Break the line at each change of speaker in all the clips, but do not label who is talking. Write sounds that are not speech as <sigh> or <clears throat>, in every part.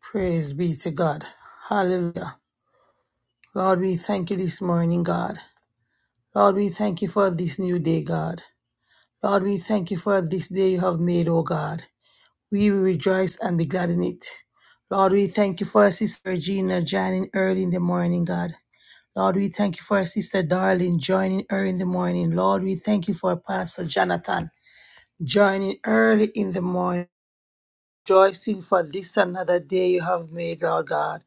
Praise be to God. Hallelujah. Lord, we thank you this morning, God. Lord, we thank you for this new day, God. Lord, we thank you for this day you have made, O God. We will rejoice and be glad in it. Lord, we thank you for Sister Gina joining early in the morning, God. Lord, we thank you for Sister Darling joining early in the morning. Lord, we thank you for Pastor Jonathan joining early in the morning. rejoicing for this another day you have made, Lord God.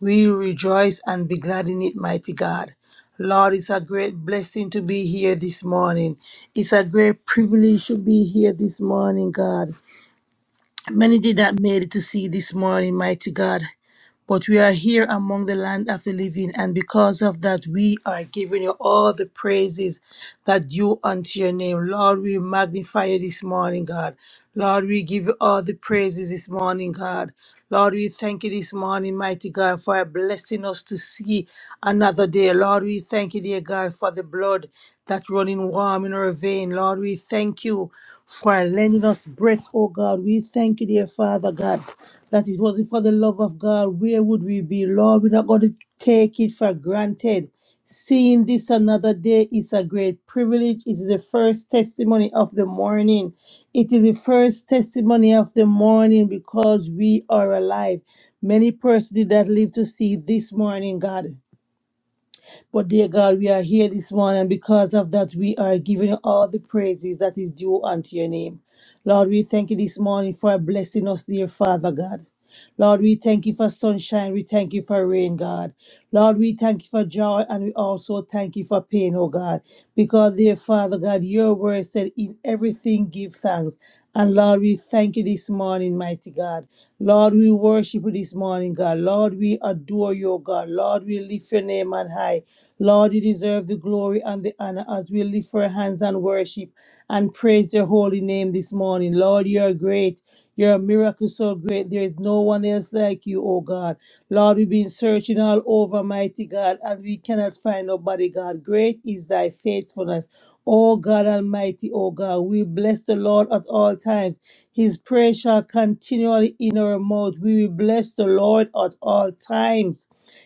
We rejoice and be glad in it, mighty God. Lord, it's a great blessing to be here this morning. It's a great privilege to be here this morning, God. Many did not made it to see this morning, mighty God but we are here among the land of the living, and because of that, we are giving you all the praises that due unto your name. Lord, we magnify you this morning, God. Lord, we give you all the praises this morning, God. Lord, we thank you this morning, mighty God, for blessing us to see another day. Lord, we thank you, dear God, for the blood that's running warm in our vein. Lord, we thank you for lending us breath, oh God. We thank you, dear Father God that it wasn't for the love of God, where would we be? Lord, we're not going to take it for granted. Seeing this another day is a great privilege. It is the first testimony of the morning. It is the first testimony of the morning because we are alive. Many persons did not live to see this morning, God. But dear God, we are here this morning, and because of that, we are giving you all the praises that is due unto your name. Lord, we thank you this morning for blessing us, dear Father God. Lord, we thank you for sunshine. We thank you for rain, God. Lord, we thank you for joy and we also thank you for pain, oh God. Because, dear Father God, your word said, In everything give thanks. And Lord, we thank you this morning, mighty God. Lord, we worship you this morning, God. Lord, we adore you, oh God. Lord, we lift your name on high. Lord, you deserve the glory and the honor as we lift our hands and worship and praise your holy name this morning. Lord, you are great. You're a miracle so great. There is no one else like you, oh God. Lord, we've been searching all over, mighty God, and we cannot find nobody, God. Great is thy faithfulness. O God Almighty, O God, we bless the Lord at all times. His praise shall continually in our mouth. We will bless the Lord at all times.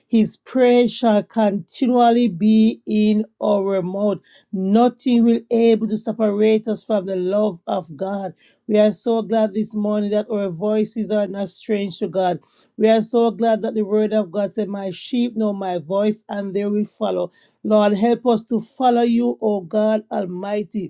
His praise shall continually be in our mouth. Nothing will able to separate us from the love of God. We are so glad this morning that our voices are not strange to God. We are so glad that the word of God said, My sheep know my voice and they will follow. Lord, help us to follow you, O God Almighty.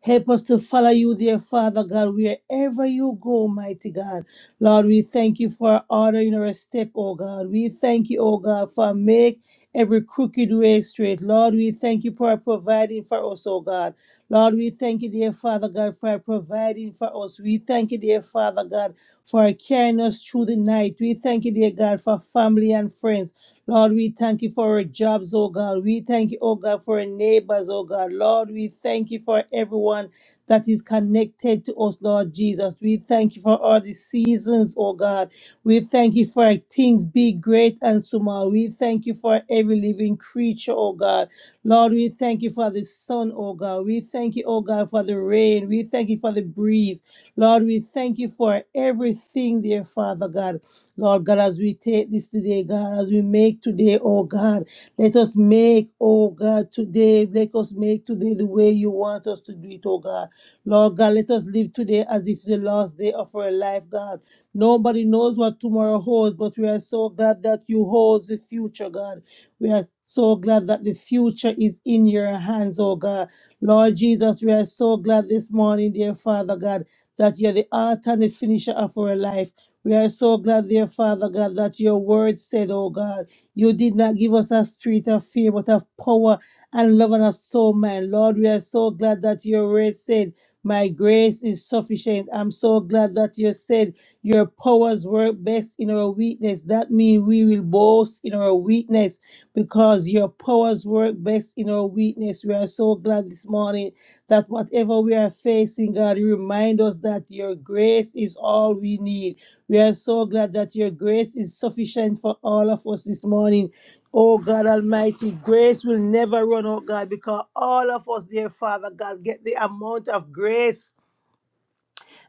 Help us to follow you, dear Father God, wherever you go, mighty God. Lord, we thank you for ordering our step, oh God. We thank you, oh God, for make every crooked way straight. Lord, we thank you for providing for us, oh God. Lord, we thank you, dear Father God, for providing for us. We thank you, dear Father God, for carrying us through the night. We thank you, dear God, for family and friends. Lord, we thank you for our jobs, oh God. We thank you, oh God, for our neighbors, oh God. Lord, we thank you for everyone that is connected to us, Lord Jesus. We thank you for all the seasons, oh God. We thank you for things big, great, and small. We thank you for every living creature, oh God. Lord, we thank you for the sun, oh God. We thank you, oh God, for the rain. We thank you for the breeze. Lord, we thank you for everything, dear Father God. Lord God, as we take this today, God, as we make today, oh God, let us make, oh God, today, let us make today the way you want us to do it, oh God. Lord God, let us live today as if it's the last day of our life, God. Nobody knows what tomorrow holds, but we are so glad that you hold the future, God. We are so glad that the future is in your hands, oh God. Lord Jesus, we are so glad this morning, dear Father God, that you're the author and the finisher of our life. We are so glad, dear Father God, that your word said, oh God, you did not give us a spirit of fear, but of power and love and of soul, man. Lord, we are so glad that your word said, my grace is sufficient. I'm so glad that you said your powers work best in our weakness. That means we will boast in our weakness because your powers work best in our weakness. We are so glad this morning that whatever we are facing, God, you remind us that your grace is all we need. We are so glad that your grace is sufficient for all of us this morning. Oh God Almighty, grace will never run out, God, because all of us, dear Father God, get the amount of grace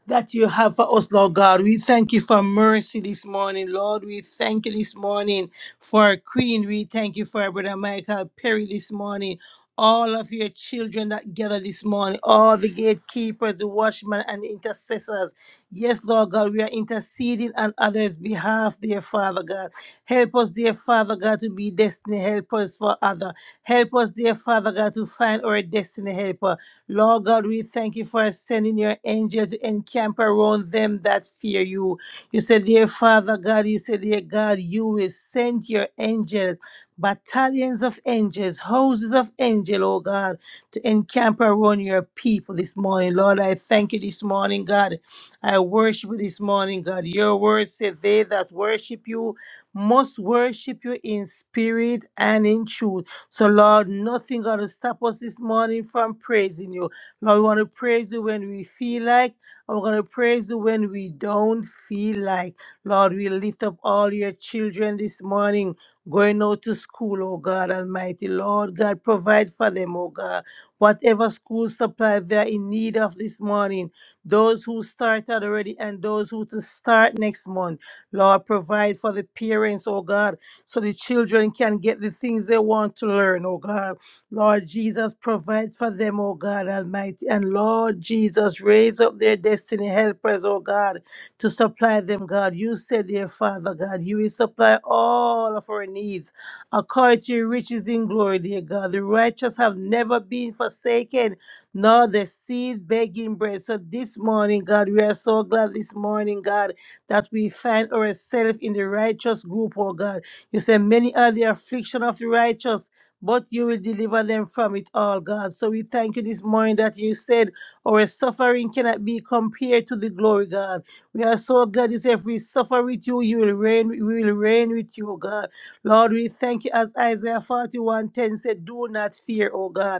that you have for us, Lord God. We thank you for mercy this morning, Lord. We thank you this morning for Queen. We thank you for Brother Michael Perry this morning. All of your children that gather this morning, all the gatekeepers, the watchmen, and the intercessors. Yes, Lord God, we are interceding on others' behalf, dear Father God. Help us, dear Father God, to be destiny helpers for others. Help us, dear Father God, to find our destiny helper. Lord God, we thank you for sending your angels to encamp around them that fear you. You said, Dear Father God, you said, Dear God, you will send your angels, battalions of angels, houses of angels, oh God, to encamp around your people this morning. Lord, I thank you this morning, God. I worship you this morning, God. Your word said, They that worship you must worship you in spirit and in truth. So, Lord, nothing going to stop us this morning from praising you. Lord, we want to praise you when we feel like, and we're going to praise you when we don't feel like. Lord, we lift up all your children this morning. Going out to school, oh God Almighty. Lord God, provide for them, oh God. Whatever school supply they're in need of this morning, those who started already and those who to start next month. Lord, provide for the parents, oh God so the children can get the things they want to learn, oh God. Lord Jesus, provide for them, oh God Almighty. And Lord Jesus, raise up their destiny. Help us, oh God, to supply them, God. You said, dear Father, God, you will supply all of our needs according to your riches in glory, dear God. The righteous have never been forsaken, nor the seed begging bread. So this morning, God, we are so glad this morning, God, that we find ourselves in the righteous group, oh God. You say, Many are the affliction of the righteous, but you will deliver them from it all, God. So we thank you this morning that you said our suffering cannot be compared to the glory, God. We are so glad you say, if we suffer with you, you will reign, we will reign with you, oh God. Lord, we thank you as Isaiah 41:10 said, Do not fear, oh God.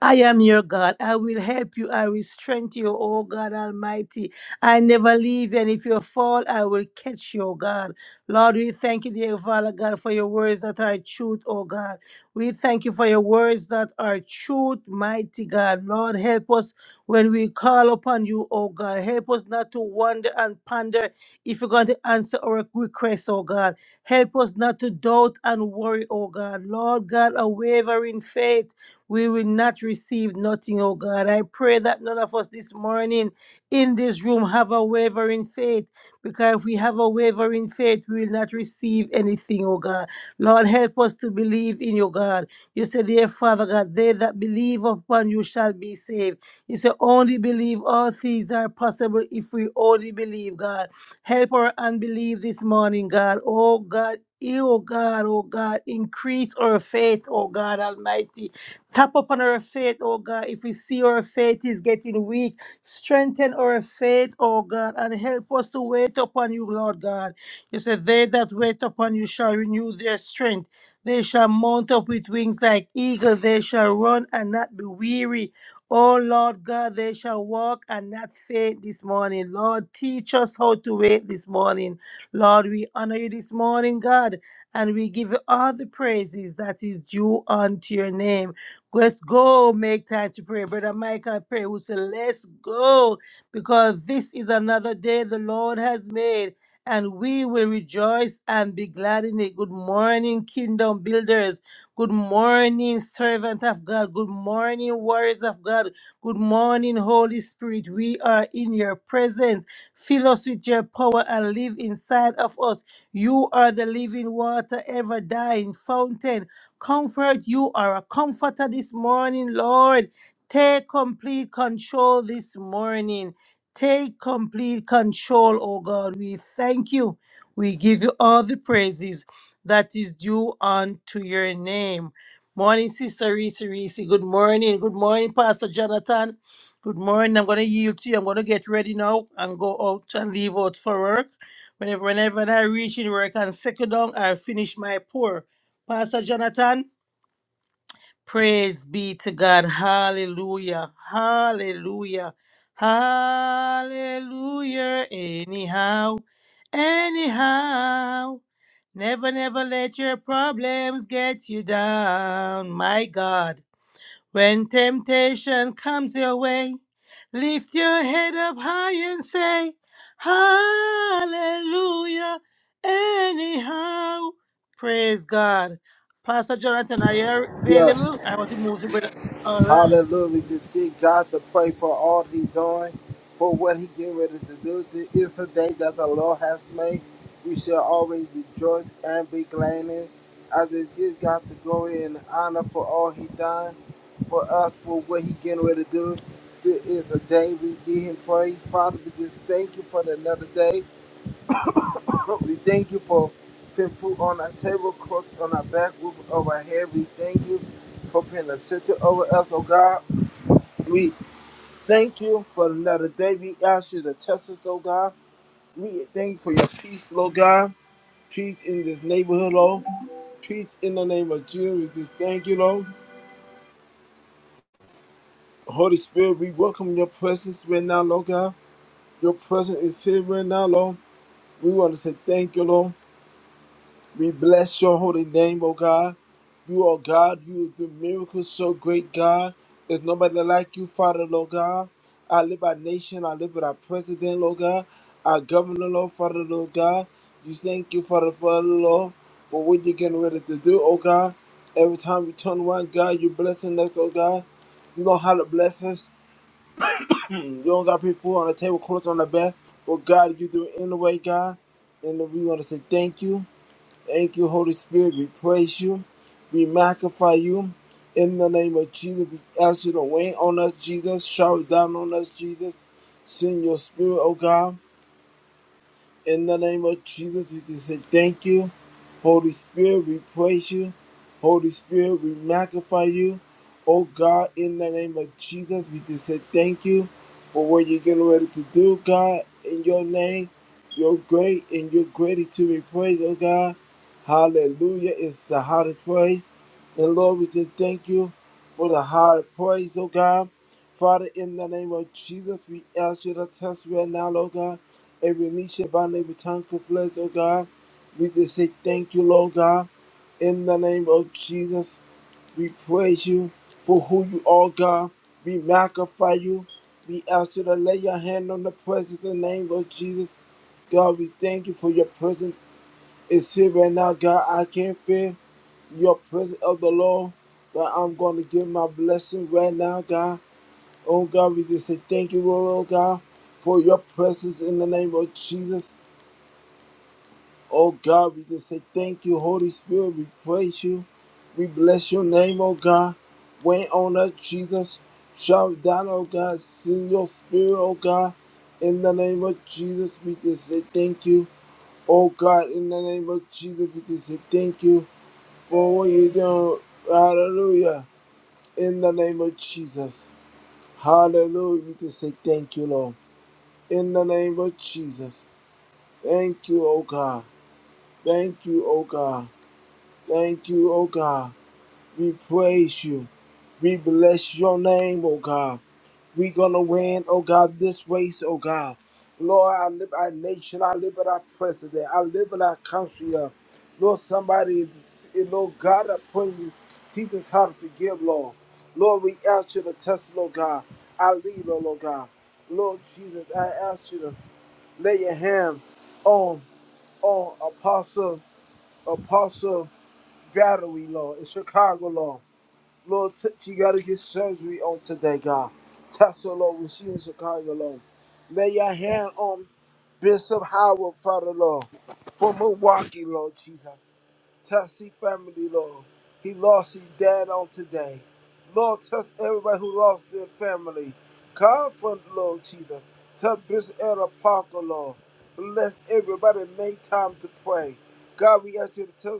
I am your God. I will help you. I will strengthen you, O God Almighty. I never leave you. And if you fall, I will catch you, O God. Lord, we thank you, dear Father God, for your words that are truth, O God. We thank you for your words that are truth, mighty God. Lord, help us when we call upon you, O God. Help us not to wonder and ponder if you're going to answer our requests, O God. Help us not to doubt and worry, O God. Lord God, a wavering faith. We will not receive nothing, oh God. I pray that none of us this morning in this room have a wavering faith, because if we have a wavering faith, we will not receive anything, oh God. Lord, help us to believe in you, God. You said, Dear Father God, they that believe upon you shall be saved. You said, Only believe all things are possible if we only believe, God. Help our unbelief this morning, God. Oh God. You, Oh God, oh God, increase our faith, oh God Almighty. Tap upon our faith, oh God. If we see our faith is getting weak, strengthen our faith, oh God, and help us to wait upon you, Lord God. You said, They that wait upon you shall renew their strength. They shall mount up with wings like eagles. They shall run and not be weary. Oh Lord God, they shall walk and not faint this morning. Lord, teach us how to wait this morning. Lord, we honor you this morning, God, and we give you all the praises that is due unto your name. Let's go make time to pray. Brother Michael pray we say Let's go, because this is another day the Lord has made, and we will rejoice and be glad in it. Good morning, kingdom builders. Good morning, servant of God. Good morning, warriors of God. Good morning, Holy Spirit. We are in your presence. Fill us with your power and live inside of us. You are the living water, ever dying fountain. Comfort, you are a comforter this morning, Lord. Take complete control this morning. Take complete control, oh God. We thank you. We give you all the praises that is due unto your name. Morning, Sister Reese Reese. Good morning. Good morning, Pastor Jonathan. Good morning. I'm going to yield to you. I'm going to get ready now and go out and leave out for work. Whenever, whenever I reach in work and second down, I finish my pour. Pastor Jonathan, praise be to God. Hallelujah. Hallelujah. Hallelujah. Anyhow, anyhow. Never, never let your problems get you down. My God. When temptation comes your way, lift your head up high and say, Hallelujah, anyhow. Praise God. Pastor Jonathan, are you
Yes.
available? I want to move to brother. All right.
Hallelujah. Just give God to pray for all He's doing, for what He getting ready to do. This is the day that the Lord has made. We shall always rejoice and be glad in it. I just give God the glory and honor for all He done for us, for what He getting ready to do. This is the day we give Him praise. Father, we just thank you for another day. Lord, we thank you for putting food on our table, clothes on our back, roof over our head. We thank you for putting a shelter over us, oh God. We thank you for another day. We ask you to test us, oh God. We thank you for your peace, Lord God. Peace in this neighborhood, Lord. Peace in the name of Jesus. We just thank you, Lord. Holy Spirit, we welcome your presence right now, Lord God. Your presence is here right now, Lord. We want to say thank you, Lord. We bless your holy name, O God. You are God. You do miracles so great, God. There's nobody like you, Father, Lord God. I live our nation. I live with our president, Lord God. Our governor, Lord, Father, Lord God. You thank you, Father, Father, Lord, for what you're getting ready to do, oh God. Every time we turn around, God, you're blessing us, oh God. You know how to bless us. <clears throat> you don't got people on the table, clothes on the bed. But God, you do it anyway, God. And we want to say thank you. Thank you, Holy Spirit. We praise you. We magnify you. In the name of Jesus, we ask you to rain on us, Jesus. Shower down on us, Jesus. Send your spirit, oh God. In the name of Jesus, we just say thank you. Holy Spirit, we praise you. Holy Spirit, we magnify you. Oh God, in the name of Jesus, we just say thank you for what you're getting ready to do, God. In your name, you're great and you're greatly to be praised, oh God. Hallelujah. It's the highest praise. And Lord, we just thank you for the highest praise, oh God. Father, in the name of Jesus, we ask you to test right now, oh God. Every knee shall bow, and every tongue confess, oh God. We just say thank you, Lord God. In the name of Jesus, we praise you for who you are, God. We magnify you. We ask you to lay your hand on the presence in the name of Jesus. God, we thank you for your presence. It's here right now, God. I can't feel your presence of the Lord, but I'm going to give my blessing right now, God. Oh, God, we just say thank you, Lord, oh, God, for your presence in the name of Jesus. Oh God, we just say thank you, Holy Spirit. We praise you. We bless your name, oh God. Wait on us, Jesus. Shout down, oh God. Send your spirit, oh God. In the name of Jesus, we just say thank you. Oh God, in the name of Jesus, we just say thank you for what you're doing. Hallelujah. In the name of Jesus. Hallelujah. We just say thank you, Lord. In the name of Jesus. Thank you, oh God. Thank you, oh God. Thank you, oh God. We praise you. We bless your name, oh God. we gonna win, oh God, this race, oh God. Lord, I live our nation, I live in our president, I live in our country. uh. Lord, somebody is, eh, Lord God, upon you. Teach us how to forgive, Lord. Lord, we ask you to test, Lord God, our leader, Lord God. Lord Jesus, I ask you to lay your hand on on Apostle Apostle Valerie, Lord, in Chicago, Lord. Lord, t- she got to get surgery on today, God. Touch her, Lord, when she in Chicago, Lord. Lay your hand on Bishop Howard, Father, Lord, for Milwaukee, Lord Jesus. Touch his family, Lord. He lost his dad on today. Lord, touch everybody who lost their family. Comfort, Lord Jesus. Touch Bishop Elder Parker, Lord. Bless everybody. Make time to pray. God, we ask you to touch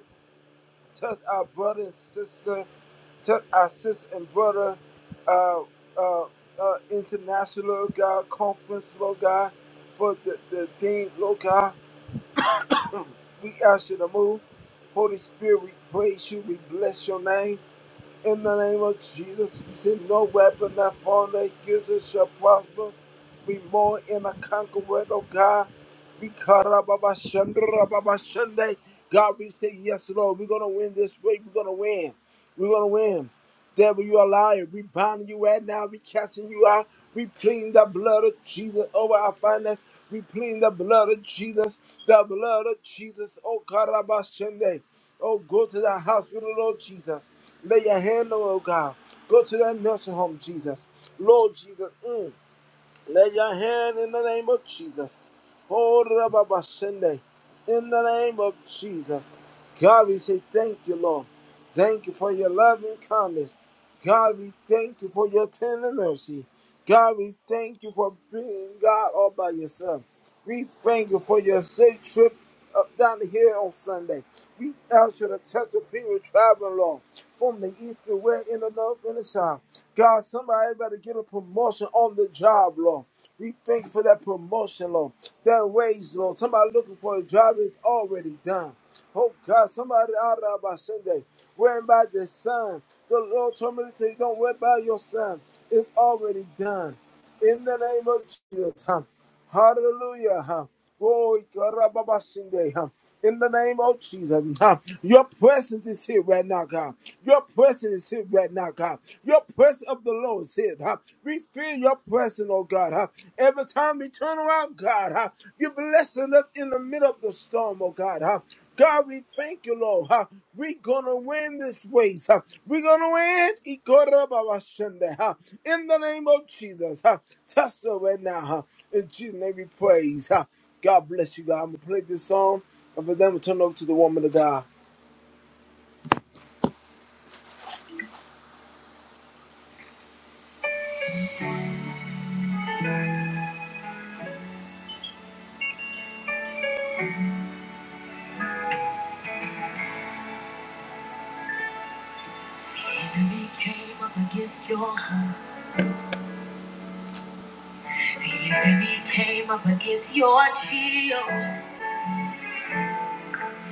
touch our brother and sister, touch our sister and brother, uh, uh, uh, international God conference, Lord God, for the, the thing, Lord God. We ask you to move. Holy Spirit, we praise you. We bless your name. In the name of Jesus, we say no weapon that formed against us shall prosper. We more in a conqueror, oh God. We cut up Baba Sunday. God, we say yes, Lord. We're gonna win this way. We're gonna win. We're gonna win. Devil, you are lying. We bind you right now. We casting you out. We plead the blood of Jesus over our finances. We plead the blood of Jesus. The blood of Jesus. Oh, Karabashende. Oh, go to the hospital, Lord Jesus. Lay your hand on, oh God. Go to that nursing home, Jesus. Lord Jesus. mm. Lay your hand in the name of Jesus. Hold it up Abba Shende. In the name of Jesus. God, we say thank you, Lord. Thank you for your love and kindness. God, we thank you for your tender mercy. God, we thank you for being God all by yourself. We thank you for your safe trip up down the hill on Sunday. We ask you to test the people traveling along from the east to west, in the north, and the south. God, somebody better get a promotion on the job, Lord. We thank you for that promotion, Lord. That raise, Lord. Somebody looking for a job is already done. Oh God, somebody out of by Sunday, wearing by the Son. The Lord told me to tell you, don't worry about your Son. It's already done. In the name of Jesus. Huh? Hallelujah. Huh? Glory, God, Rabba, by Sunday, huh? In the name of Jesus, huh? your presence is here right now, God. Your presence is here right now, God. Your presence of the Lord is here. Huh? We feel your presence, oh God. Huh? Every time we turn around, God, huh? you're blessing us in the middle of the storm, oh God. Huh? God, we thank you, Lord. huh? We're gonna win this race. huh? We're gonna win. Ikorababashende, huh? In the name of Jesus. huh? Touch us right now. huh? In Jesus' name we praise. huh? God bless you, God. I'm gonna play this song and then we to turn it over to the woman of God. The enemy came up against your home. The enemy came up against your shield.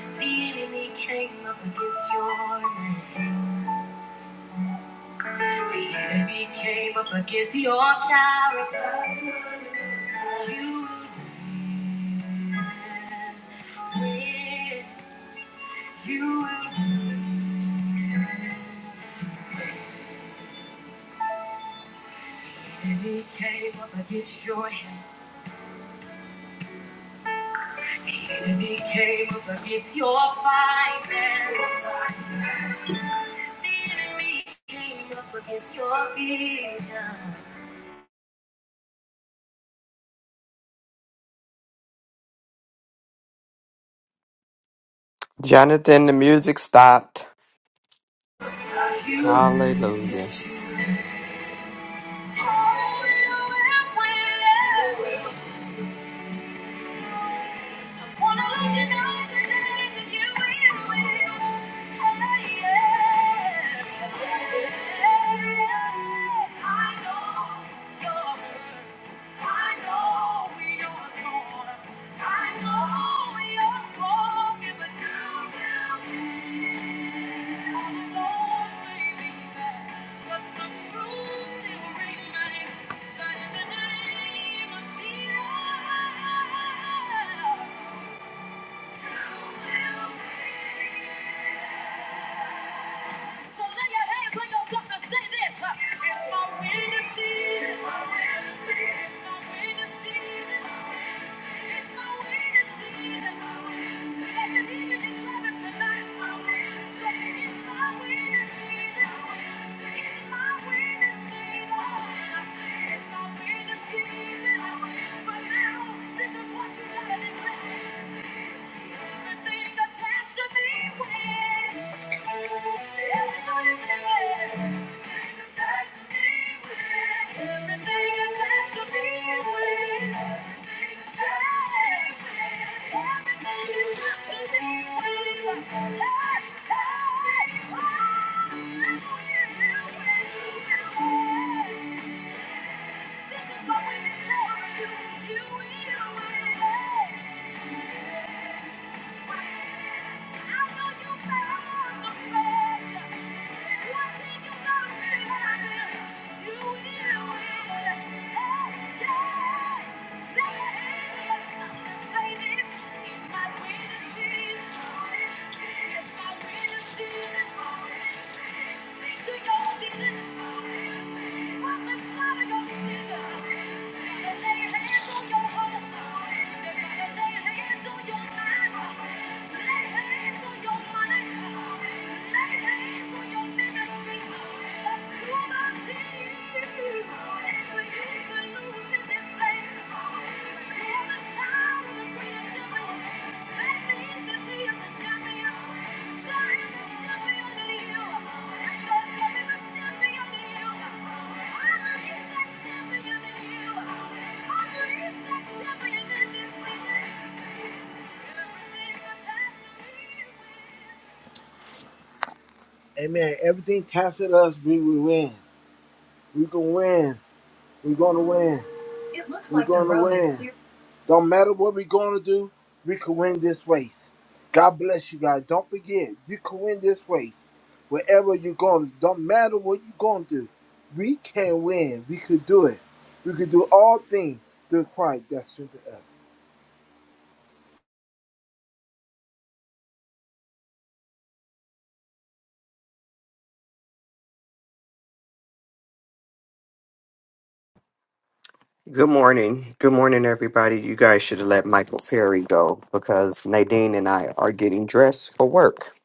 The enemy came up against your name. The enemy came up against your character. You will win. You will win. The enemy came up against your health. The enemy came up against your finances. The enemy came up against your vision.
Jonathan, the music stopped.
You that
Hallelujah.
you always will win. Wanna let you that you will win. Oh, yeah. I know you're hurt. I know you're torn. I know you're broken, but you will so lay your hands on yourself and say this. uh, It's my winning season. It's my winning season. It's my winning season. It's my winning season. Let the demon declare it tonight. Say, it's my winning season. It's my winning season. It's my winning season. But now, this is what you gotta declare. Everything attached to me wins. Everything attached to Everything attached to me wins. Everything attached to me wins. Everything attached to me wins. Hey, hey, oh, you it's my Thank you. Thank you. Amen. Everything tested us, we will win. We can win. We're gonna win. We're gonna win. Don't matter what we're going to do, we can win this race. God bless you guys. Don't forget, you can win this race. Wherever you're going, don't matter what you're going to do, we can win. We could do it. We could do all things through Christ that strengthens us.
Good morning. Good morning, everybody. You guys should have let Michael Perry go because Nadine and I are getting dressed for work.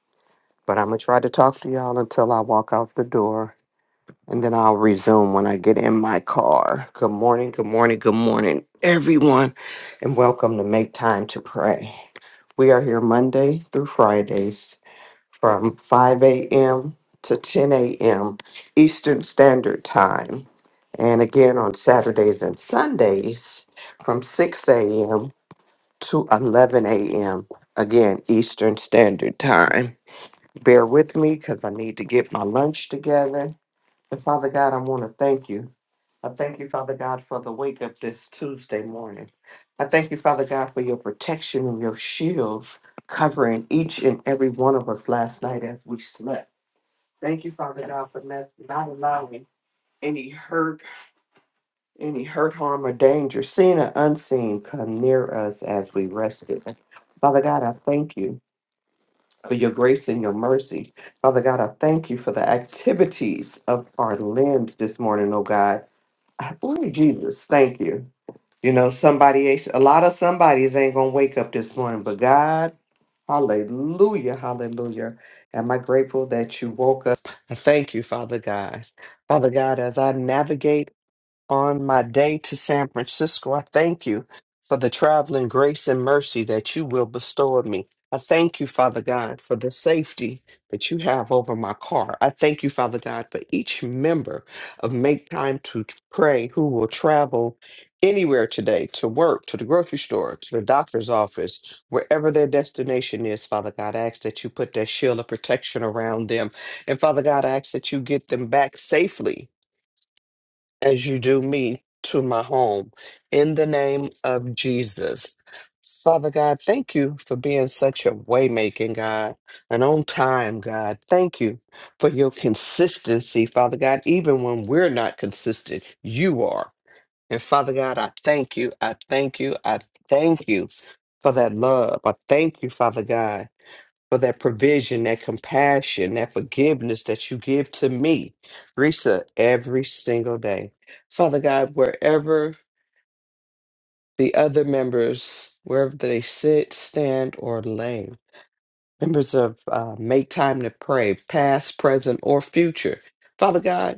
But I'm going to try to talk to y'all until I walk out the door and then I'll resume when I get in my car. Good morning. Good morning. Good morning, everyone. And welcome to Make Time to Pray. We are here Monday through Fridays. from 5 a.m. to 10 a.m. Eastern Standard Time. And again on Saturdays and Sundays from 6 a.m. to 11 a.m. Again, Eastern Standard Time. Bear with me because I need to get my lunch together. And Father God, I want to thank you. I thank you, Father God, for the wake up this Tuesday morning. I thank you, Father God, for your protection and your shield covering each and every one of us last night as we slept. Thank you, Father God, for not, not allowing any hurt, any hurt, harm, or danger, seen or unseen, come near us as we rested. Father God, I thank you for your grace and your mercy. Father God, I thank you for the activities of our limbs this morning, oh God. Oh, Jesus, thank you. You know, somebody else, a lot of somebodies ain't gonna wake up this morning, but God, hallelujah, hallelujah. Am I grateful that you woke up? I thank you, Father God. Father God, as I navigate on my day to San Francisco. I thank you for the traveling grace and mercy that you will bestow on me. I thank you, Father God, for the safety that you have over my car. I thank you, Father God, for each member of Make Time to Pray who will travel anywhere today to work, to the grocery store, to the doctor's office, wherever their destination is, Father God. I ask that you put that shield of protection around them. And Father God, I ask that you get them back safely as you do me to my home. In the name of Jesus. Father God, thank you for being such a waymaking God, an on time God. Thank you for your consistency, Father God. Even when we're not consistent, you are. And Father God, I thank you. I thank you. I thank you for that love. I thank you, Father God for that provision, that compassion, that forgiveness that you give to me, Risa, every single day. Father God, wherever the other members, wherever they sit, stand, or lay, members of uh, Make Time to Pray, past, present, or future, Father God,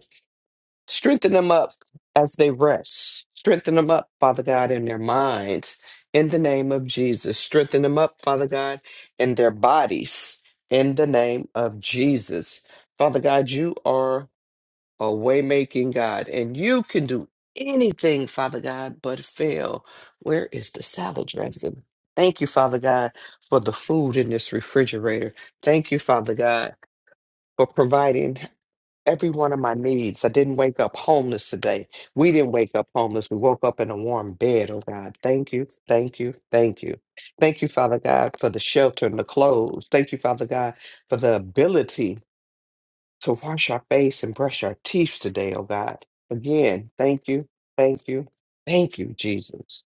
Strengthen them up as they rest. Strengthen them up, Father God, in their minds. In the name of Jesus. Strengthen them up, Father God, in their bodies. In the name of Jesus. Father God, you are a waymaking God, and you can do anything, Father God, but fail. Where is the salad dressing? Thank you, Father God, for the food in this refrigerator. Thank you, Father God, for providing every one of my needs. I didn't wake up homeless today. We didn't wake up homeless. We woke up in a warm bed. Oh God, thank you, thank you, thank you. Thank you, Father God, for the shelter and the clothes. Thank you, Father God, for the ability to wash our face and brush our teeth today, oh God. Again, thank you, thank you, thank you, Jesus.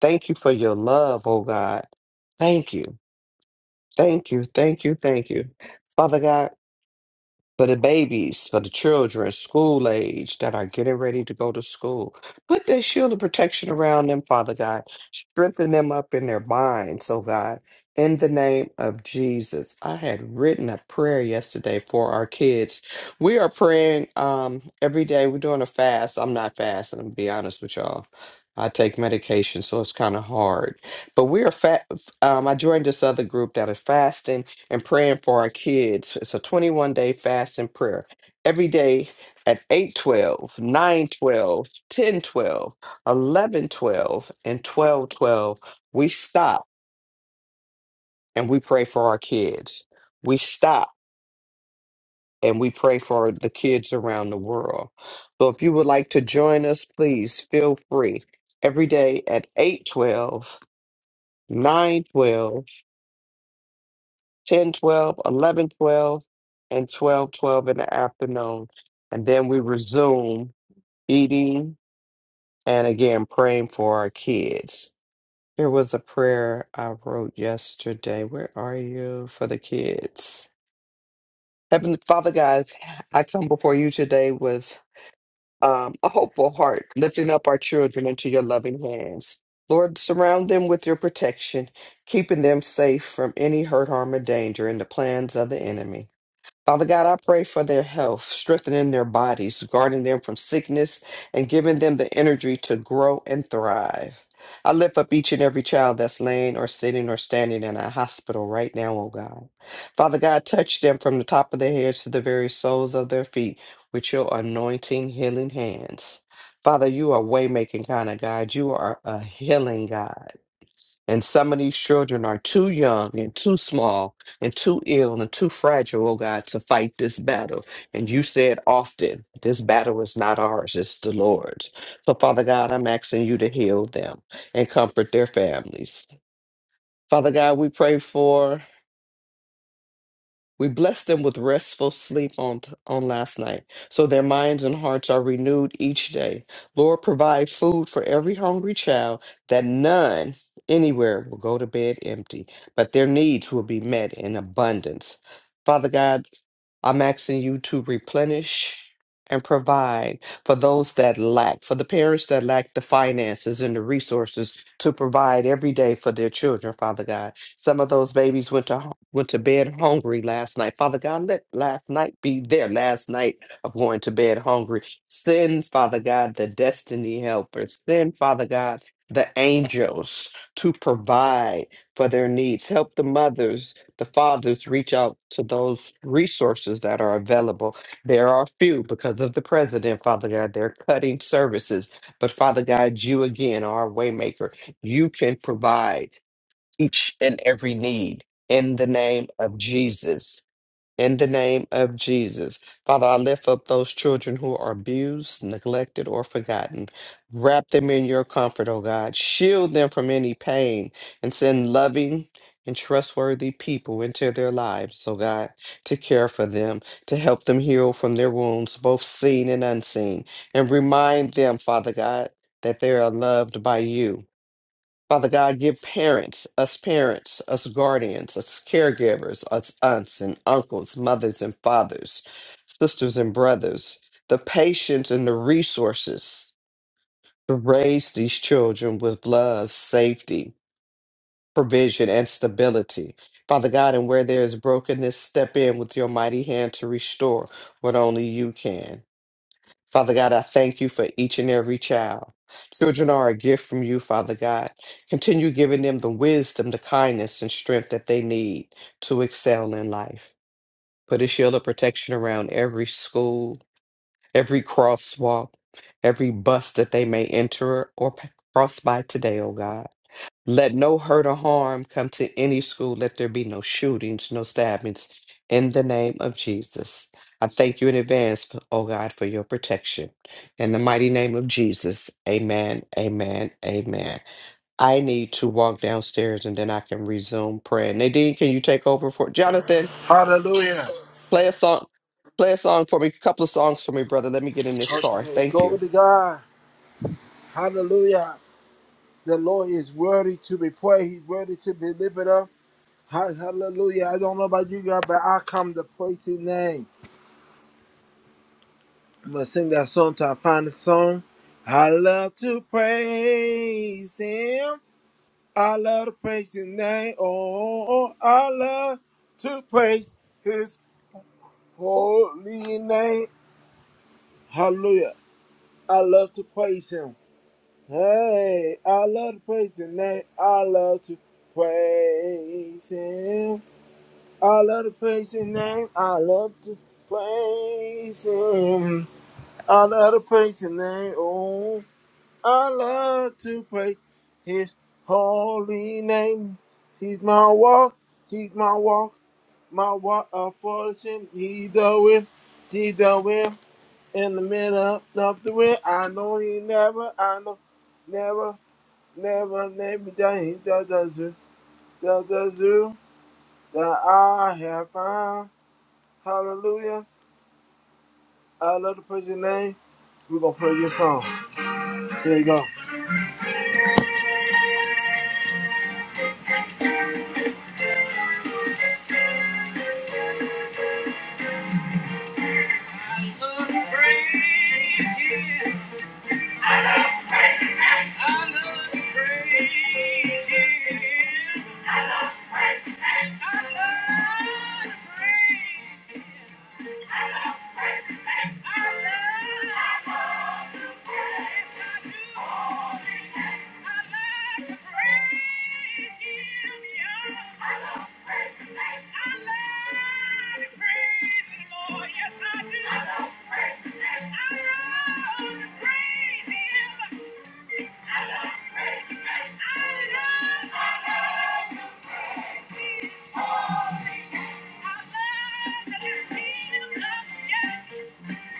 Thank you for your love, oh God. Thank you, thank you, thank you, thank you. Father God, for the babies, for the children, school age that are getting ready to go to school. Put that shield of protection around them, Father God. Strengthen them up in their minds, oh God. In the name of Jesus. I had written a prayer yesterday for our kids. We are praying um, every day. We're doing a fast. I'm not fasting, to be honest with y'all. I take medication, so it's kind of hard. But we are fat. Um, I joined this other group that is fasting and praying for our kids. It's a 21 day fast and prayer every day at 8, 12, 9, 12, 10, 12, 11, 12, and 12, 12, We stop and we pray for our kids. We stop and we pray for the kids around the world. So if you would like to join us, please feel free every day at eight, twelve, nine, twelve. 10, 12, 11, 12, and 12, 12 in the afternoon. And then we resume eating and again praying for our kids. Here was a prayer I wrote yesterday. Where are you for the kids? Heavenly Father, guys, I come before you today with um, a hopeful heart, lifting up our children into your loving hands. Lord, surround them with your protection, keeping them safe from any hurt, harm, or danger in the plans of the enemy. Father God, I pray for their health, strengthening their bodies, guarding them from sickness, and giving them the energy to grow and thrive. I lift up each and every child that's laying or sitting or standing in a hospital right now, oh God. Father God, touch them from the top of their heads to the very soles of their feet with your anointing, healing hands. Father, you are way making kind of God. You are a healing God. And some of these children are too young and too small and too ill and too fragile, oh God, to fight this battle. And you said often, this battle is not ours, it's the Lord's. So, Father God, I'm asking you to heal them and comfort their families. Father God, we pray for we bless them with restful sleep on, t- on last night, so their minds and hearts are renewed each day. Lord, provide food for every hungry child, that none anywhere will go to bed empty, but their needs will be met in abundance. Father God, I'm asking you to replenish and provide for those that lack, for the parents that lack the finances and the resources to provide every day for their children, Father God. Some of those babies went to hu- went to bed hungry last night. Father God, let last night be their last night of going to bed hungry. Send, Father God, the destiny helpers. Send, Father God, the angels to provide for their needs. Help the mothers the fathers reach out to those resources that are available. There are few because of the president, Father God. They're cutting services. But Father God, you again are a waymaker. You can provide each and every need in the name of Jesus. In the name of Jesus, Father, I lift up those children who are abused, neglected, or forgotten. Wrap them in your comfort, O God. Shield them from any pain and send loving and trustworthy people into their lives, O God, to care for them, to help them heal from their wounds, both seen and unseen. And remind them, Father God, that they are loved by you. Father God, give parents, us parents, us guardians, us caregivers, us aunts and uncles, mothers and fathers, sisters and brothers, the patience and the resources to raise these children with love, safety, provision, and stability. Father God, and where there is brokenness, step in with your mighty hand to restore what only you can. Father God, I thank you for each and every child. Children are a gift from you, Father God. Continue giving them the wisdom, the kindness, and strength that they need to excel in life. Put a shield of protection around every school, every crosswalk, every bus that they may enter or p- cross by today, oh God. Let no hurt or harm come to any school. Let there be no shootings, no stabbings. In the name of Jesus, I thank you in advance, oh God, for your protection. In the mighty name of Jesus, amen, amen, amen. I need to walk downstairs and then I can resume praying. Nadine, can you take over for Jonathan?
Hallelujah.
Play a song. Play a song for me, a couple of songs for me, brother. Let me get in this car.
Okay,
Thank you.
glory to God. Hallelujah. The Lord is worthy to be praised. He's worthy to be lifted up. Ha- Hallelujah. I don't know about you guys, but I come to praise His name. I'm gonna sing that song till I find the song. I love to praise Him. I love to praise His name. Oh, I love to praise His holy name. Hallelujah. I love to praise Him. Hey, I love to praise His name. I love to praise Him. I love to praise His name. I love to praise Him. I love to praise His name. Oh. I love to praise His holy name. He's my walk, He's my walk, my walk of fortune. He's the wind, He's the wind in the middle of the wind. I know He never, I know, never, never let me down. He's the, the zoo, the, the zoo that I have found. Hallelujah! I love to praise Your name. We're gonna play this song. Here you go. I will praise you. I love to praise Him. I love to praise Him. I love, yes I do. Yeah.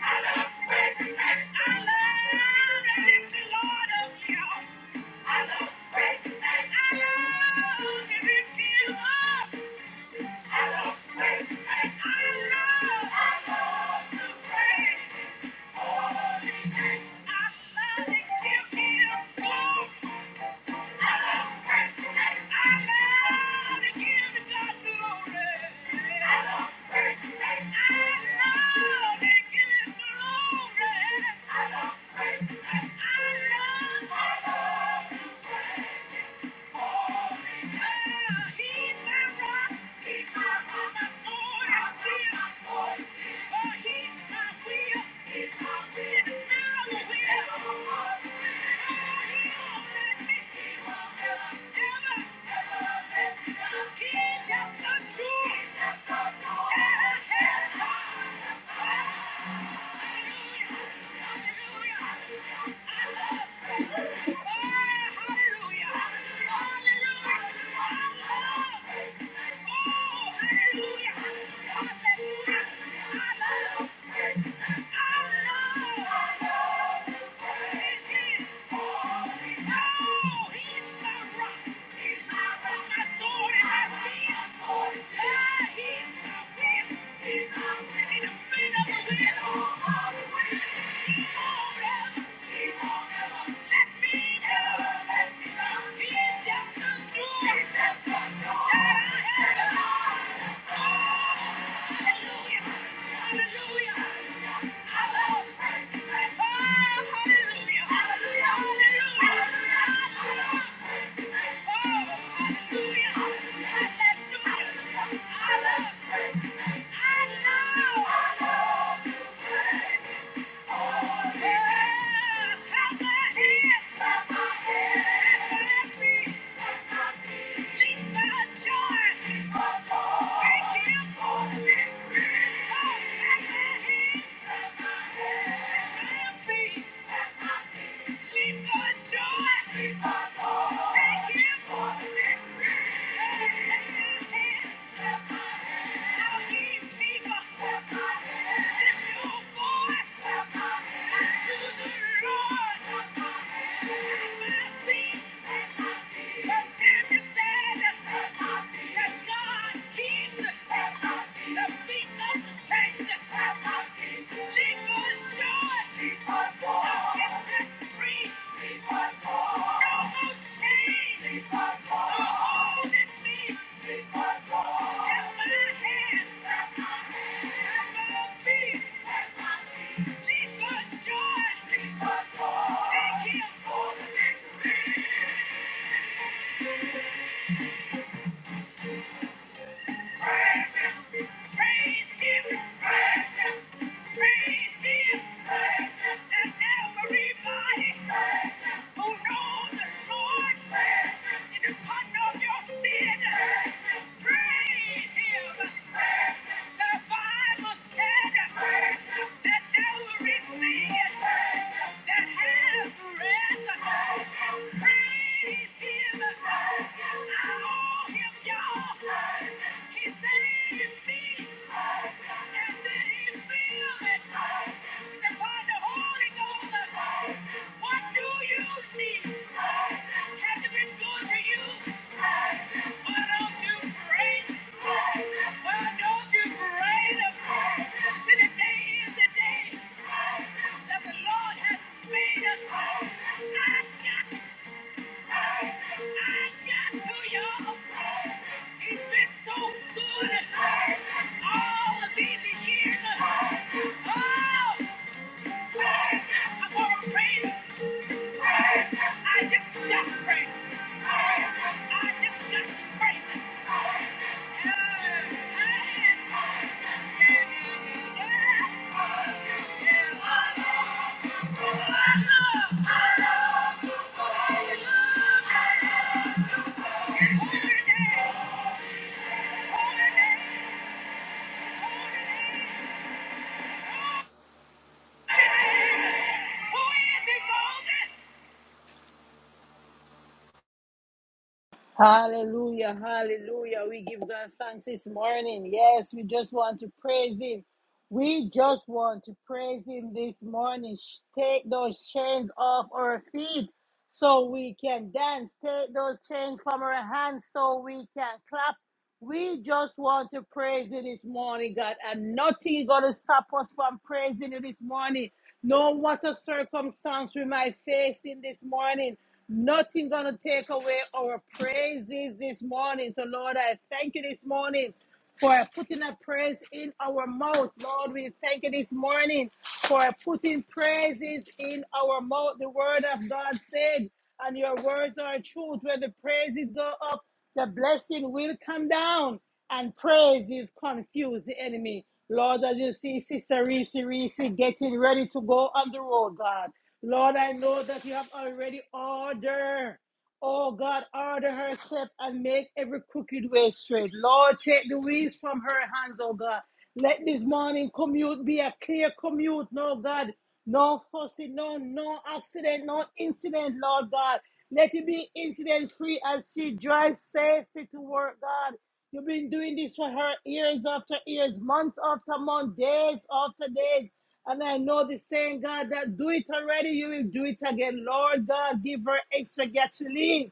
I I I love, love, love to praise Thank Glory. I love just a tool. Hallelujah. Hallelujah. Hallelujah! Hallelujah! Oh! Oh! Hallelujah! Hallelujah! Oh! Just a tool that I have. Hallelujah. Hallelujah. Hallelujah joy, Thank you. for the Keep my going. Praise him. The Bible said that everything that has breath, praise Him. I owe Him, y'all. He saved me, and then He filled it. the Holy Ghost, what do you need? Has it been good to you? I just got to praise him. I just got to praise him. Who is it, Moses?
Hallelujah, hallelujah. We give God thanks this morning. Yes, we just want to praise Him. We just want to praise Him this morning. Sh- Take those chains off our feet so we can dance. Take those chains from our hands so we can clap. We just want to praise you this morning, God, and nothing gonna stop us from praising you this morning. No matter circumstance we might face in this morning, nothing gonna take away our praises this morning. So, Lord, I thank you this morning for putting a praise in our mouth. Lord, we thank you this morning for putting praises in our mouth. The word of God said, and your words are truth. When the praises go up, the blessing will come down, and praises confuse the enemy. Lord, as you see Sister Reese, Reese getting ready to go on the road, God. Lord, I know that you have already ordered Oh God, order her step and make every crooked way straight. Lord, take the weeds from her hands, oh God. Let this morning commute be a clear commute, no God. No fussing, no, no accident, no incident, Lord God. Let it be incident free as she drives safely to work, God. You've been doing this for her years after years, months after months, days after days. And I know the saying, God, that do it already, you will do it again. Lord God, give her extra gasoline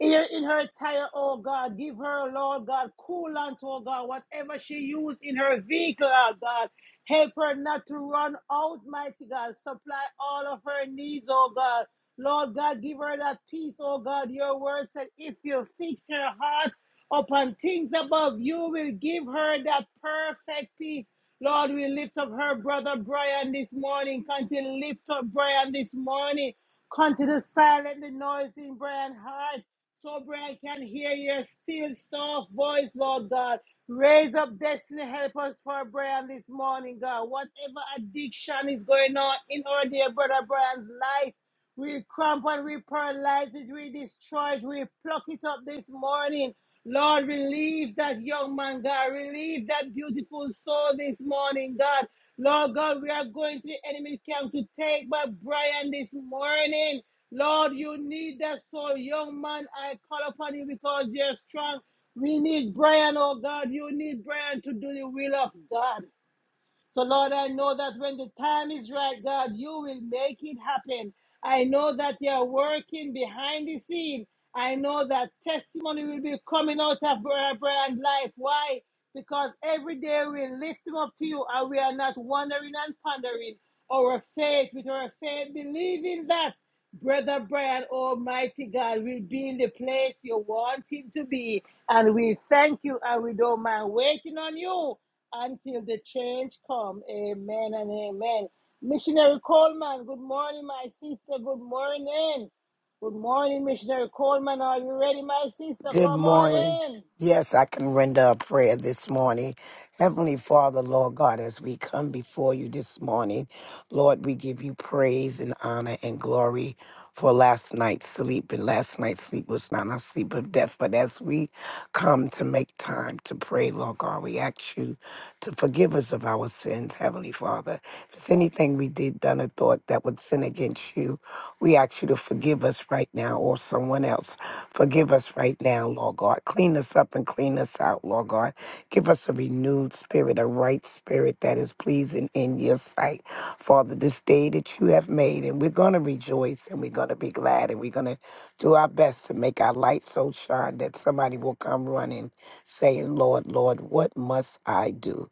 Ear in her tire, oh God. Give her, Lord God, coolant, oh God. Whatever she used in her vehicle, oh God. Help her not to run out, mighty God. Supply all of her needs, oh God. Lord God, give her that peace, oh God. Your word said, if you fix her heart upon things above, you will give her that perfect peace. Lord, we lift up her brother Brian this morning. Continue to lift up Brian this morning. Continue to silence the noise in Brian's heart. So Brian can hear your still soft voice, Lord God. Raise up destiny, help us for Brian this morning, God. Whatever addiction is going on in our dear brother Brian's life, we cramp and we paralyze it, we destroy it, we pluck it up this morning. Lord, relieve that young man, God. Relieve that beautiful soul this morning, God. Lord God, we are going to the enemy camp to take back Brian this morning. Lord, you need that soul. Young man, I call upon you because you're strong. We need Brian, oh God. You need Brian to do the will of God. So, Lord, I know that when the time is right, God, you will make it happen. I know that you are working behind the scene. I know that testimony will be coming out of Brother Brian's life. Why? Because every day we lift him up to you and we are not wondering and pondering our faith with our faith, believing that Brother Brian, Almighty God, will be in the place you want him to be. And we thank you and we don't mind waiting on you until the change come. Amen and amen. Missionary Coleman, good morning, my sister. Good morning. Good morning, Missionary Coleman. Are you ready, my sister?
Good
Come
morning.
on in.
Yes, I can render a prayer this morning. Heavenly Father, Lord God, as we come before you this morning, Lord, we give you praise and honor and glory for last night's sleep. And last night's sleep was not a sleep of death. But as we come to make time to pray, Lord God, we ask you to forgive us of our sins, Heavenly Father. If it's anything we did, done, or thought that would sin against you, we ask you to forgive us right now or someone else. Forgive us right now, Lord God. Clean us up and clean us out, Lord God. Give us a renewed spirit, a right spirit that is pleasing in your sight. Father, this day that you have made, and we're going to rejoice and we're going to be glad and we're going to do our best to make our light so shine that somebody will come running saying, Lord, Lord, what must I do?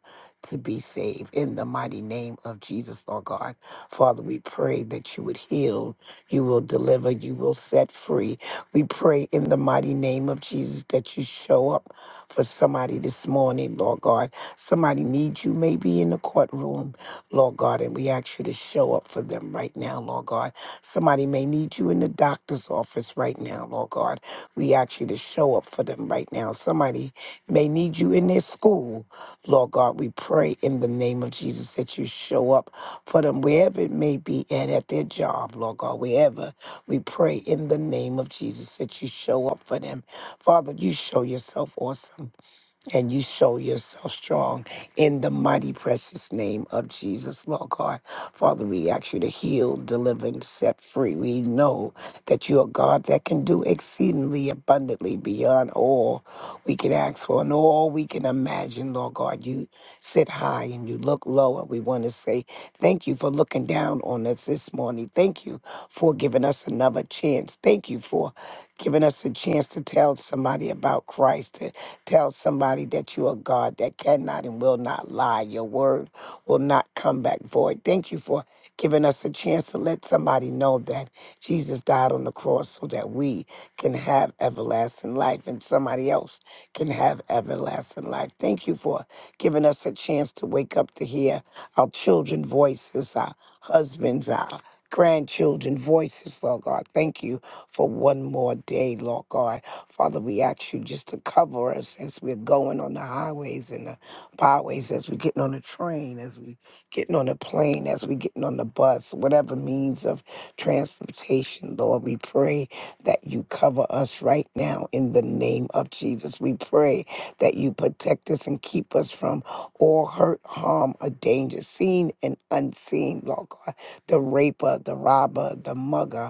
To be saved in the mighty name of Jesus, Lord God. Father, we pray that you would heal, you will deliver, you will set free, we pray in the mighty name of Jesus that you show up for somebody this morning, Lord God. Somebody needs you maybe in the courtroom, Lord God, and we ask you to show up for them right now, Lord God. Somebody may need you in the doctor's office right now, Lord God. We ask you to show up for them right now. Somebody may need you in their school, Lord God. We pray in the name of Jesus that you show up for them wherever it may be and at their job, Lord God, wherever we pray in the name of Jesus that you show up for them. Father, you show yourself awesome and you show yourself strong in the mighty precious name of Jesus, Lord God. Father, we ask you to heal, deliver, and set free. We know that you are God that can do exceedingly abundantly beyond all we can ask for and all we can imagine, Lord God. You sit high and you look low, and we want to say thank you for looking down on us this morning. Thank you for giving us another chance. Thank you for giving us a chance to tell somebody about Christ Tell somebody that you are God that cannot and will not lie. Your word will not come back void. Thank you for giving us a chance to let somebody know that Jesus died on the cross so that we can have everlasting life and somebody else can have everlasting life. Thank you for giving us a chance to wake up to hear our children's voices, our husbands, our grandchildren voices, Lord God. Thank you for one more day, Lord God. Father, we ask you just to cover us as we're going on the highways and the byways, as we're getting on the train, as we getting on the plane, as we are getting on the bus, whatever means of transportation, Lord. We pray that you cover us right now in the name of Jesus. We pray that you protect us and keep us from all hurt, harm, or danger, seen and unseen, Lord God. The raper, the robber, the mugger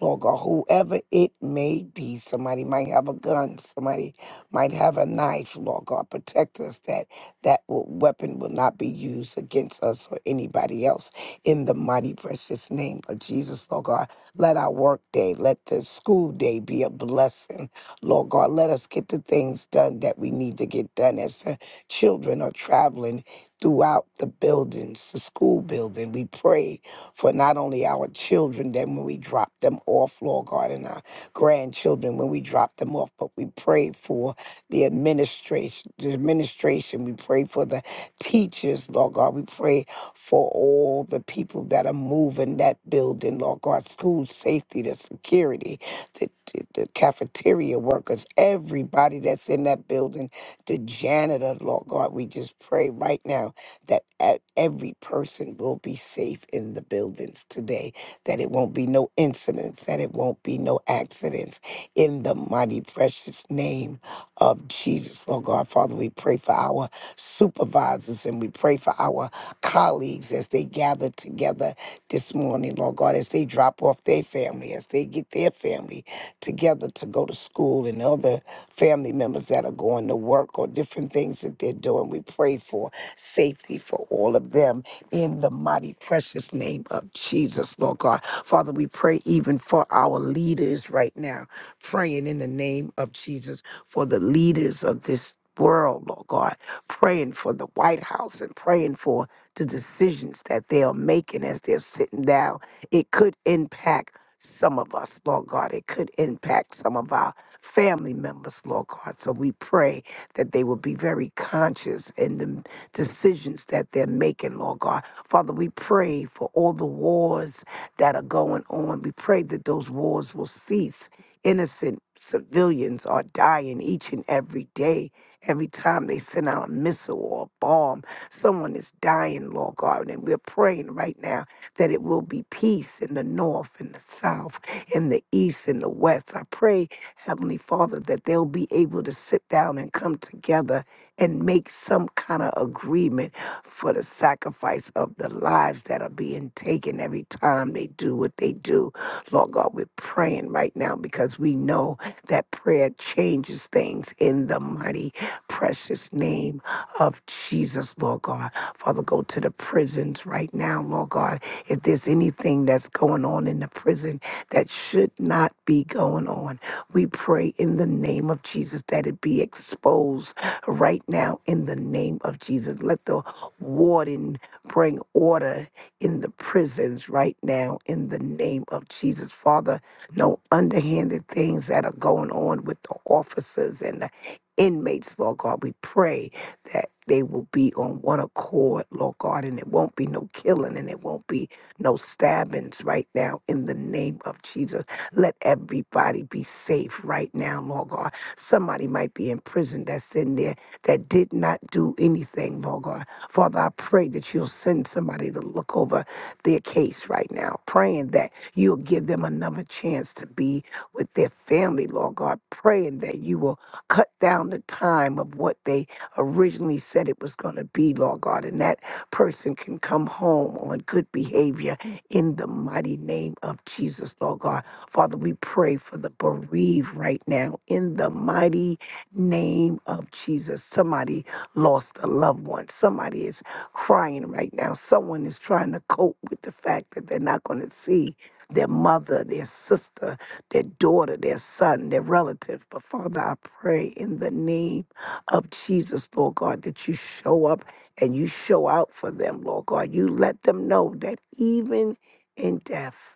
Lord God, whoever it may be, somebody might have a gun, somebody might have a knife, Lord God, protect us that that w- weapon will not be used against us or anybody else. In the mighty, precious name of Jesus, Lord God, let our work day, let the school day be a blessing, Lord God. Let us get the things done that we need to get done as the children are traveling throughout the buildings, the school building. We pray for not only our children, then when we drop them off, Lord God, and our grandchildren when we drop them off, but we pray for the administration, the administration. We pray for the teachers, Lord God. We pray for all the people that are moving that building, Lord God, school safety, the security, the, the, the cafeteria workers, everybody that's in that building, the janitor, Lord God. We just pray right now that e- every person will be safe in the buildings today, that it won't be no incidents, that it won't be no accidents. In the mighty, precious name of Jesus, Lord God, Father, we pray for our supervisors and we pray for our colleagues as they gather together this morning, Lord God, as they drop off their family, as they get their family together to go to school and other family members that are going to work or different things that they're doing. We pray for safety for all of them in the mighty, precious name of Jesus, Lord God. Father, we pray even for our leaders right now, praying in the name of Jesus for the leaders of this world, Lord God, praying for the White House and praying for the decisions that they are making as they're sitting down. It could impact some of us, Lord God. It could impact some of our family members, Lord God. So we pray that they will be very conscious in the decisions that they're making, Lord God. Father, we pray for all the wars that are going on. We pray that those wars will cease. Innocent civilians are dying each and every day. Every time they send out a missile or a bomb, someone is dying, Lord God. And we're praying right now that it will be peace in the north in the south, in the east in the west. I pray, Heavenly Father, that they'll be able to sit down and come together and make some kind of agreement for the sacrifice of the lives that are being taken every time they do what they do. Lord God, we're praying right now because we know that prayer changes things in the mighty, precious name of Jesus, Lord God. Father, go to the prisons right now, Lord God. If there's anything that's going on in the prison that should not be going on, we pray in the name of Jesus that it be exposed right now in the name of Jesus. Let the warden bring order in the prisons right now in the name of Jesus. Father, no underhanded things that are going on with the officers and the inmates, Lord God. We pray that they will be on one accord, Lord God, and it won't be no killing and it won't be no stabbings right now in the name of Jesus. Let everybody be safe right now, Lord God. Somebody might be in prison that's in there that did not do anything, Lord God. Father, I pray that you'll send somebody to look over their case right now, praying that you'll give them another chance to be with their family, Lord God, praying that you will cut down the time of what they originally said it was going to be, Lord God, and that person can come home on good behavior in the mighty name of Jesus, Lord God. Father, we pray for the bereaved right now in the mighty name of Jesus. Somebody lost a loved one. Somebody is crying right now. Someone is trying to cope with the fact that they're not going to see their mother, their sister, their daughter, their son, their relative. But Father, I pray in the name of Jesus, Lord God, that you show up and you show out for them, Lord God. You let them know that even in death,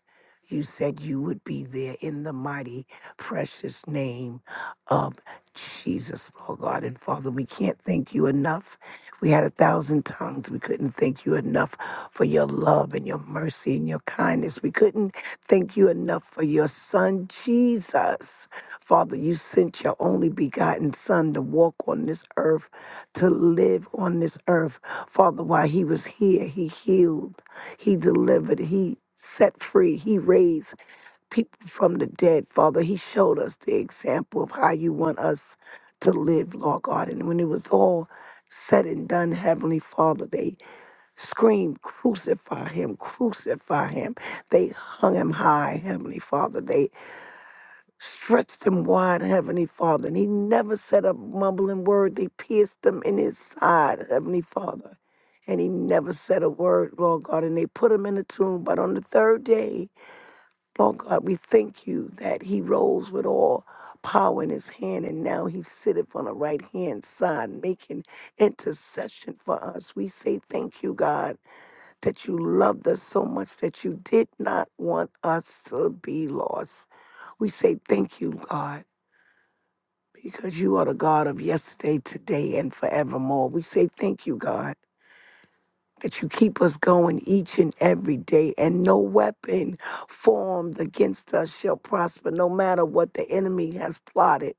you said you would be there in the mighty, precious name of. Jesus, Lord God and Father, we can't thank you enough. We had a thousand tongues. We couldn't thank you enough for your love and your mercy and your kindness. We couldn't thank you enough for your son, Jesus. Father, you sent your only begotten son to walk on this earth, to live on this earth. Father, while he was here, he healed, he delivered, he set free, he raised people from the dead, Father. He showed us the example of how you want us to live, Lord God. And when it was all said and done, Heavenly Father, they screamed, Crucify him, crucify him. They hung him high, Heavenly Father. They stretched him wide, Heavenly Father. And he never said a mumbling word. They pierced him in his side, Heavenly Father. And he never said a word, Lord God. And they put him in the tomb. But on the third day, Lord God, we thank you that he rose with all power in his hand, and now he sitteth on the right hand side, making intercession for us. We say thank you, God, that you loved us so much that you did not want us to be lost. We say thank you, God. Because you are the God of yesterday, today, and forevermore. We say thank you, God that you keep us going each and every day, and no weapon formed against us shall prosper, no matter what the enemy has plotted.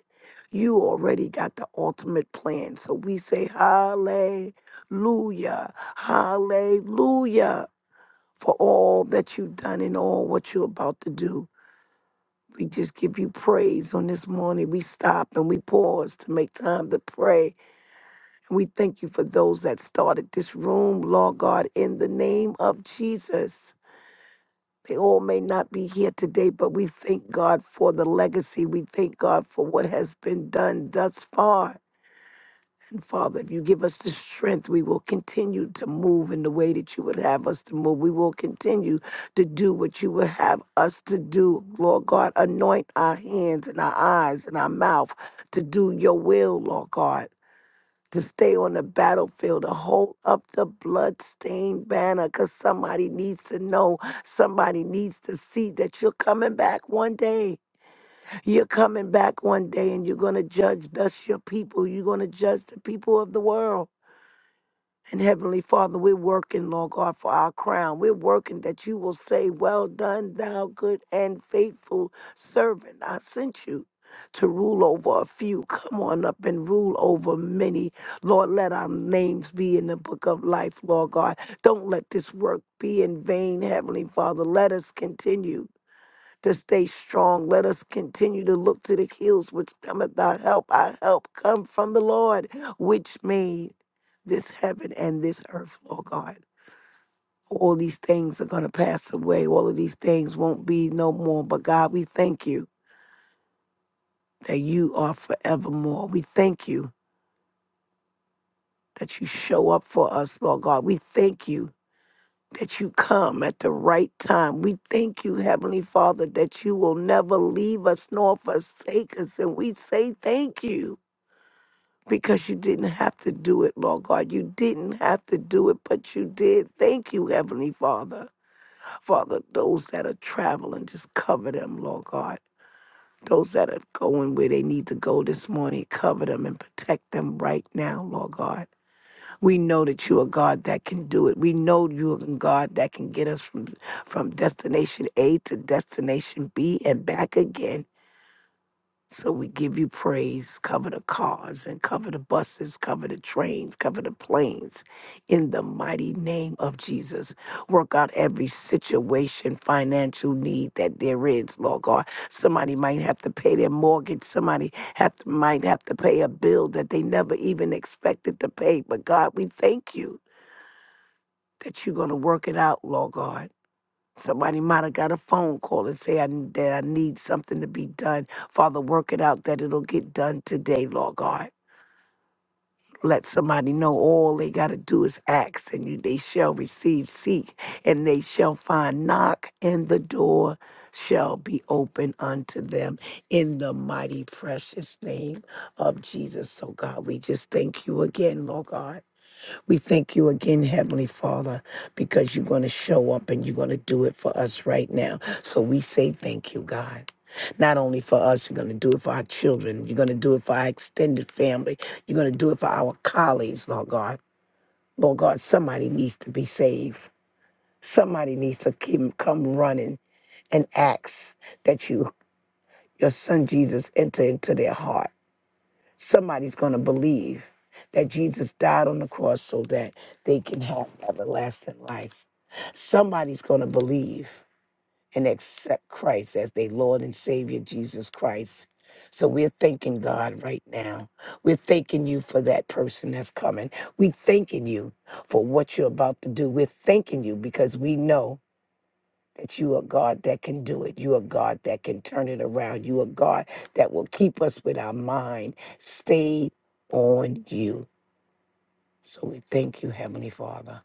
You already got the ultimate plan. So we say, Hallelujah, Hallelujah, for all that you've done and all what you're about to do. We just give you praise on this morning. We stop and we pause to make time to pray we thank you for those that started this room, Lord God, in the name of Jesus. They all may not be here today, but we thank God for the legacy. We thank God for what has been done thus far. And Father, if you give us the strength, we will continue to move in the way that you would have us to move. We will continue to do what you would have us to do. Lord God, anoint our hands and our eyes and our mouth to do your will, Lord God to stay on the battlefield, to hold up the bloodstained banner, because somebody needs to know, somebody needs to see that you're coming back one day. You're coming back one day and you're going to judge thus your people. You're going to judge the people of the world. And Heavenly Father, we're working, Lord God, for our crown. We're working that you will say, Well done, thou good and faithful servant. I sent you to rule over a few. Come on up and rule over many. Lord, let our names be in the book of life, Lord God. Don't let this work be in vain, Heavenly Father. Let us continue to stay strong. Let us continue to look to the hills which cometh our help. Our help come from the Lord, which made this heaven and this earth, Lord God. All these things are going to pass away. All of these things won't be no more. But God, we thank you that you are forevermore. We thank you that you show up for us, Lord God. We thank you that you come at the right time. We thank you, Heavenly Father, that you will never leave us nor forsake us. And we say thank you because you didn't have to do it, Lord God. You didn't have to do it, but you did. Thank you, Heavenly Father. Father, those that are traveling, just cover them, Lord God. Those that are going where they need to go this morning, cover them and protect them right now, Lord God. We know that you are God that can do it. We know you are God that can get us from, from destination A to destination B and back again. So we give you praise. Cover the cars and cover the buses, cover the trains, cover the planes. In the mighty name of Jesus, work out every situation, financial need that there is, Lord God. Somebody might have to pay their mortgage. Somebody have to, might have to pay a bill that they never even expected to pay. But God, we thank you that you're going to work it out, Lord God. Somebody might have got a phone call and say I, that I need something to be done. Father, work it out that it'll get done today, Lord God. Let somebody know all they got to do is ask, and you, they shall receive, seek, and they shall find, knock, and the door shall be open unto them in the mighty, precious name of Jesus. So, God, we just thank you again, Lord God. We thank you again, Heavenly Father, because you're going to show up and you're going to do it for us right now. So we say thank you, God. Not only for us, you're going to do it for our children. You're going to do it for our extended family. You're going to do it for our colleagues, Lord God. Lord God, somebody needs to be saved. Somebody needs to keep, come running and ask that you, your son Jesus, enter into their heart somebody's going to believe that Jesus died on the cross so that they can have everlasting life. Somebody's going to believe and accept Christ as their Lord and Savior, Jesus Christ. So we're thanking God right now. We're thanking you for that person that's coming. We're thanking you for what you're about to do. We're thanking you because we know that you are God that can do it. You are God that can turn it around. You are God that will keep us with our mind stayed on you. So we thank you, Heavenly Father.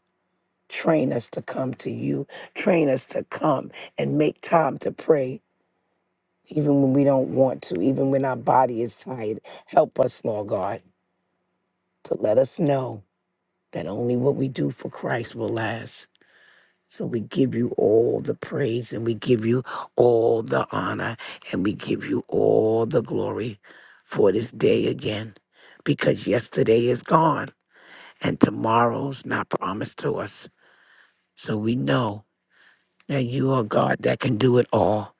Train us to come to you. Train us to come and make time to pray, even when we don't want to, even when our body is tired. Help us, Lord God, to let us know that only what we do for Christ will last. So we give you all the praise and we give you all the honor and we give you all the glory for this day again because yesterday is gone and tomorrow's not promised to us. So we know that you are God that can do it all.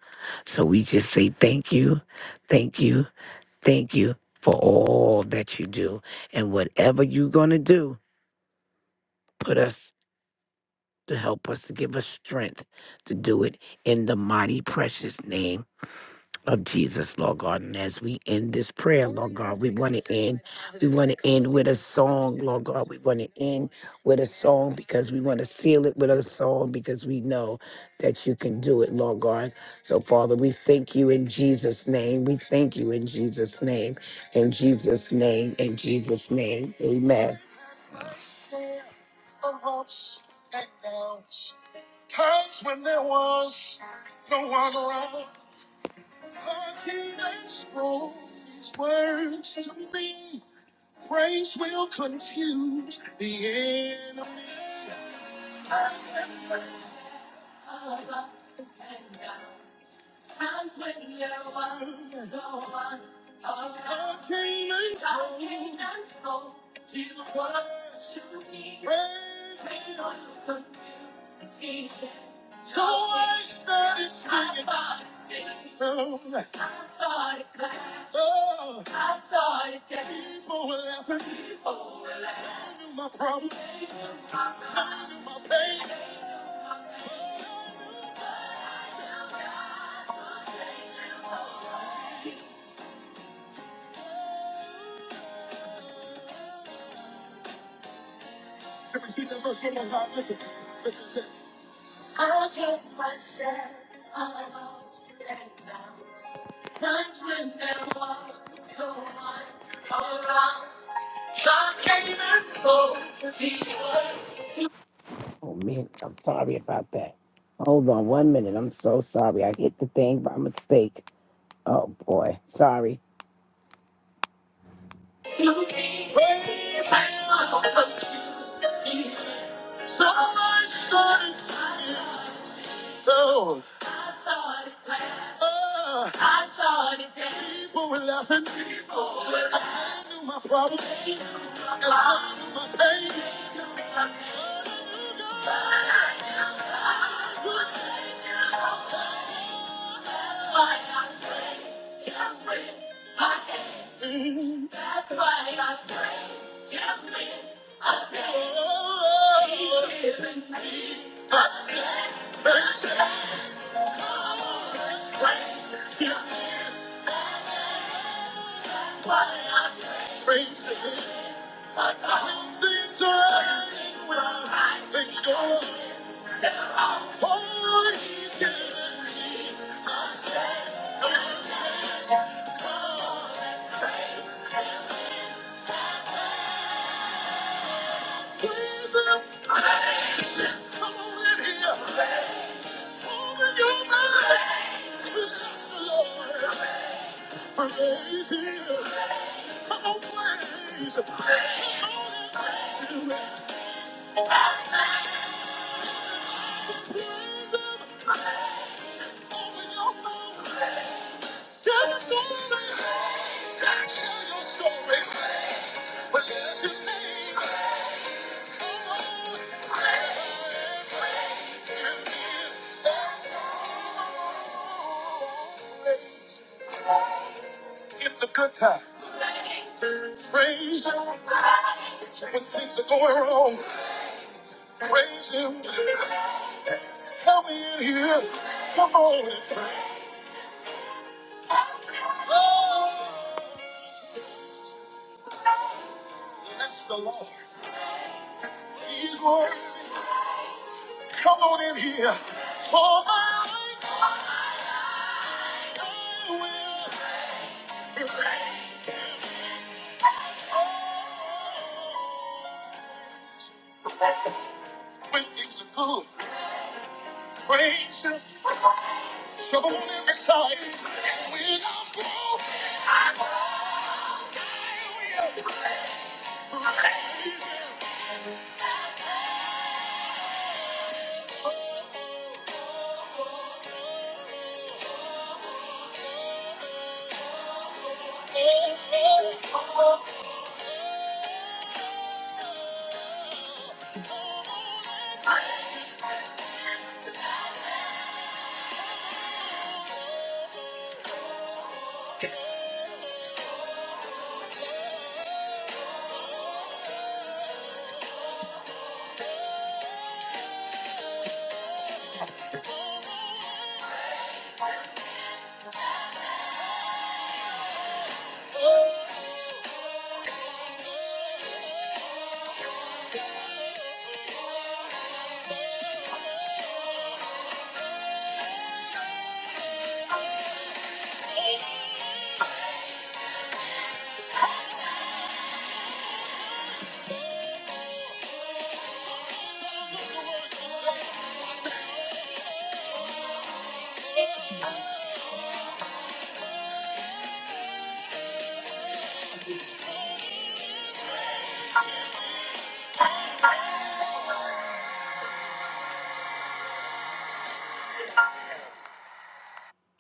So we just say thank you, thank you, thank you for all that you do. And whatever you're going to do, put us to help us, to give us strength to do it in the mighty, precious name of Jesus, Lord God. And as we end this prayer, Lord God, we want to end. We want to end with a song, Lord God. We want to end with a song because we want to seal it with a song because we know that you can do it, Lord God. So, Father, we thank you in Jesus' name. We thank you in Jesus' name. In Jesus' name. In Jesus' name. Amen. Times when there was no one around. Hurting and strong, these words to me. Praise will confuse the enemy of ups and downs. Times when you're one, no one around. God came and told you what to be. When you're confused, he So I started singing. I started singing. I started glad. Oh. I started dancing. People were laughing. People were laughing. They knew my problems. They knew my problems. They knew my pain. Let me see one more time. Listen, listen to this. I took my stand on and valleys, times when there was no one around. God came and spoke the word. Oh man, I'm sorry about that. Hold on one minute. I'm so sorry. I hit the thing by mistake. Oh boy, sorry. So, uh, people were laughing. I knew my problems. I knew my pain. That's why I praise Him with a day. He's given me a strength, a strength. Come on, let's praise Him. That's why I praise Him. A song things are well, right things go. Oh, He's given a strength, a strength. Praise Him. Come on in here. In the good time, praise Him. When things are going wrong, praise Him. Come in here. Come on. and pray. Oh, bless the Lord. He is worthy. Come on in here. For my life, I will praise him. Oh, when things are good, praise him. Trouble on every side. And when I'm broke,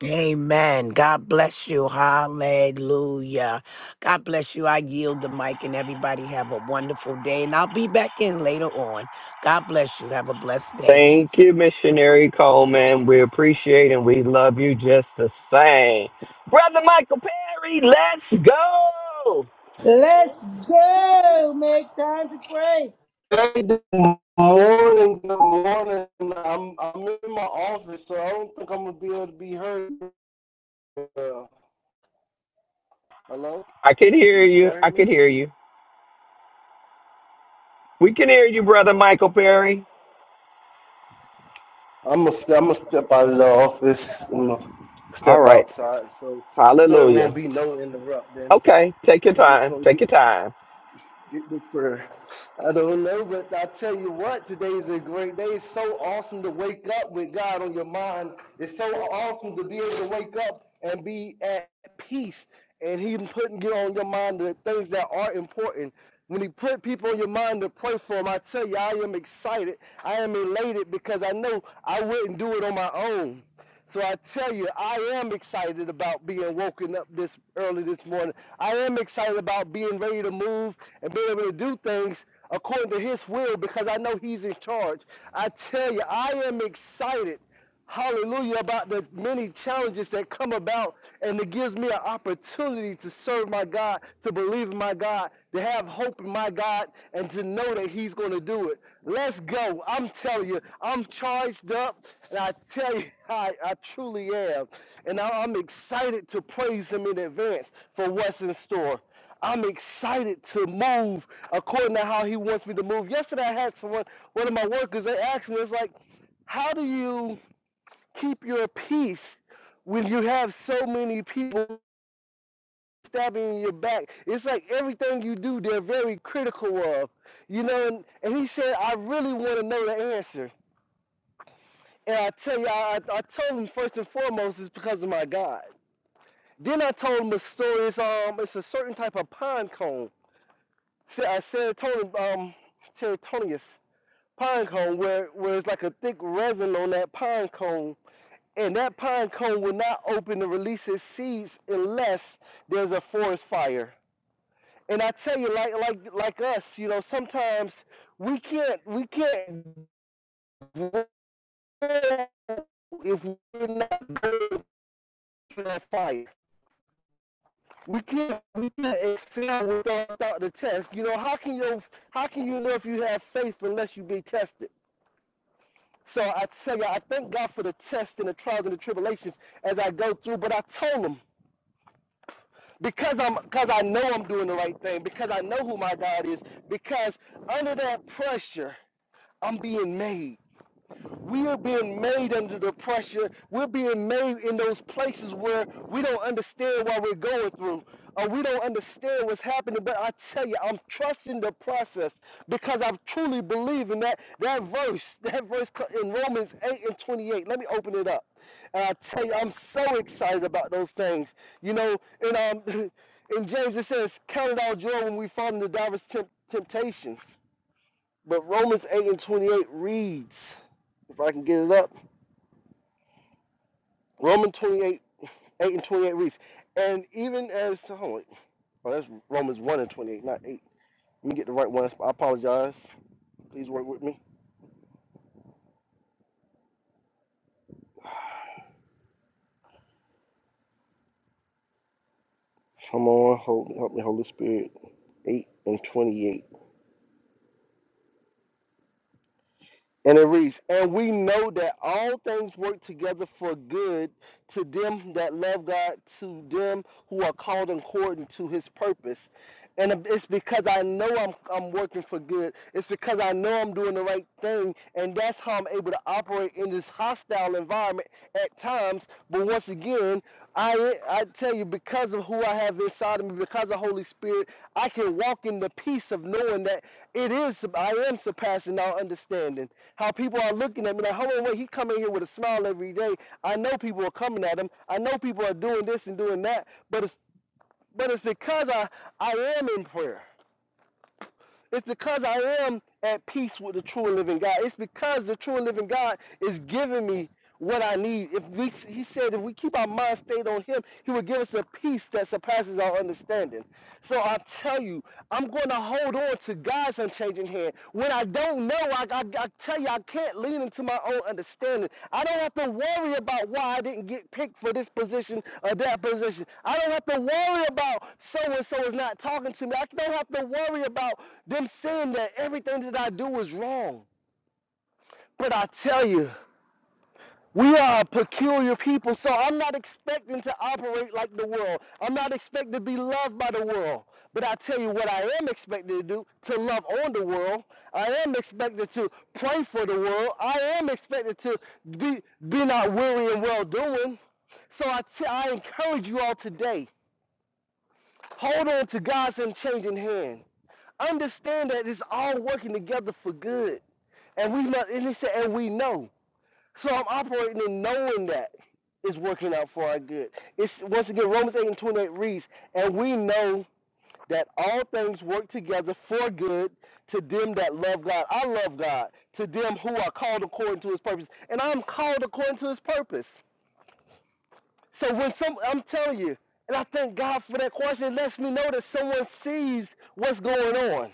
Amen. God bless you. Hallelujah. God bless you. I yield the mic and everybody have a wonderful day. And I'll be back in later on. God bless you. Have a blessed day.
Thank you, Missionary Coleman. We appreciate and we love you just the same. Brother Michael Perry, let's go.
Let's go. Make time to pray.
Hey, good morning, good morning. I'm I'm in my office, so I don't think I'm gonna be able to be heard. Uh, hello,
I can hear
Can
you.
y'all hear
I
me?
can hear you. We can hear you, Brother Mike.
I'm gonna i I'm gonna step out of the office. I'm gonna
All
step
right.
outside, so so it won't be no interrupt. Then
Okay. Take your
<laughs> you just
time.
gonna
Take
get
your time.
get this prayer. I don't know, but I tell you what, today is a great day. It's so awesome to wake up with God on your mind. It's so awesome to be able to wake up and be at peace. And He putting you on your mind the things that are important. When He put people on your mind to pray for them, I tell you, I am excited. I am elated because I know I wouldn't do it on my own. So I tell you, I am excited about being woken up this early this morning. I am excited about being ready to move and being able to do things according to his will because I know he's in charge. I tell you, I am excited, hallelujah, about the many challenges that come about and it gives me an opportunity to serve my God, to believe in my my God, to have hope in my God, and to know that He's going to do it. Let's go. I'm telling you, I'm charged up, and I tell you, <laughs> I, I truly am. And I, I'm excited to praise Him in advance for what's in store. I'm excited to move according to how He wants me to move. Yesterday, I had someone, one of my workers, they asked me, it's like, how do you keep your peace when you have so many people? stabbing in your back. It's like everything you do, they're very critical of. You know, and, and he said, I really want to know the answer. And I tell you, I, I I told him first and foremost, it's because of my God. Then I told him a story. It's, um, it's a certain type of pine cone, se- uh, um, serotoninous pine cone, where, where it's like a thick resin on that pine cone. And that pine cone will not open to release its seeds unless there's a forest fire And I tell you, like like like us, you know, sometimes we can't we can't grow if we're not going through that fire. We can't we can't excel without, without the test. You know, how can you how can you know if you have faith unless you be tested? So I tell you, I thank God for the tests and the trials and the tribulations as I go through. But I told him because I'm because I know I'm doing the right thing, because I know who my God is, because under that pressure, I'm being made. We are being made under the pressure. We're being made in those places where we don't understand what we're going through or we don't understand what's happening. But I tell you, I'm trusting the process because I truly believe in that, that verse, <laughs> that verse in Romans 8 and 28. Let me open it up. And I tell you, I'm so excited about those things. You know, and um, <laughs> in James it says, count it all joy when we fall into diverse temp- temptations. But Romans 8 and 28 reads, if I can get it up. Romans 28, 8 and 28 reads, and even as, hold on, oh, that's Romans 1 and 28, not 8. Let me get the right one. I apologize. Please work with me. Come on, hold, help me, Holy Spirit. 8 and 28. And it reads, And we know that all things work together for good to them that love God, to them who are called according to his purpose. And it's because I know I'm, I'm working for good. It's because I know I'm doing the right thing. And that's how I'm able to operate in this hostile environment at times. But once again, I I tell you, because of who I have inside of me, because of the Holy Spirit, I can walk in the peace of knowing that it is I am surpassing all understanding. How people are looking at me like, hold on, wait, he come in here with a smile every day. I know people are coming at him. I know people are doing this and doing that, but it's but it's because I I am in prayer. It's because I am at peace with the true and living God. It's because the true and living God is giving me what I need. If we, he said, if we keep our mind stayed on Him, He will give us a peace that surpasses our understanding. So I tell you, I'm going to hold on to God's unchanging hand. When I don't know, I, I, I tell you, I can't lean into my own understanding. I don't have to worry about why I didn't get picked for this position or that position. I don't have to worry about so and so is not talking to me. I don't have to worry about them saying that everything that I do is wrong. But I tell you, we are a peculiar people, so I'm not expecting to operate like the world. I'm not expected to be loved by the world. But I tell you what I am expected to do, to love on the world. I am expected to pray for the world. I am expected to be, be not weary and well doing. So I t I encourage you all today, hold on to God's unchanging hand. Understand that it's all working together for good. And we know, and he said, and we know. So I'm operating in knowing that it's working out for our good. It's once again Romans 8 and 28 reads, and we know that all things work together for good to them that love God. I love God. To them who are called according to his purpose. And I'm called according to his purpose. So when some I'm telling you, and I thank God for that question, it lets me know that someone sees what's going on.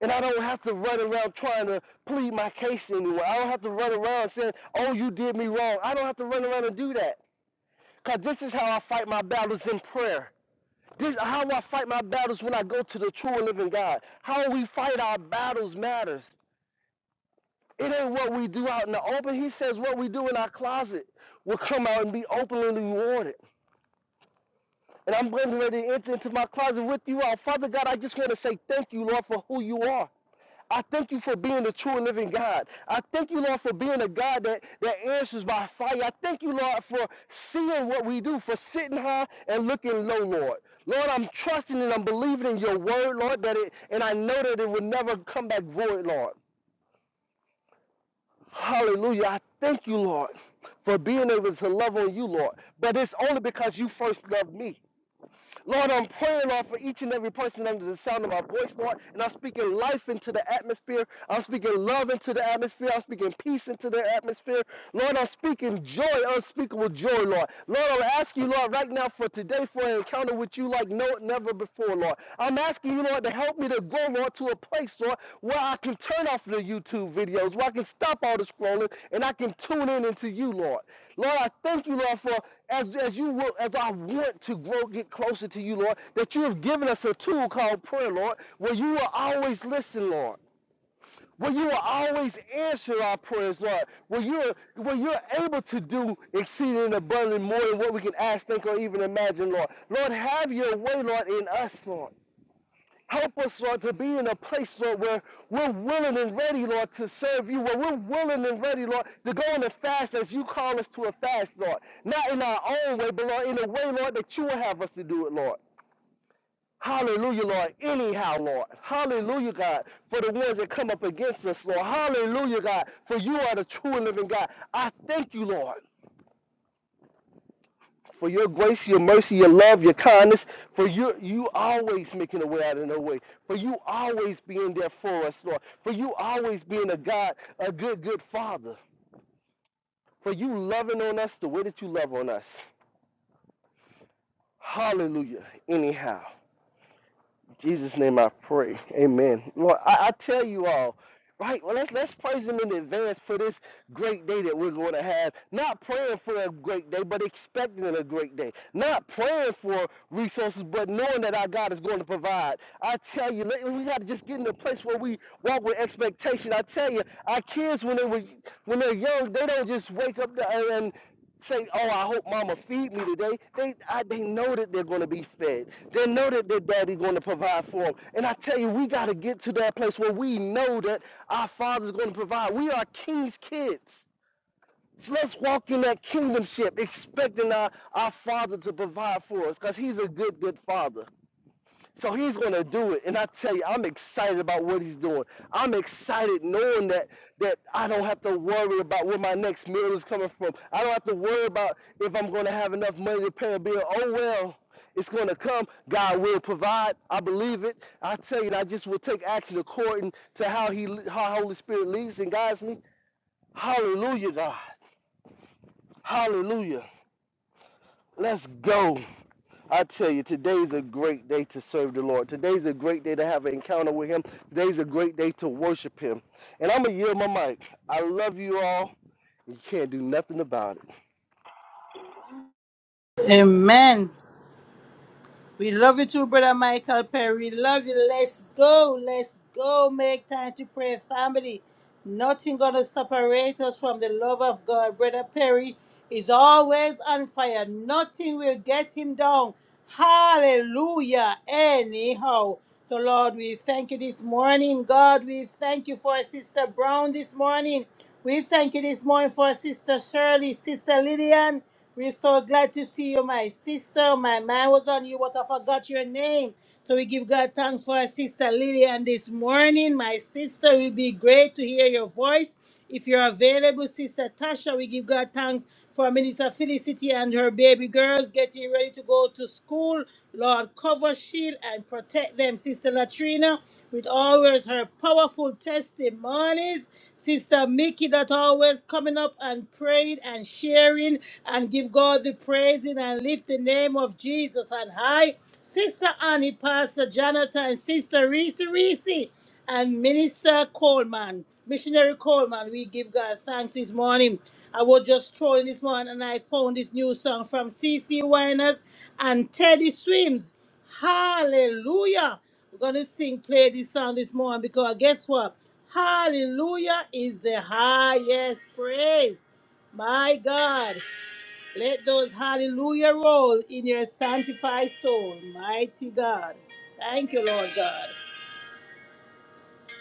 And I don't have to run around trying to plead my case anywhere. I don't have to run around saying, oh, you did me wrong. I don't have to run around and do that. Because this is how I fight my battles in prayer. This is how I fight my battles when I go to the true and living God. How we fight our battles matters. It ain't what we do out in the open. He says what we do in our closet will come out and be openly rewarded. And I'm getting ready to enter into my closet with you all. Father God, I just want to say thank you, Lord, for who you are. I thank you for being the true and living God. I thank you, Lord, for being a God that, that answers by fire. I thank you, Lord, for seeing what we do, for sitting high and looking low, Lord. Lord, I'm trusting and I'm believing in your word, Lord, that it and I know that it will never come back void, Lord. Hallelujah. I thank you, Lord, for being able to love on you, Lord. But it's only because you first loved me. Lord, I'm praying, Lord, for each and every person under the sound of my voice, Lord. And I'm speaking life into the atmosphere. I'm speaking love into the atmosphere. I'm speaking peace into the atmosphere. Lord, I'm speaking joy, unspeakable joy, Lord. Lord, I'm asking you, Lord, right now for today for an encounter with you like no never before, Lord. I'm asking you, Lord, to help me to go, Lord, to a place, Lord, where I can turn off the YouTube videos, where I can stop all the scrolling, and I can tune in into you, Lord. Lord, I thank you, Lord, for as, as you will, as I want to grow, get closer to you, Lord, that you have given us a tool called prayer, Lord, where you will always listen, Lord. Where you will always answer our prayers, Lord. Where you're where you're able to do exceeding and abundantly more than what we can ask, think, or even imagine, Lord. Lord, have your way, Lord, in us, Lord. Help us, Lord, to be in a place, Lord, where we're willing and ready, Lord, to serve you, where we're willing and ready, Lord, to go on a fast as you call us to a fast, Lord. Not in our own way, but, Lord, in a way, Lord, that you will have us to do it, Lord. Hallelujah, Lord. Anyhow, Lord. Hallelujah, God, for the ones that come up against us, Lord. Hallelujah, God, for you are the true and living God. I thank you, Lord. for your grace, your mercy, your love, your kindness, for you you always making a way out of no way, for you always being there for us, Lord, for you always being a God, a good, good Father, for you loving on us the way that you love on us. Hallelujah. Anyhow. Jesus' name I pray. Amen. Lord, I, I tell you all, right? Well, let's let's praise him in advance for this great day that we're going to have. Not praying for a great day, but expecting a great day. Not praying for resources, but knowing that our God is going to provide. I tell you, let- we got to just get in a place where we walk with expectation. I tell you, our kids when they were when they're young, they don't just wake up and say, "Oh, I hope Mama feed me today." They I, they know that they're going to be fed. They know that their daddy going to provide for them. And I tell you, we got to get to that place where we know that our Father's going to provide. We are King's kids. So let's walk in that kingdomship, expecting our, our Father to provide for us, because He's a good, good Father. So he's going to do it. And I tell you, I'm excited about what he's doing. I'm excited knowing that that I don't have to worry about where my next meal is coming from. I don't have to worry about if I'm going to have enough money to pay a bill. Oh well, it's going to come. God will provide. I believe it. I tell you, I just will take action according to how he how Holy Spirit leads and guides me. Hallelujah, God. Hallelujah. Let's go. I tell you, today's a great day to serve the Lord. Today's a great day to have an encounter with Him. Today's a great day to worship Him. And I'm going to yield my mic. I love you all. You can't do nothing about it.
Amen. We love you too, Brother Michael Perry. Love you. Let's go. Let's go. Make time to pray, family. Nothing gonna separate us from the love of God. Brother Perry is always on fire. Nothing will get him down. Hallelujah. Anyhow. So Lord, we thank you this morning. God, we thank you for Sister Brown this morning. We thank you this morning for Sister Shirley, Sister Lillian. We're so glad to see you, my sister. My mind was on you, but I forgot your name. So we give God thanks for our sister Lillian this morning. My sister, it will be great to hear your voice. If you're available, Sister Tasha, we give God thanks for Minister Felicity and her baby girls getting ready to go to school. Lord, cover, shield, and protect them. Sister Latrina, with always her powerful testimonies. Sister Mickey, that always coming up and praying and sharing sharing and give God the praising and lift the name of Jesus on high. Sister Annie, Pastor Jonathan, Sister Reese Reese, and Minister Coleman, Missionary Coleman, we give God thanks this morning. I was just trolling this morning and I found this new song from C. C. Winers and Teddy Swims. Hallelujah. We're going to sing, play this song this morning because guess what? Hallelujah is the highest praise. My God, let those hallelujah roll in your sanctified soul, mighty God. Thank you, Lord God.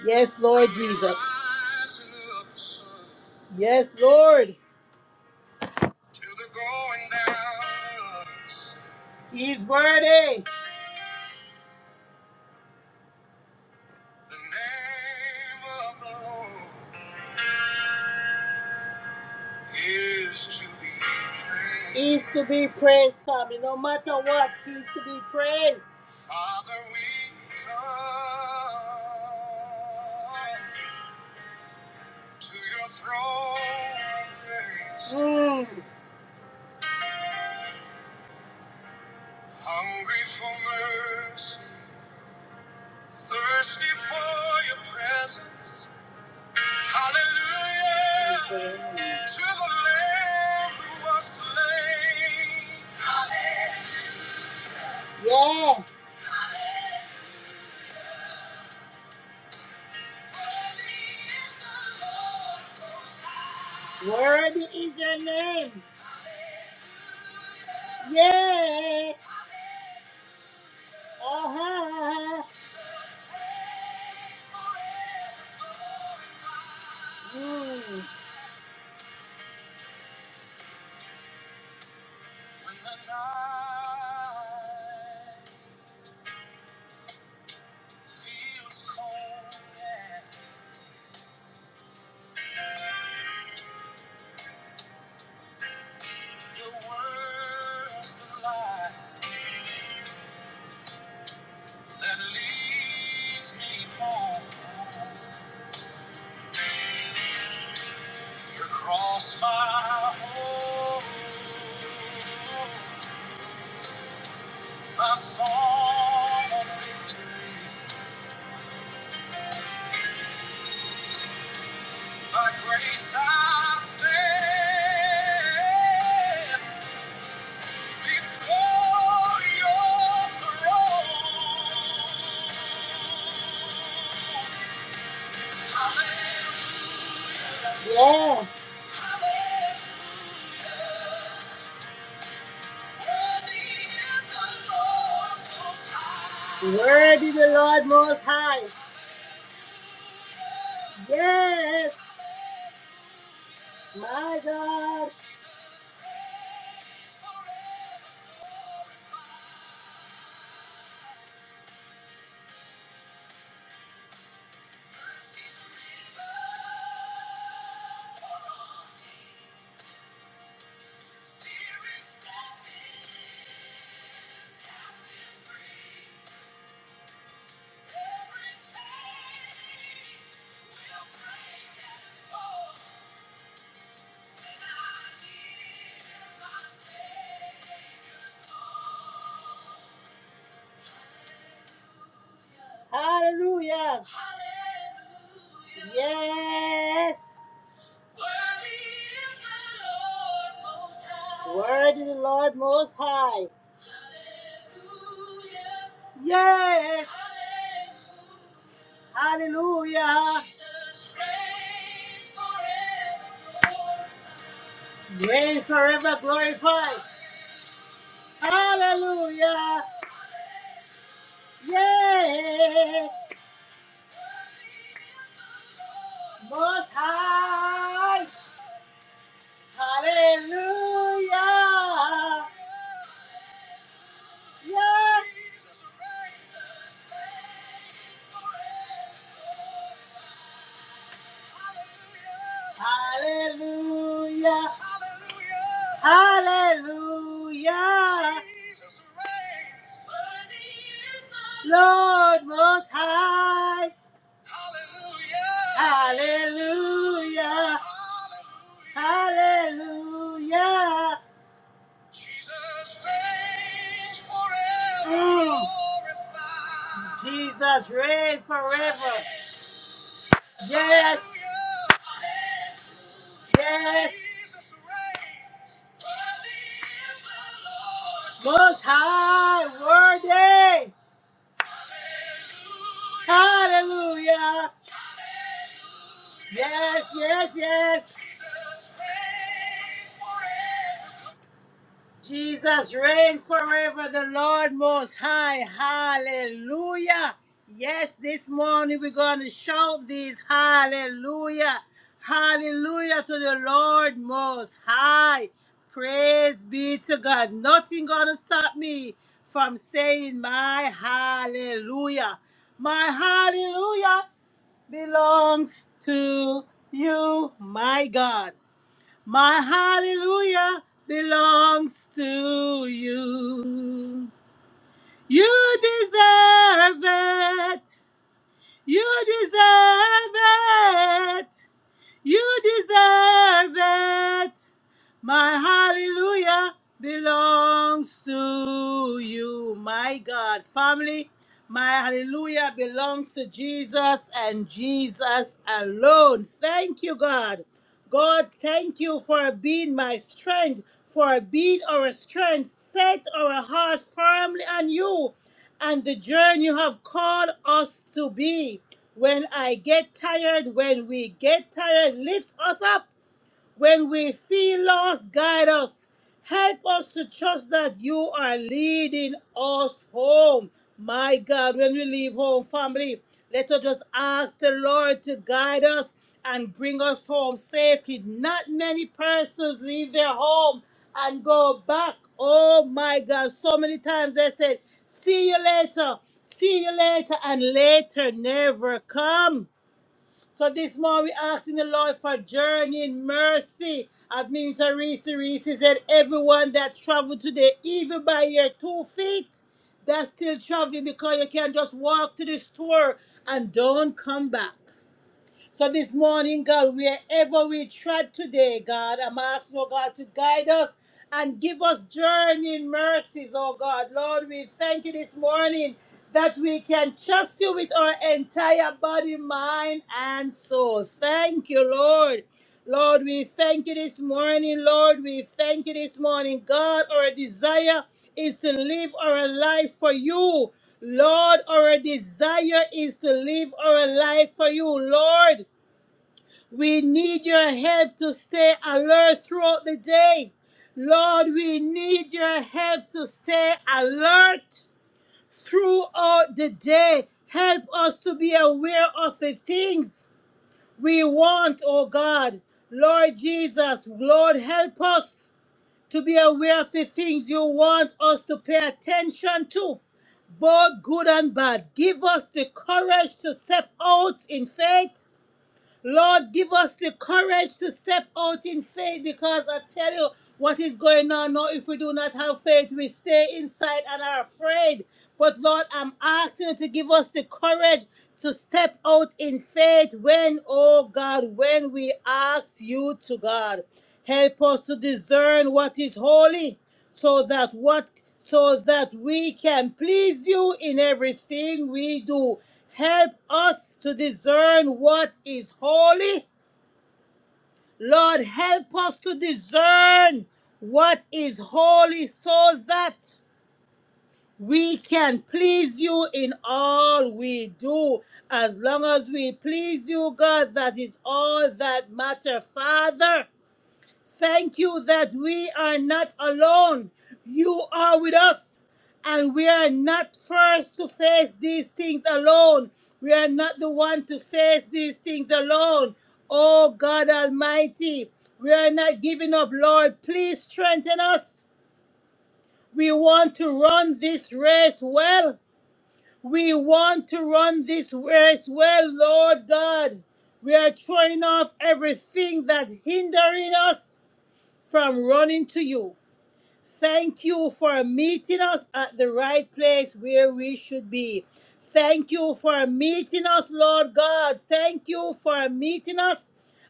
Yes, Lord Jesus. Yes, Lord. To the going down of the sun. He's worthy. The name of the Lord is to be praised. Is to be praised, family. No matter what, he's to be praised. Father, we come to your throne, of grace. Mm. Hungry for mercy, thirsty for your presence. Hallelujah Hallelujah. to the Lamb who was slain. Hallelujah. Yeah. Worthy is your name. Yeah. Uh-huh. Mm. You cross my home, my song of victory. By grace I stand before your throne. Hallelujah. Yeah. Hallelujah. Worthy the Lord Most High. Yes, my God. Hallelujah. Hallelujah. Yes. Worthy is the Lord Most High. Hallelujah. Yes. Hallelujah. Hallelujah. Jesus reigns forever. Reign forever glorified. Hallelujah. Yay. Most high. Hallelujah. Yeah. Hallelujah. Hallelujah. Lord Most High. Hallelujah. Hallelujah. Jesus reigns forever. Mm. glorified. Jesus reigns forever. Yes. Yes. Most high, worthy. Hallelujah. Hallelujah. Yes, yes, yes. Jesus reigns forever, the Lord most high. Hallelujah. Yes, this morning we're going to shout these hallelujah. Hallelujah to the Lord most high. Praise be to God. Nothing going to stop me from saying my hallelujah. My hallelujah belongs to you, my God. My hallelujah belongs to you. You deserve it. You deserve it. You deserve it. My hallelujah belongs to you, my God. Family, my hallelujah belongs to Jesus and Jesus alone. Thank you, God. God, thank you for being my strength, for being our strength. Set our heart firmly on you and the journey you have called us to be. When I get tired, when we get tired, lift us up when we feel lost, guide us. Help us to trust that you are leading us home. My God, when we leave home, family, let us just ask the Lord to guide us and bring us home safely. Not many persons leave their home and go back. Oh my God, so many times they said, See you later, see you later, and later never come. So this morning we asking the Lord for journeying mercy. As Minister Reese Reese said, everyone that traveled today, even by your two feet, that's still traveling because you can't just walk to the store and don't come back. So this morning, God, wherever we tread today, God, I'm asking, oh God, to guide us and give us journeying mercies, oh God. Lord, we thank you this morning that we can trust you with our entire body, mind, and soul. Thank you, Lord. Lord, we thank you this morning. Lord, we thank you this morning. God, our desire is to live our life for you. Lord, our desire is to live our life for you. Lord, we need your help to stay alert throughout the day. Lord, we need your help to stay alert throughout the day. Help us to be aware of the things we want, oh God. Lord Jesus, Lord, help us to be aware of the things you want us to pay attention to, both good and bad. Give us the courage to step out in faith Lord, give us the courage to step out in faith because I tell you what is going on now. If we do not have faith, we stay inside and are afraid. But Lord, I'm asking you to give us the courage to step out in faith when, oh God, when we ask you to God. Help us to discern what is holy so that what so that we can please you in everything we do help us to discern what is holy lord help us to discern what is holy so that we can please you in all we do as long as we please you god that is all that matter father Thank you that we are not alone. You are with us. And we are not first to face these things alone. We are not the one to face these things alone. Oh God Almighty, we are not giving up, Lord. Please strengthen us. We want to run this race well. We want to run this race well, Lord God. We are throwing off everything that's hindering us from running to you. Thank you for meeting us at the right place where we should be. Thank you for meeting us, Lord God. Thank you for meeting us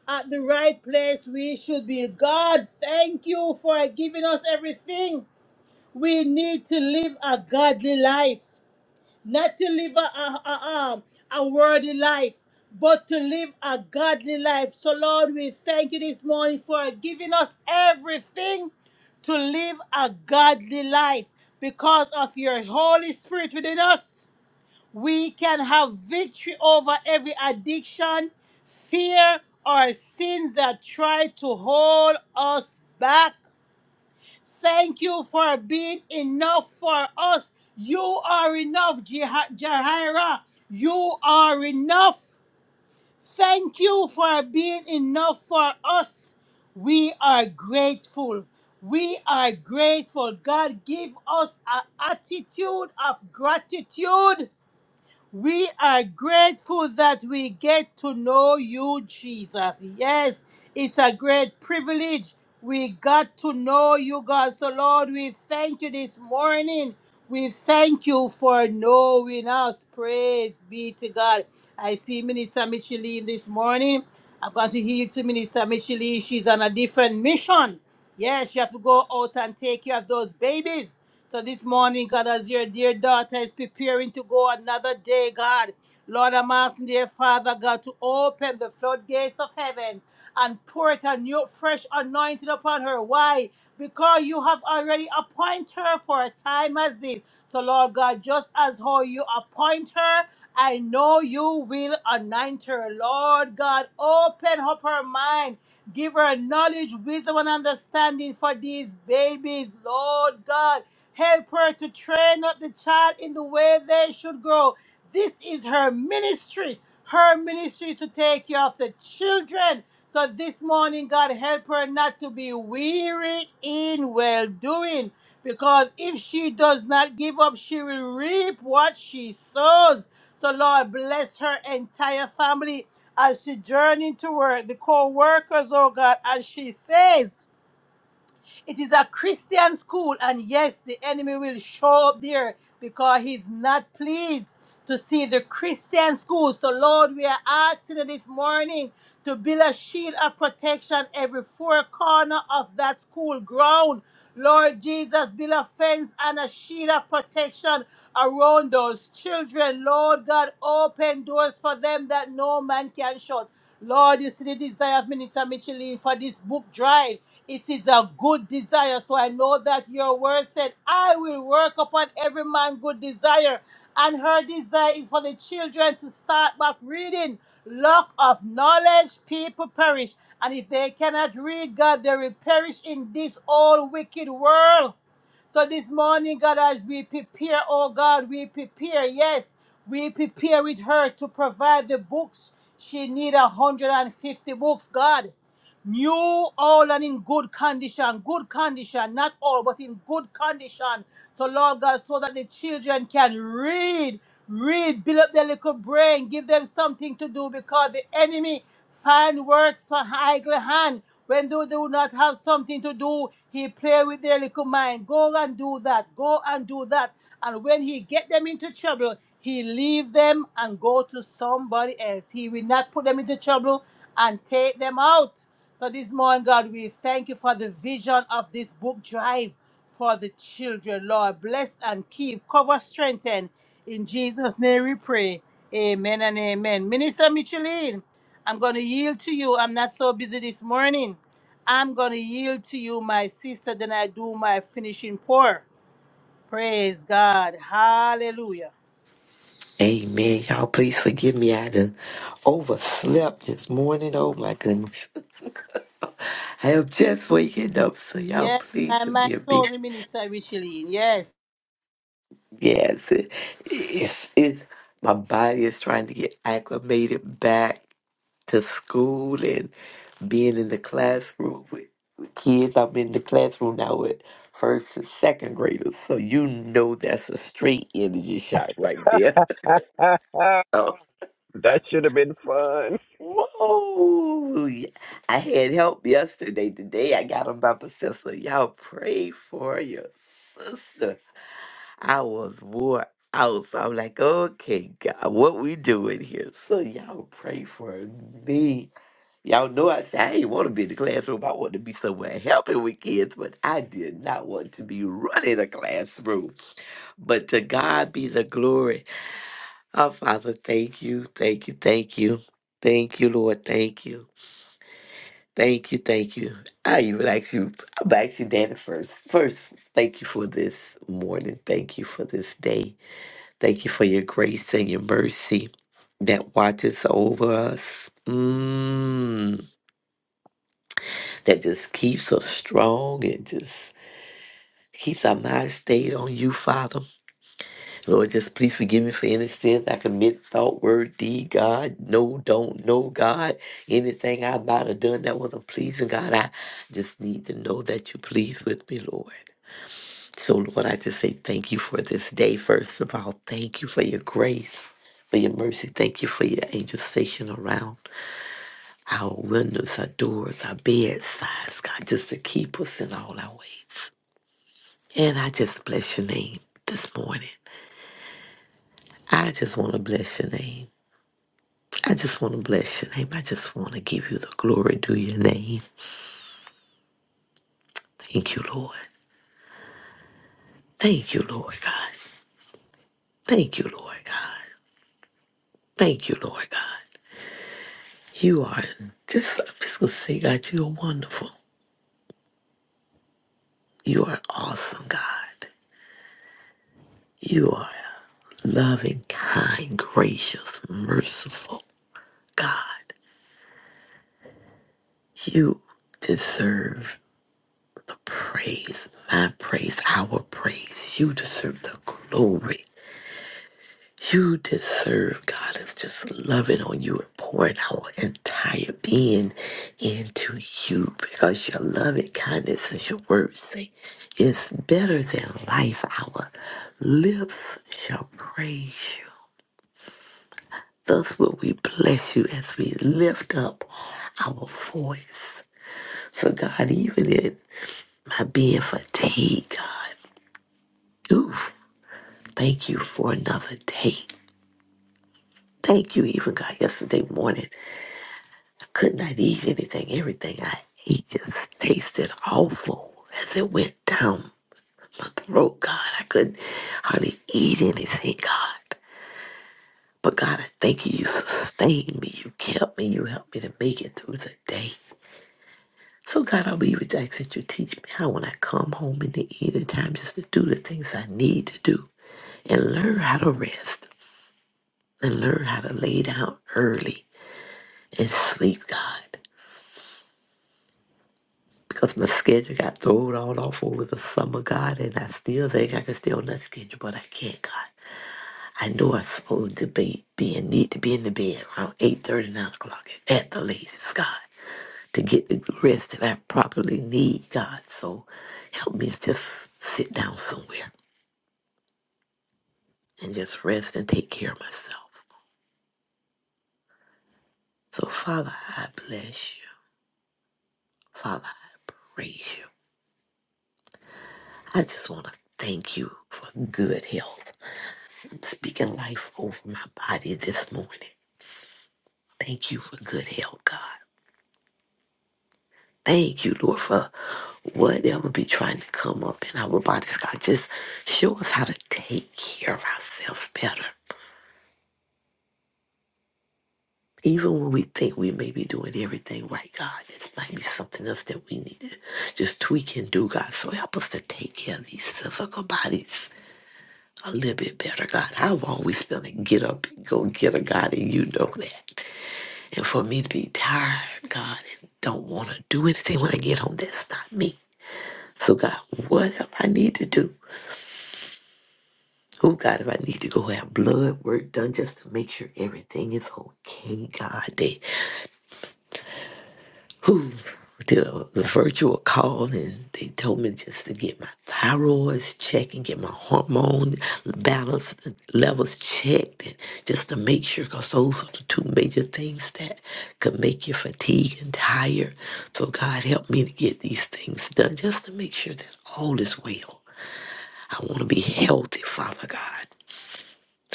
at the right place we should be. God, thank you for giving us everything we need to live a godly life not to live a, a, a, um, a worldly life, but to live a godly life. So, Lord, we thank you this morning for giving us everything to live a godly life. Because of your Holy Spirit within us, we can have victory over every addiction, fear, or sins that try to hold us back. Thank you for being enough for us. You are enough, Jah- Jahira. You are enough. Thank you for being enough for us. We are grateful. We are grateful. God, give us an attitude of gratitude we are grateful that we get to know you, Jesus. Yes, it's a great privilege. We got to know you, God. So, Lord, we thank you this morning. We thank you for knowing us. Praise be to God. I see Minister Micheline this morning. I'm going to heal to Minister Micheline. She's on a different mission. Yes, she have to go out and take care of those babies. So this morning, God, as your dear daughter is preparing to go another day, God, Lord, I'm asking, dear Father, God, to open the floodgates of heaven and pour it a new, fresh anointing upon her. Why? Because you have already appointed her for a time as this. So, Lord God, just as how you appoint her, I know you will anoint her. Lord God, open up her mind. Give her knowledge, wisdom, and understanding for these babies. Lord God, Help her to train up the child in the way they should grow. This is her ministry. Her ministry is to take care of the children. So this morning, God, help her not to be weary in well doing. Because if she does not give up, she will reap what she sows. So, Lord, bless her entire family as she journey to work, the co workers, oh God, as she says. It is a Christian school, and yes, the enemy will show up there because he's not pleased to see the Christian school. So, Lord, we are asking you this morning to build a shield of protection every four corner of that school ground. Lord Jesus, build a fence and a shield of protection around those children. Lord God, open doors for them that no man can shut. Lord, you see the desire of Minister Micheline for this book drive. It is a good desire. So I know that your word said, I will work upon every man good desire. And her desire is for the children to start back reading. Lack of knowledge, people perish. And if they cannot read God, they will perish in this old wicked world. So this morning, God, as we prepare, oh God, we prepare, yes, we prepare with her to provide the books. She need a 150 books, God. New all and in good condition, good condition, not all, but in good condition. So, Lord God, so that the children can read, read, build up their little brain, give them something to do because the enemy find works for idle hand. When they do not have something to do, he play with their little mind. Go and do that. Go and do that. And when he get them into trouble, he leave them and go to somebody else. He will not put them into trouble and take them out. So this morning, God, we thank you for the vision of this book drive for the children. Lord, bless and keep, cover, strengthen. In Jesus' name we pray. Amen and amen. Minister Micheline, I'm going to yield to you. I'm not so busy this morning. I'm going to yield to you, my sister, then I do my finishing pour. Praise God. Hallelujah.
Amen. Y'all, please forgive me. I done overslept this morning. Oh, my goodness. I am just waking up, so y'all,
Yes,
please
my mind
forgive me.
told me, Minister Micheline. Yes.
Yes, it, it's, it's, my body is trying to get acclimated back to school and being in the classroom with, with kids. I'm in the classroom now with first and second graders, so you know that's a straight energy shot right there.
<laughs> that
<laughs> Oh.
should have been fun.
Whoa! Ye- I had help yesterday. Today I got on by my sister. Y'all pray for your sister. I was wore out. So I'm like, okay, God, what we doing here? So y'all pray for me. Y'all know I said I didn't want to be in the classroom. I wanted to be somewhere helping with kids, but I did not want to be running a classroom. But to God be the glory. Our Father, thank you, thank you, thank you. Thank you, Lord. Thank you. Thank you, thank you. I even asked you, I'm actually Danny first. First, thank you for this morning. Thank you for this day. Thank you for your grace and your mercy that watches over us, mm, that just keeps us strong and just keeps our mind stayed on you, Father. Lord, just please forgive me for any sins I commit, thought, word, deed, God. No, don't know, God. Anything I might have done that wasn't pleasing, God. I just need to know that you pleased with me, Lord. So, Lord, I just say thank you for this day, first of all. Thank you for your grace, for your mercy. Thank you for your angel station around our windows, our doors, our bedsides, God, just to keep us in all our ways. And I just bless your name this morning. I just want to bless your name. I just want to bless your name. I just want to give you the glory due your name. Thank you, Lord. Thank you, Lord God. Thank you, Lord God. Thank you, Lord God. You are just, I'm just going to say, God, you are wonderful. You are awesome, God. You are a loving, kind, gracious, merciful God. You deserve the praise, my praise, our praise. You deserve the glory. You deserve God is just loving on you and pouring our entire being into you because your loving kindness and your word say is better than life. Our lips shall praise you. Thus will we bless you as we lift up our voice. So God, even in my being fatigued, God, ooh, thank you for another day. Thank you, even God, yesterday morning. Could not eat anything. Everything I ate just tasted awful as it went down my throat, God. I couldn't hardly eat anything, God. But God, I thank you. You sustained me. You kept me. You helped me to make it through the day. So God, I'll be with ask that you teach me how when I come home in the evening time just to do the things I need to do and learn how to rest and learn how to lay down early and sleep, God. because my schedule got thrown all off over the summer, God, and I still think I can stay on that schedule, but I can't, God. I know I'm supposed to be, be in need to be in the bed around 8.30, 9 o'clock at the latest, God, to get the rest that I properly need, God. So help me to just sit down somewhere and just rest and take care of myself. So, Father, I bless you. Father, I praise you. I just want to thank you for good health. Speaking life over my body this morning. Thank you for good health, God. Thank you, Lord, for whatever be trying to come up in our bodies, God. Just show us how to take care of ourselves better. Even when we think we may be doing everything right, God, this might be something else that we need to just tweak and do, God. So help us to take care of these physical bodies a little bit better, God. I've always been a get up and go get a God, and you know that. And for me to be tired, God, and don't want to do anything when I get home, that's not me. So, God, whatever I need to do, oh, God, if I need to go have blood work done just to make sure everything is okay, God, who did a the virtual call and they told me just to get my thyroids checked and get my hormone balance levels checked and just to make sure because those are the two major things that could make you fatigued and tired. So God helped me to get these things done just to make sure that all is well. I want to be healthy, Father God.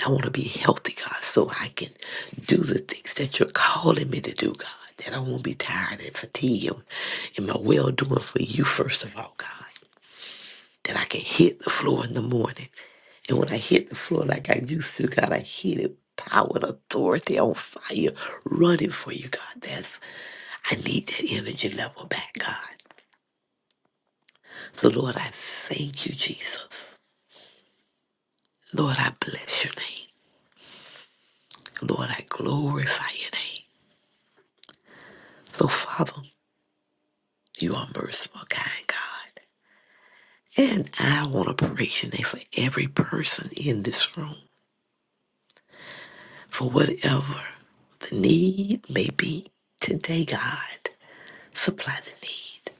I want to be healthy, God, so I can do the things that you're calling me to do, God. That I won't be tired and fatigued in my well doing for you, first of all, God. That I can hit the floor in the morning. And when I hit the floor like I used to, God, I hit it with power and authority on fire running for you, God. That's I need that energy level back, God. So Lord, I thank you, Jesus. Lord, I bless your name. Lord, I glorify your name. So Father, You are merciful, kind God. And I want to praise your name for every person in this room, for whatever the need may be today, God. Supply the need.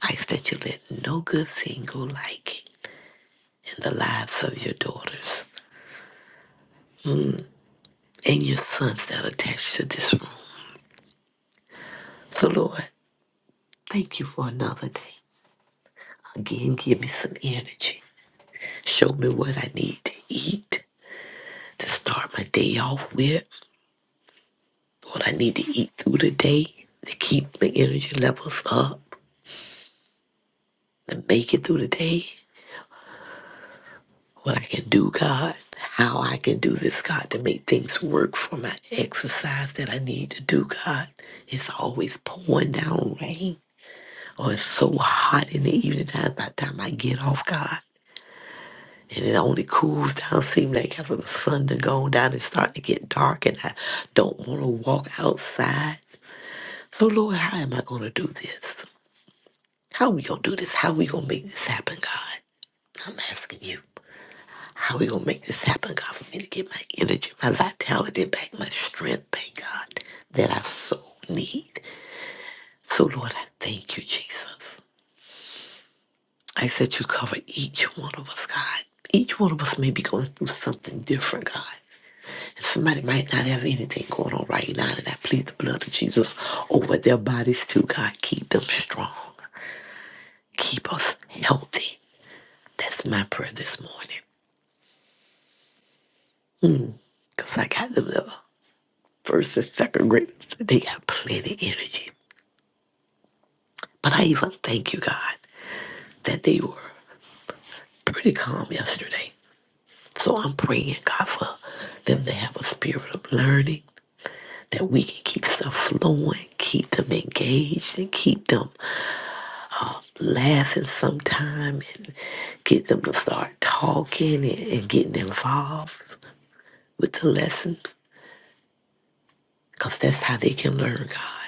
I ask that you let no good thing go lacking in the lives of your daughters and your sons that are attached to this room. So, Lord, thank you for another day. Again, give me some energy. Show me what I need to eat to start my day off with. Lord, I need to eat through the day to keep the energy levels up, to make it through the day. What I can do, God, how I can do this, God, to make things work for my exercise that I need to do, God. It's always pouring down rain, or it's so hot in the evening time by the time I get off, God. And it only cools down, seem like after the sun to go down, it's starting to get dark, and I don't want to walk outside. So, Lord, how am I going to do this? How we gonna do this? How we gonna make this happen, God? I'm asking you. How we gonna make this happen, God, for me to get my energy, my vitality back, my strength back, God, that I so need. So Lord, I thank you, Jesus. I said you cover each one of us, God. Each one of us may be going through something different, God. And somebody might not have anything going on right now, and I plead the blood of Jesus over their bodies too, God. Keep them strong. Keep us healthy. That's my prayer this morning. Because I got them the first and second graders. They got plenty of energy. But I even thank you, God, that they were pretty calm yesterday. So I'm praying, God, for them to have a spirit of learning, that we can keep stuff flowing, keep them engaged, and keep them laughing sometime, and get them to start talking and, and getting involved with the lessons, because that's how they can learn, God.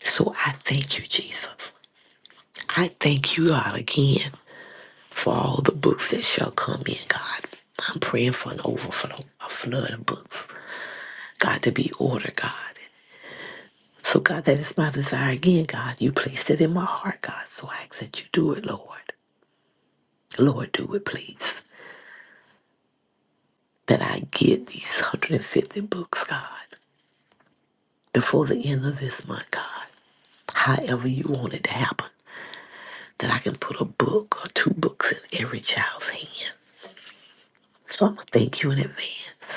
So I thank you, Jesus. I thank you, God, again for all the books that shall come in, God. I'm praying for an overflow, a flood of books, God, to be ordered, God. So, God, that is my desire again, God. You placed it in my heart, God. So I ask that you do it, Lord. Lord, do it, please. That I get these 150 books, God, before the end of this month, God. However you want it to happen. That I can put a book or two books in every child's hand. So I'm going to thank you in advance.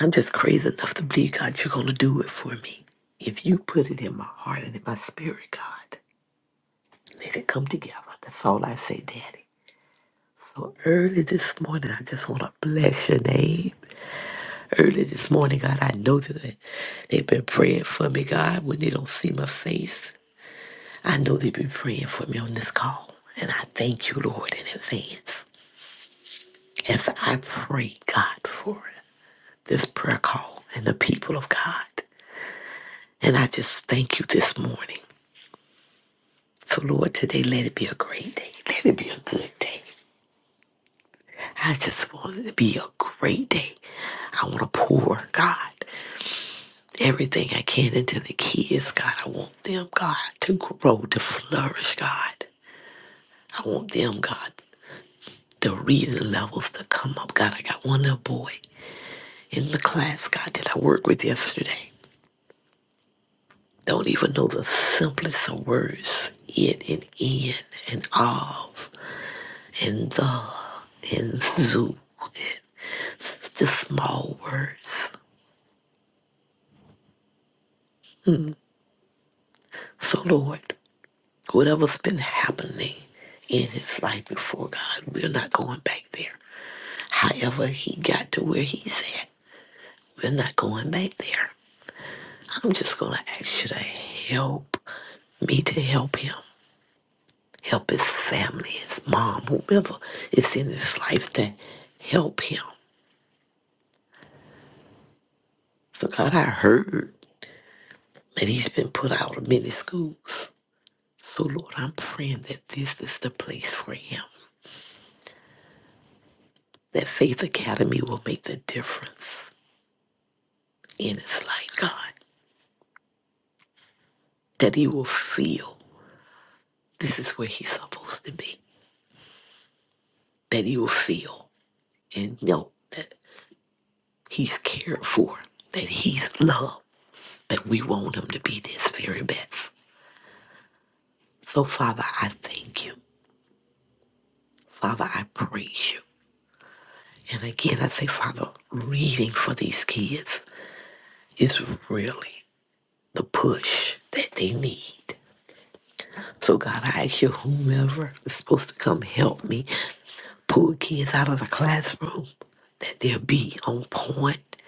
I'm just crazy enough to believe, God, you're going to do it for me. If you put it in my heart and in my spirit, God, let it come together. That's all I say, Daddy. So early this morning, I just want to bless your name. Early this morning, God, I know that they, they've been praying for me, God, when they don't see my face. I know they've been praying for me on this call. And I thank you, Lord, in advance. As I pray, God, for this prayer call and the people of God. And I just thank you this morning. So, Lord, today let it be a great day. Let it be a good day. I just want it to be a great day. I want to pour, God, everything I can into the kids, God. I want them, God, to grow, to flourish, God. I want them, God, the reading levels to come up. God, I got one little boy in the class, God, that I worked with yesterday. Don't even know the simplest of words. It and in and of and the and zoo It's just small words. So, Lord, whatever's been happening in his life before God, we're not going back there. However, he got to where he's at, we're not going back there. I'm just going to ask you to help me to help him, help his family, his mom, whomever is in his life to help him. So, God, I heard that he's been put out of many schools. So, Lord, I'm praying that this is the place for him. that Faith Academy will make the difference in his life, God. That he will feel this is where he's supposed to be. That he will feel and know that he's cared for, that he's loved, that we want him to be his very best. So, Father, I thank you. Father, I praise you. And again, I say, Father, reading for these kids is really the push that they need. So, God, I ask you, whomever is supposed to come help me pull kids out of the classroom, that they'll be on point,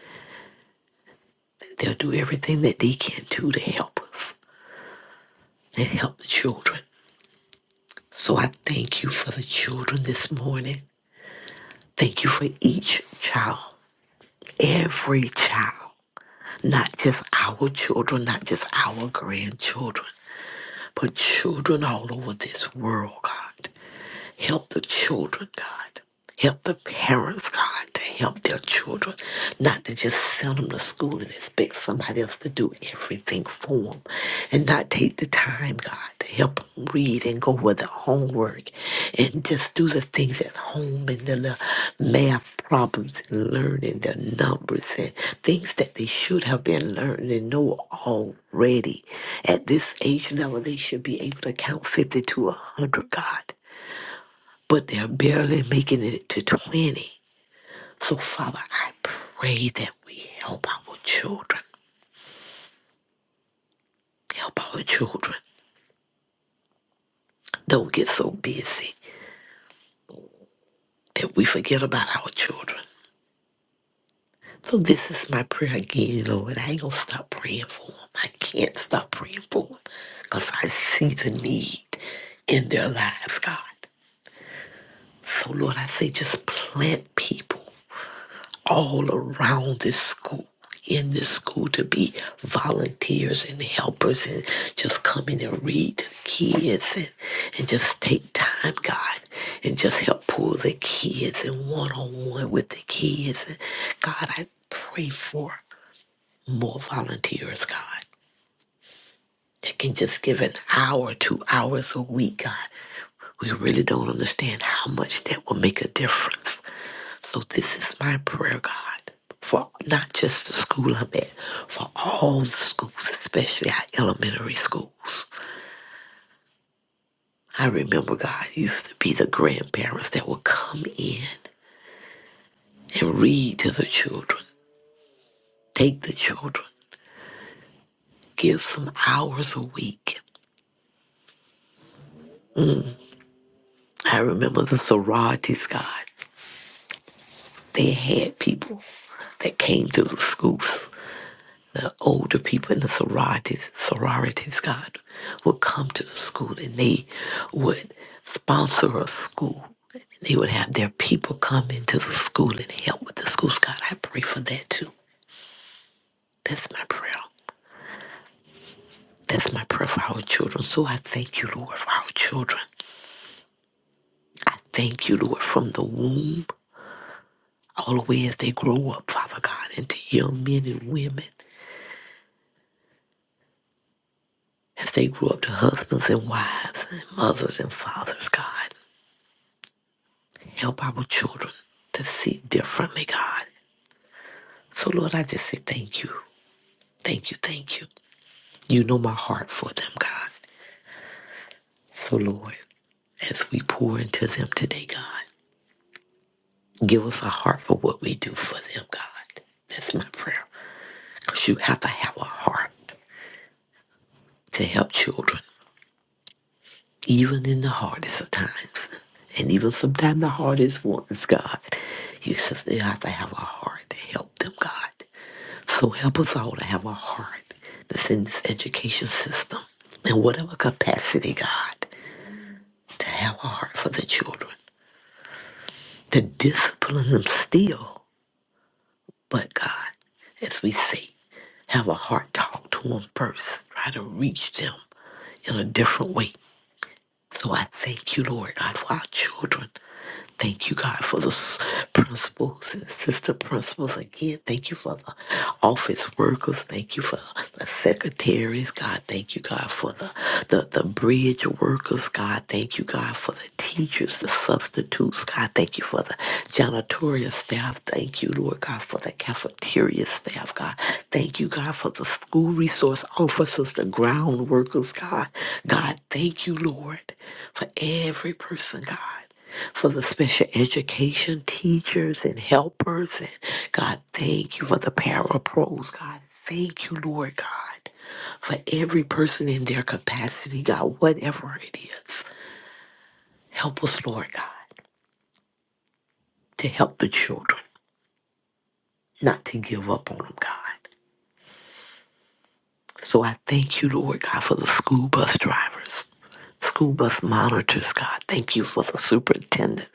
they'll do everything that they can do to help us and help the children. So I thank you for the children this morning. Thank you for each child, every child, not just our children, not just our grandchildren, but children all over this world, God. Help the children, God. Help the parents, God, to help their children, not to just send them to school and expect somebody else to do everything for them, and not take the time, God, to help them read and go with their homework, and just do the things at home and the little math problems and learning their numbers and things that they should have been learning and know already. At this age level, they should be able to count 50 to 100, God but they're barely making it to 20. So, Father, I pray that we help our children. Help our children. Don't get so busy that we forget about our children. So, this is my prayer again, Lord. I ain't going to stop praying for them. I can't stop praying for them because I see the need in their lives, God. So, Lord, I say just plant people. all around this school, in this school, to be volunteers and helpers and just come in and read to kids and, and just take time, God, and just help pull the kids and one on one with the kids. And God, I pray for more volunteers, God that can just give an hour, two hours a week, God. We really don't understand how much that will make a difference. So this is my prayer, God, for not just the school I'm at, for all the schools, especially our elementary schools. I remember God used to be the grandparents that would come in and read to the children, take the children, give some hours a week. I remember the sororities, God. They had people that came through the schools. The older people in the sororities, sororities, God, would come to the school and they would sponsor a school. They would have their people come into the school and help with the schools. God, I pray for that too. That's my prayer. That's my prayer for our children. So I thank you, Lord, for our children. I thank you, Lord, from the womb all the way as they grow up, Father God, into young men and women. As they grew up to husbands and wives and mothers and fathers, God, help our children to see differently, God. So, Lord, I just say thank you. Thank you, thank you. You know my heart for them, God. So, Lord, as we pour into them today, God, give us a heart for what we do for them, God. That's my prayer. Because you have to have a heart to help children even in the hardest of times, and even sometimes the hardest ones, God, you still have to have a heart to help them, God. So help us all to have a heart that's in this education system, in whatever capacity, God, to have a heart for the children, to discipline them still, but God, as we say, have a heart talk to them first, try to reach them in a different way So I thank you, Lord God, for our children. Thank you, God, for the s- principals and sister principals again. Thank you for the office workers. Thank you for the secretaries, God. Thank you, God, for the, the, the bridge workers, God. Thank you, God, for for the teachers, the substitutes. God, thank you for the janitorial staff. Thank you, Lord God, for the cafeteria staff, God. Thank you, God, for the school resource officers, the ground workers, God. God, thank you, Lord, for every person, God. For the special education teachers and helpers, and God, thank you for the parapros, God. Thank you, Lord God for every person in their capacity, God, whatever it is. Help us, Lord God, to help the children, not to give up on them, God. So I thank you, Lord God, for the school bus drivers, school bus monitors, God. Thank you for the superintendent,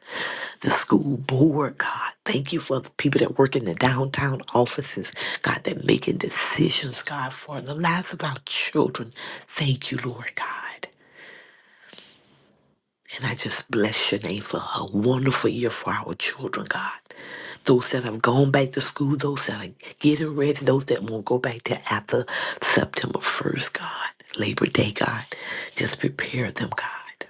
the school board, God. Thank you for the people that work in the downtown offices, God, that making decisions, God, for the lives of our children. Thank you, Lord God. And I just bless your name for a wonderful year for our children, God. Those that have gone back to school, those that are getting ready, those that won't go back to after September 1st, God, Labor Day, God. Just prepare them, God.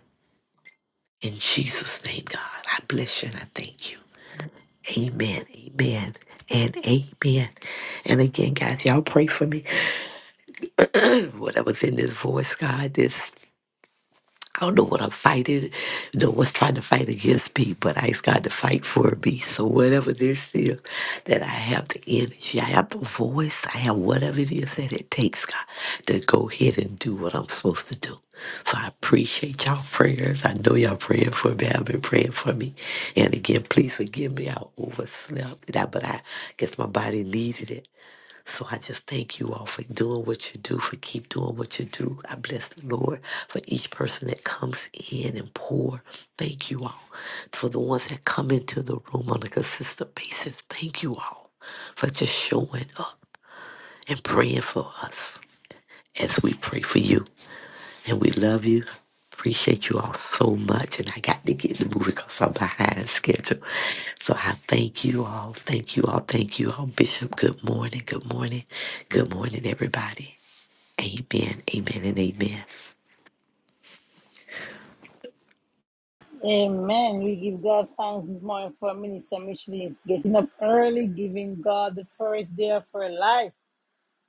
In Jesus' name, God, I bless you and I thank you. Amen, amen, and amen. And again, guys, y'all pray for me. <clears throat> Whatever's in this voice, God, this I don't know what I'm fighting, you know, what's trying to fight against me, but I ask God to fight for me. So whatever this is, that I have the energy, I have the voice, I have whatever it is that it takes, God, to go ahead and do what I'm supposed to do. So I appreciate y'all prayers. I know y'all praying for me. I've been praying for me. And again, please forgive me. I overslept, and I- but I guess my body needed it. So I just thank you all for doing what you do, for keep doing what you do. I bless the Lord for each person that comes in and pour. Thank you all. For the ones that come into the room on a consistent basis, thank you all for just showing up and praying for us as we pray for you. And we love you. Appreciate you all so much. And I got to get to moving because I'm behind schedule. So I thank you all. Thank you all. Thank you all. Bishop, good morning. Good morning. Good morning, everybody. Amen. Amen and amen.
Amen. We give God thanks this morning for Minister Micheline getting up early, giving God the first day of her life,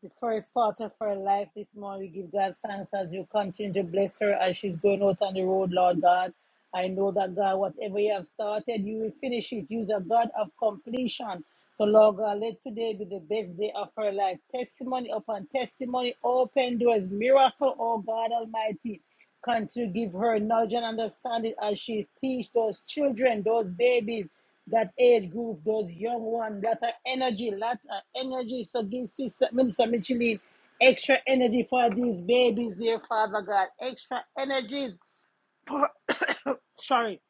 the first part of her life this morning. We give God thanks as you continue to bless her as she's going out on the road, Lord God. I know that God, whatever you have started, you will finish it. You're a God of completion. So, Lord God, let today be the best day of her life. Testimony upon testimony, open doors, miracle, oh God Almighty. Continue to give her knowledge and understanding as she teach those children, those babies, that age group, those young ones, that are energy, lot of energy. So give Sister Minister Micheline extra energy for these babies, dear Father God. Extra energies. <coughs> sorry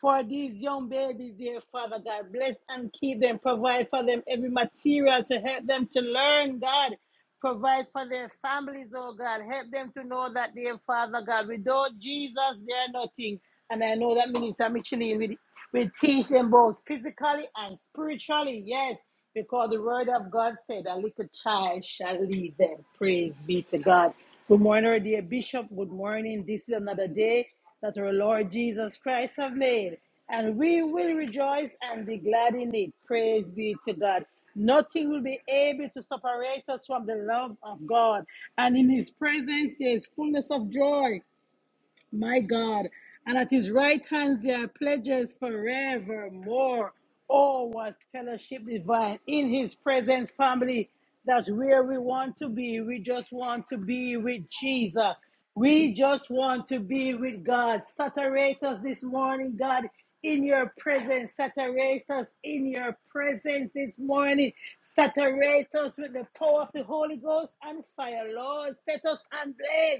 for these young babies, dear Father God. Bless and keep them. Provide for them every material to help them to learn, God. Provide for their families, oh God. Help them to know that, dear Father God, without Jesus, they are nothing. And I know that Minister Micheline will, will teach them both physically and spiritually, yes, because the word of God said, a little child shall lead them. Praise be to God. Good morning, dear Bishop. Good morning. This is another day that our Lord Jesus Christ have made, and we will rejoice and be glad in it. Praise be to God. Nothing will be able to separate us from the love of God. And in His presence, there is fullness of joy. My God. And at his right hand there are pledges forevermore. Oh, what fellowship divine in his presence, family. That's where we want to be. We just want to be with Jesus. We just want to be with God. Saturate us this morning, God, in your presence. Saturate us in your presence this morning. Saturate us with the power of the Holy Ghost and fire, Lord. Set us on blaze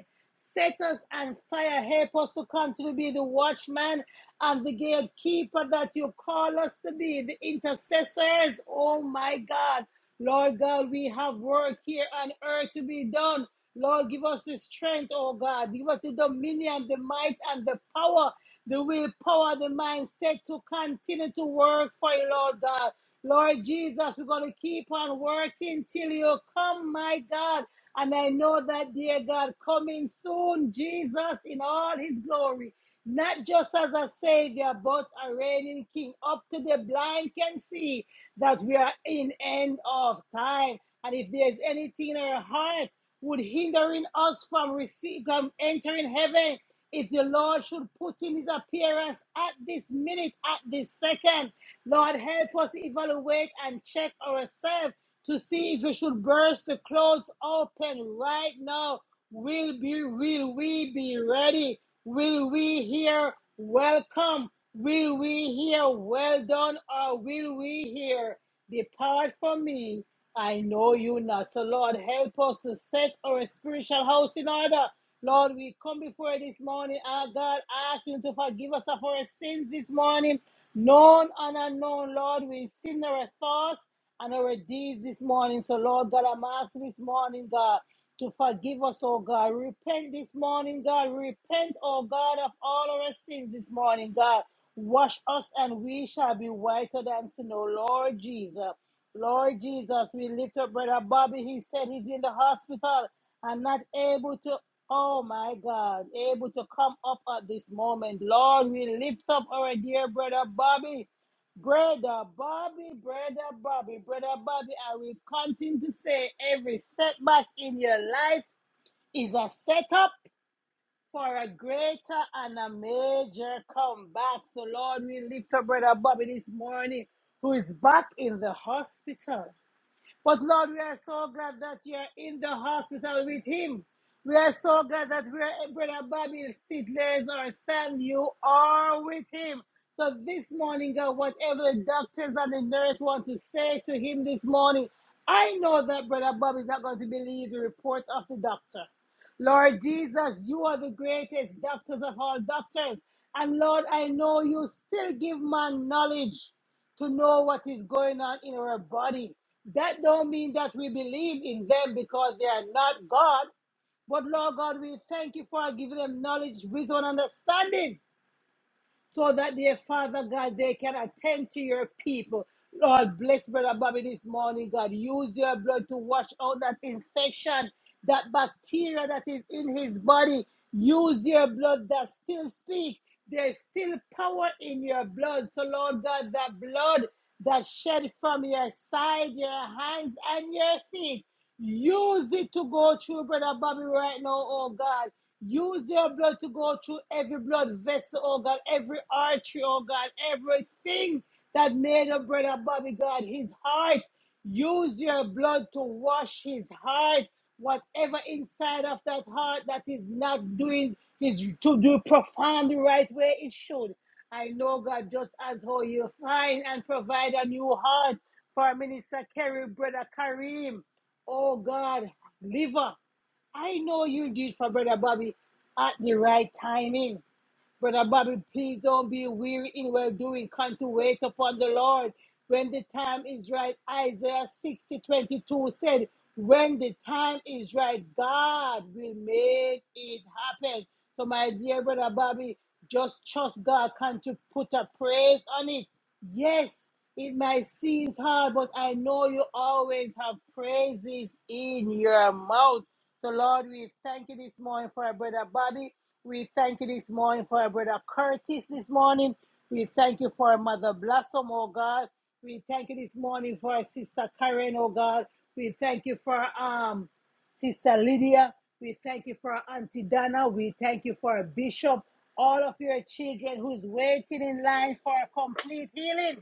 Set us on fire. Help us to continue to be the watchman and the gatekeeper that you call us to be, the intercessors. Oh my God. Lord God, we have work here on earth to be done. Lord, give us the strength, oh God. Give us the dominion, the might, and the power, the willpower, the mindset to continue to work for you, Lord God. Lord Jesus, we're going to keep on working till you come, my God. And I know that, dear God, coming soon, Jesus in all his glory, not just as a savior, but a reigning king. Up to the blind can see that we are in end of time. And if there's anything in our heart would hindering us from receiving from entering heaven, if the Lord should put in his appearance at this minute, at this second, Lord, help us evaluate and check ourselves to see if you should burst the clothes open right now. Will be will we be ready? Will we hear welcome? Will we hear well done or will we hear depart from me? I know you not. So Lord help us to set our spiritual house in order. Lord, we come before you this morning. Our God ask you to forgive us of our sins this morning, known and unknown. Lord, we sin in our thoughts and our deeds this morning. So, Lord God, I'm asking this morning, God, to forgive us, oh God. Repent this morning, God. Repent, oh God, of all our sins this morning, God. Wash us and we shall be whiter than snow, Lord Jesus. Lord Jesus, we lift up Brother Bobby. He said he's in the hospital and not able to, oh my God, able to come up at this moment. Lord, we lift up our dear Brother Bobby. Brother Bobby, brother Bobby, brother Bobby, I will continue to say every setback in your life is a setup for a greater and a major comeback. So, Lord, we lift up brother Bobby this morning, who is back in the hospital. But Lord, we are so glad that you are in the hospital with him. We are so glad that we are, Brother Bobby sit, lays, or stand, you are with him. So this morning, God, whatever the doctors and the nurse want to say to him this morning, I know that Brother Bobby is not going to believe the report of the doctor. Lord Jesus, you are the greatest doctors of all doctors. And Lord, I know you still give man knowledge to know what is going on in our body. That don't mean that we believe in them because they are not God. But Lord God, we thank you for giving them knowledge, wisdom, and understanding so that their Father God, they can attend to your people. Lord, bless Brother Bobby this morning, God. Use your blood to wash out that infection, that bacteria that is in his body. Use your blood that still speaks. There's still power in your blood. So, Lord God, that blood that shed from your side, your hands, and your feet. Use it to go through Brother Bobby right now, oh God. Use your blood to go through every blood vessel, oh God, every artery, oh God, everything that made up brother Bobby, God, his heart. Use your blood to wash his heart. Whatever inside of that heart that is not doing is to do profound the right way it should. I know God just as how you find and provide a new heart for Minister Kerry, brother Kareem. Oh God, liver. I know you did for Brother Bobby at the right timing. Brother Bobby, please don't be weary in well doing. Come to wait upon the Lord. When the time is right, Isaiah 60 22 said, When the time is right, God will make it happen. So, my dear brother Bobby, just trust God. Come to put a praise on it. Yes, it might seem hard, but I know you always have praises in your mouth. So, Lord, we thank you this morning for our brother Bobby. We thank you this morning for our brother Curtis this morning. We thank you for our mother Blossom, oh God. We thank you this morning for our sister Karen, oh God. We thank you for um sister Lydia. We thank you for our auntie Dana. We thank you for our bishop. All of your children who's waiting in line for a complete healing.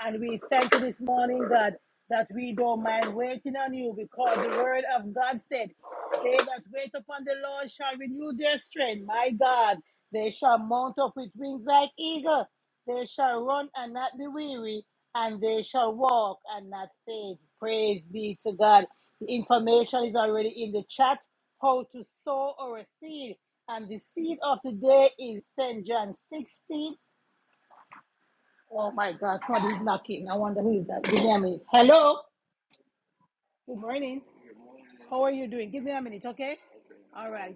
And we thank you this morning, God, that we don't mind waiting on you because the word of God said, They that wait upon the Lord shall renew their strength. My God, they shall mount up with wings like eagle. They shall run and not be weary, and they shall walk and not faint. Praise be to God. The information is already in the chat how to sow or a seed. And the seed of the day is St. John 16 Oh my God, somebody's knocking. I wonder who is that. Give me a minute. Hello. Good morning. How are you doing? Give me a minute, okay? All right.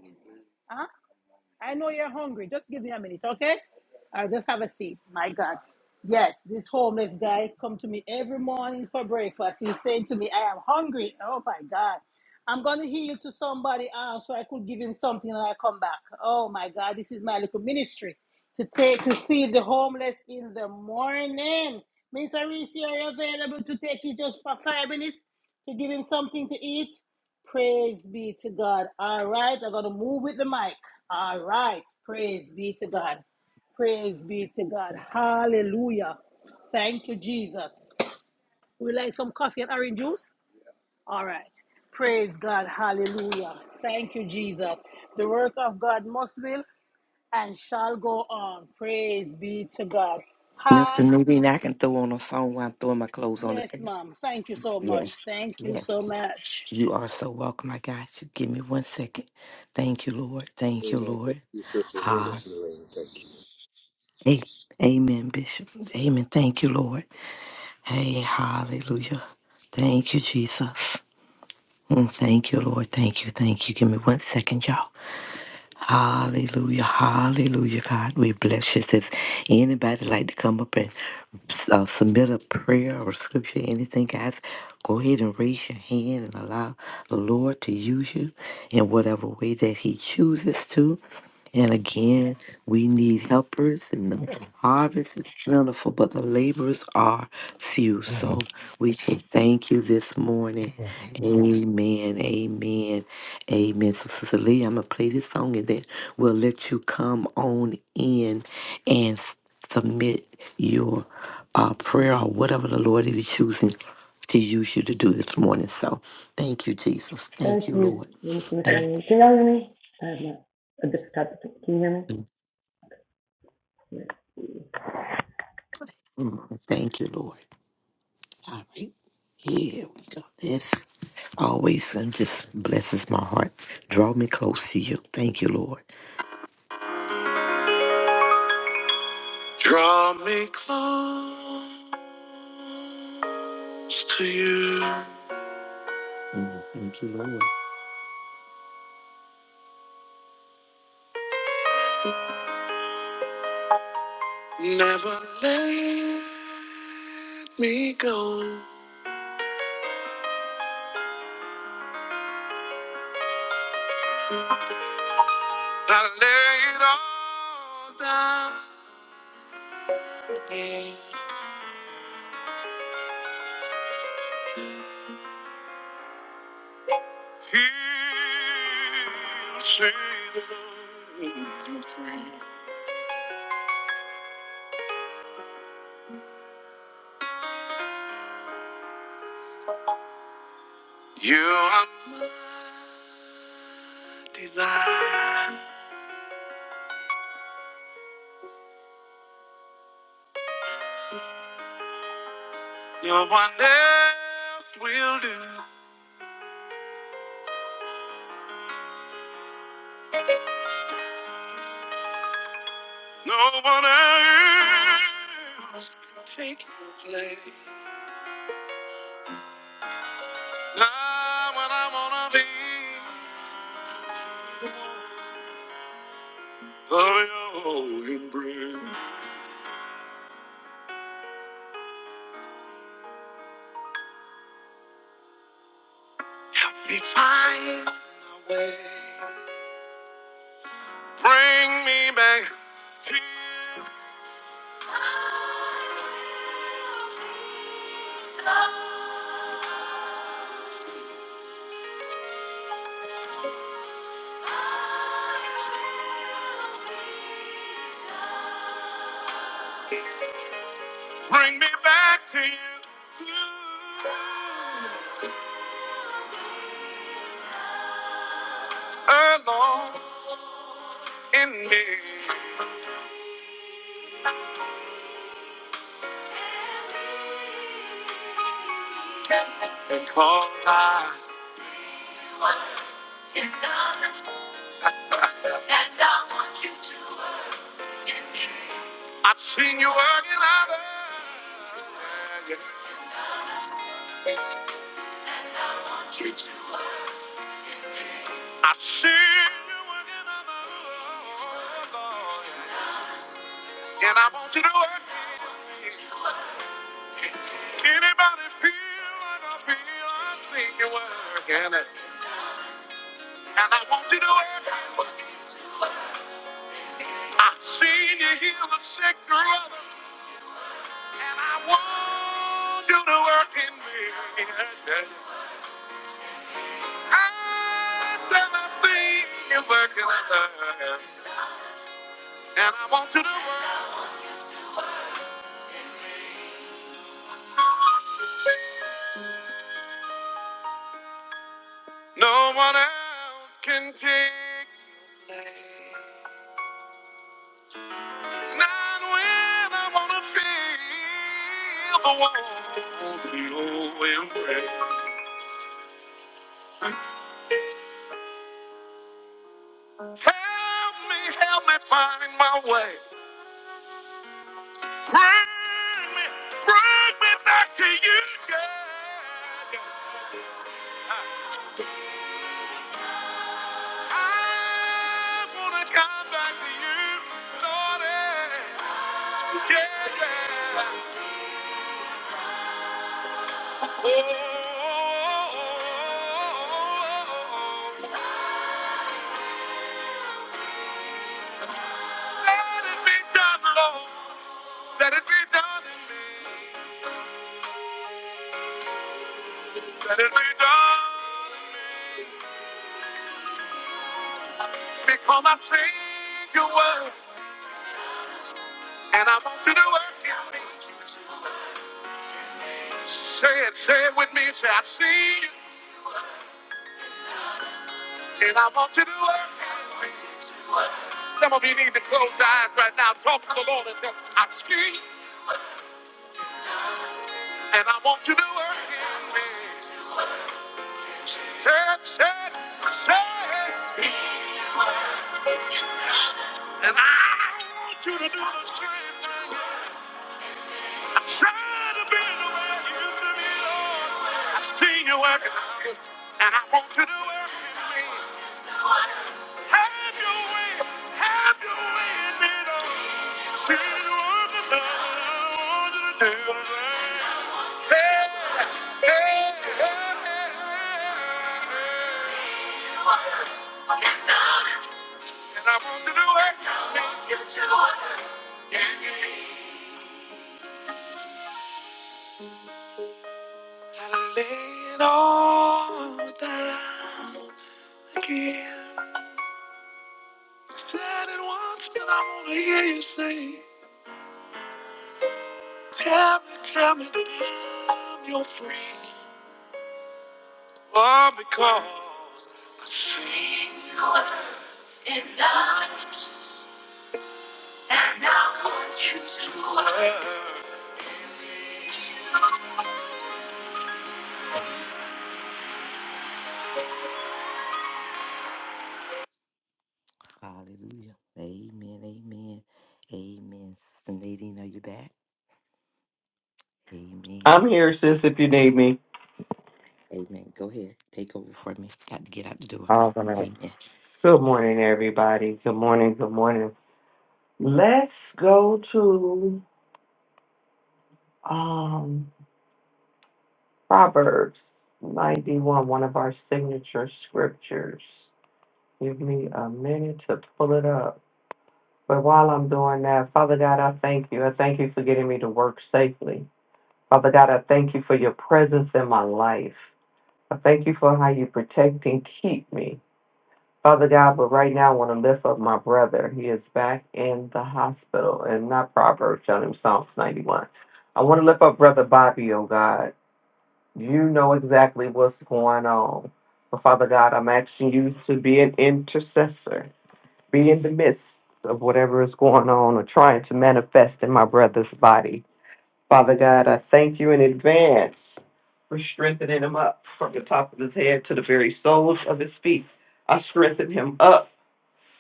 huh. I know you're hungry. Just give me a minute, okay? I'll just have a seat. My God. Yes, this homeless guy come to me every morning for breakfast. He's saying to me, I am hungry. Oh my God. I'm gonna heal to somebody else so I could give him something and I come back. Oh my God, this is my little ministry. To take to feed the homeless in the morning. Miss Arisi, are you available to take it just for five minutes to give him something to eat? Praise be to God. All right, I'm going to move with the mic. All right, praise be to God. Praise be to God. Hallelujah. Thank you, Jesus. We like some coffee and orange juice? All right. Praise God. Hallelujah. Thank you, Jesus. The work of God must will and shall go on. Praise be to God.
Mr.
Ha.
Newbie, I can throw on a song while I'm throwing my clothes on the
Yes,
stage.
ma'am. Thank you so much.
Yes.
Thank you
Yes.
so much.
You are so welcome. I got you. Give me one second. Thank you, Lord. Thank you,
Amen. Thank
Lord.
you, Sister
Ha.
Miss Elaine. Thank you.
Amen. Amen, Bishop. Amen. Thank you, Lord. Hey, hallelujah. Thank you, Jesus. Mm, Thank you, Lord. Thank you. Thank you. Give me one second, y'all. Hallelujah, hallelujah, God. We bless you. Says anybody like to come up and uh, submit a prayer or scripture, anything, guys, go ahead and raise your hand and allow the Lord to use you in whatever way that He chooses to. And again, we need helpers, and the
<laughs>
harvest is plentiful, but the laborers are few. So we say thank you this morning. Amen. Amen. Amen. So, Sister Lee, I'm going to play this song and then we'll let you come on in and s- submit your uh, prayer or whatever the Lord is choosing to use you to do this morning. So, thank you, Jesus. Thank
Thank
you,
you,
Lord.
Ms. Miss
Thank
Can y'all hear me? I have my, a different type of, can you hear me?
you.
Yeah.
Mm, Thank you, Lord. All right. Here we go. This always um, just blesses my heart. Draw me close to you. Thank you, Lord. Thank you, Lord. Never let me go. I lay it all down. again. He'll save the You are my desire. No one else will do. No one else can take your place. Now when I wanna be. Oh, you bring Find my way. Bring me back to you. Bring me back to you. You Alone in me. And cause I, I've seen you working others. I've seen you working others. And I want you to work. Anybody feel what I feel? I've seen you working it. And I want you to work it. I've seen you heal the sick through others. And I want you to work in me. I said I've seen you working it. And I want you to work. No one else can take not when I wanna feel the warmth of your embrace. Help me, help me find my way. Bring me, bring me back to you, God. I wanna come back to you, Lord. Yeah, yeah. yeah. Oh, let it be done, Lord. Let it be done in me. Let it be done in me. Because I sing your word, and I want you to work in me. Say it, say it with me. Say, I see you, and I want you to work in me. Some of you need to close your eyes right now. Talk to the Lord and tell him, I see you, and I want you to work in me. Say it, say it, say it. And I want you to do the same thing. I'm trying to be the way you used to be, Lord. I see you working, and I want you to work in me. Have your way, have your way in me, Lord. See you on do the way. Hey, hey, hey, hey. And I want to lay it all down again. Said once, but I want to hear you say, Tell me, tell me that I'm your friend. All because acknowledge, acknowledge you to her. Hallelujah. Amen. Amen. Amen. Sister Nadine, are you back? Amen.
I'm here, sis, if you need me.
Amen. Go ahead. Take over for me. Got to get out the door.
All right.
Amen.
Good morning, everybody. Good morning. Good morning. Let's go to. um Proverbs 91, one of our signature scriptures. Give me a minute to pull it up. But while I'm doing that, Father God, I thank you. I thank you for getting me to work safely. Father God, I thank you for your presence in my life. I thank you for how you protect and keep me. Father God, but right now I want to lift up my brother. He is back in the hospital, and not Proverbs, telling him Psalms 91. I want to lift up Brother Bobby, oh God. You know exactly what's going on. But Father God, I'm asking you to be an intercessor, be in the midst of whatever is going on or trying to manifest in my brother's body. Father God, I thank you in advance for strengthening him up from the top of his head to the very soles of his feet. I strengthen him up,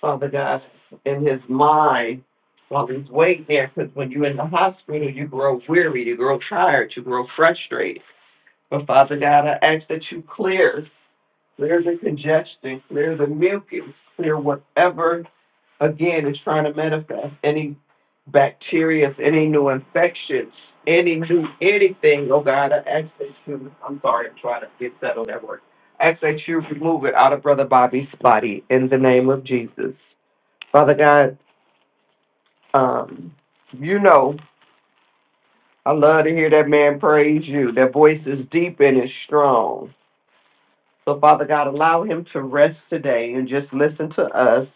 Father God, in his mind while he's waiting there. Because when you're in the hospital, you grow weary, you grow tired, you grow frustrated. But Father God, I ask that you clear, clear the congestion, clear the mucus, clear whatever again is trying to manifest, any bacteria, any new infections, any new anything, oh God, I ask that you I'm sorry, I'm trying to get settled at work. I ask that you remove it out of Brother Bobby's body in the name of Jesus. Father God, um, you know, I love to hear that man praise you. That voice is deep and it's strong. So, Father God, allow him to rest today and just listen to us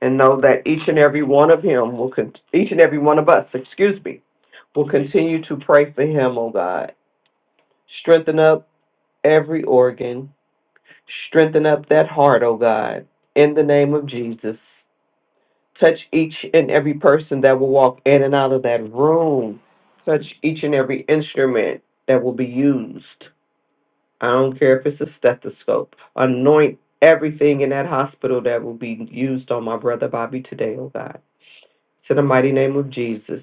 and know that each and every one of him will, con- each and every one of us, excuse me, will continue to pray for him, oh God. Strengthen up every organ. Strengthen up that heart, oh God. In the name of Jesus. Touch each and every person that will walk in and out of that room. Touch each and every instrument that will be used. I don't care if it's a stethoscope. Anoint everything in that hospital that will be used on my brother Bobby today, oh God. To the mighty name of Jesus.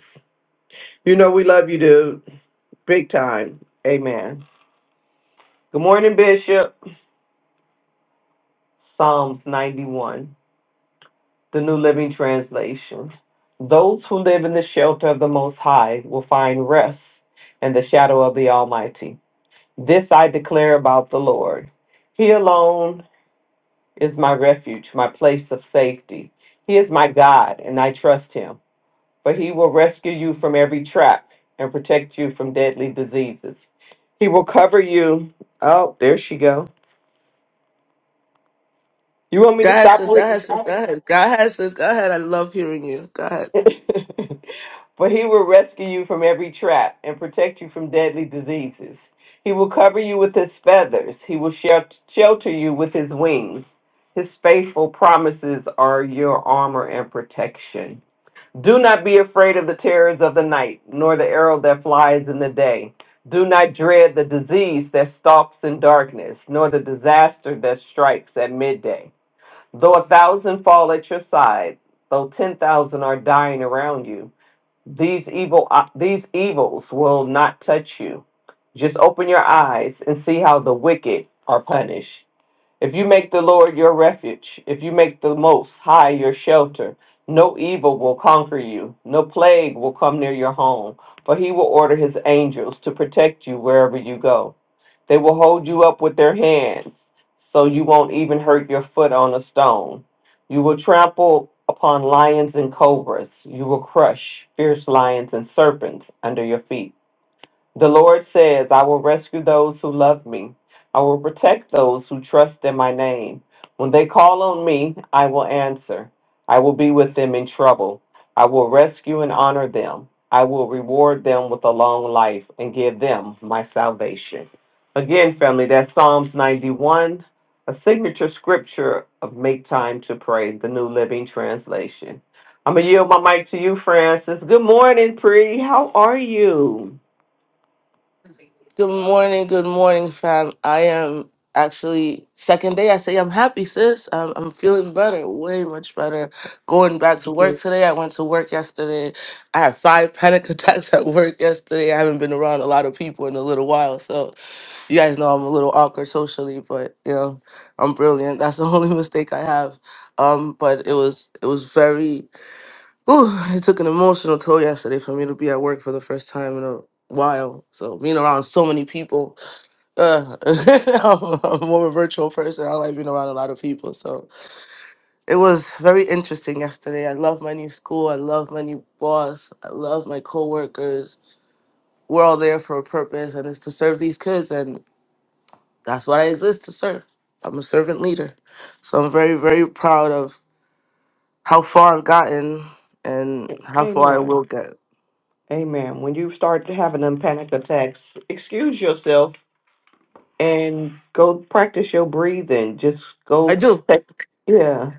You know we love you, dude. Big time. Amen. Good morning, Bishop. Psalms 91, the New Living Translation. Those who live in the shelter of the Most High will find rest in the shadow of the Almighty. This I declare about the Lord. He alone is my refuge, my place of safety. He is my God, and I trust him, for he will rescue you from every trap and protect you from deadly diseases. He will cover you. Oh, there she go. You want me
Go
to
ahead,
stop
sis. Go
reading?
ahead, sis. Go ahead. Go ahead, sis. Go ahead. I love hearing you. Go ahead.
<laughs> for he will rescue you from every trap and protect you from deadly diseases. He will cover you with his feathers. He will shel- shelter you with his wings. His faithful promises are your armor and protection. Do not be afraid of the terrors of the night, nor the arrow that flies in the day. Do not dread the disease that stalks in darkness, nor the disaster that strikes at midday. Though a thousand fall at your side, though ten thousand are dying around you, these evil uh, these evils will not touch you. Just open your eyes and see how the wicked are punished. If you make the Lord your refuge, if you make the Most High your shelter, no evil will conquer you, no plague will come near your home, for he will order his angels to protect you wherever you go. They will hold you up with their hands, so you won't even hurt your foot on a stone. You will trample upon lions and cobras, you will crush fierce lions and serpents under your feet. The Lord says, I will rescue those who love me. I will protect those who trust in my name. When they call on me, I will answer. I will be with them in trouble. I will rescue and honor them. I will reward them with a long life and give them my salvation. Again, family, that's Psalms 91, a signature scripture of Make Time to Pray, the New Living Translation. I'm going to yield my mic to you, Francis. Good morning, Pri. How are you?
Good morning. Good morning, fam. I am actually second day. I say I'm happy, sis. I'm, I'm feeling better, way much better. Going back to work today. I went to work yesterday. I had five panic <laughs> attacks at work yesterday. I haven't been around a lot of people in a little while, so you guys know I'm a little awkward socially, but you know I'm brilliant. That's the <laughs> only mistake I have. Um, but it was it was very Ooh, it took an emotional toll yesterday for me to be at work for the first time in a while. So being around so many people, uh, <laughs> I'm, I'm more of a virtual person. I like being around a lot of people. So it was very interesting yesterday. I love my new school. I love my new boss. I love my coworkers. We're all there for a purpose, and it's to serve these kids, and that's what I exist to serve. I'm a servant leader, so I'm very, very proud of how far I've gotten and how far I
Amen.
will get.
Amen. When you start having them panic attacks, excuse yourself and go practice your breathing. Just
I
go
do.
take yeah.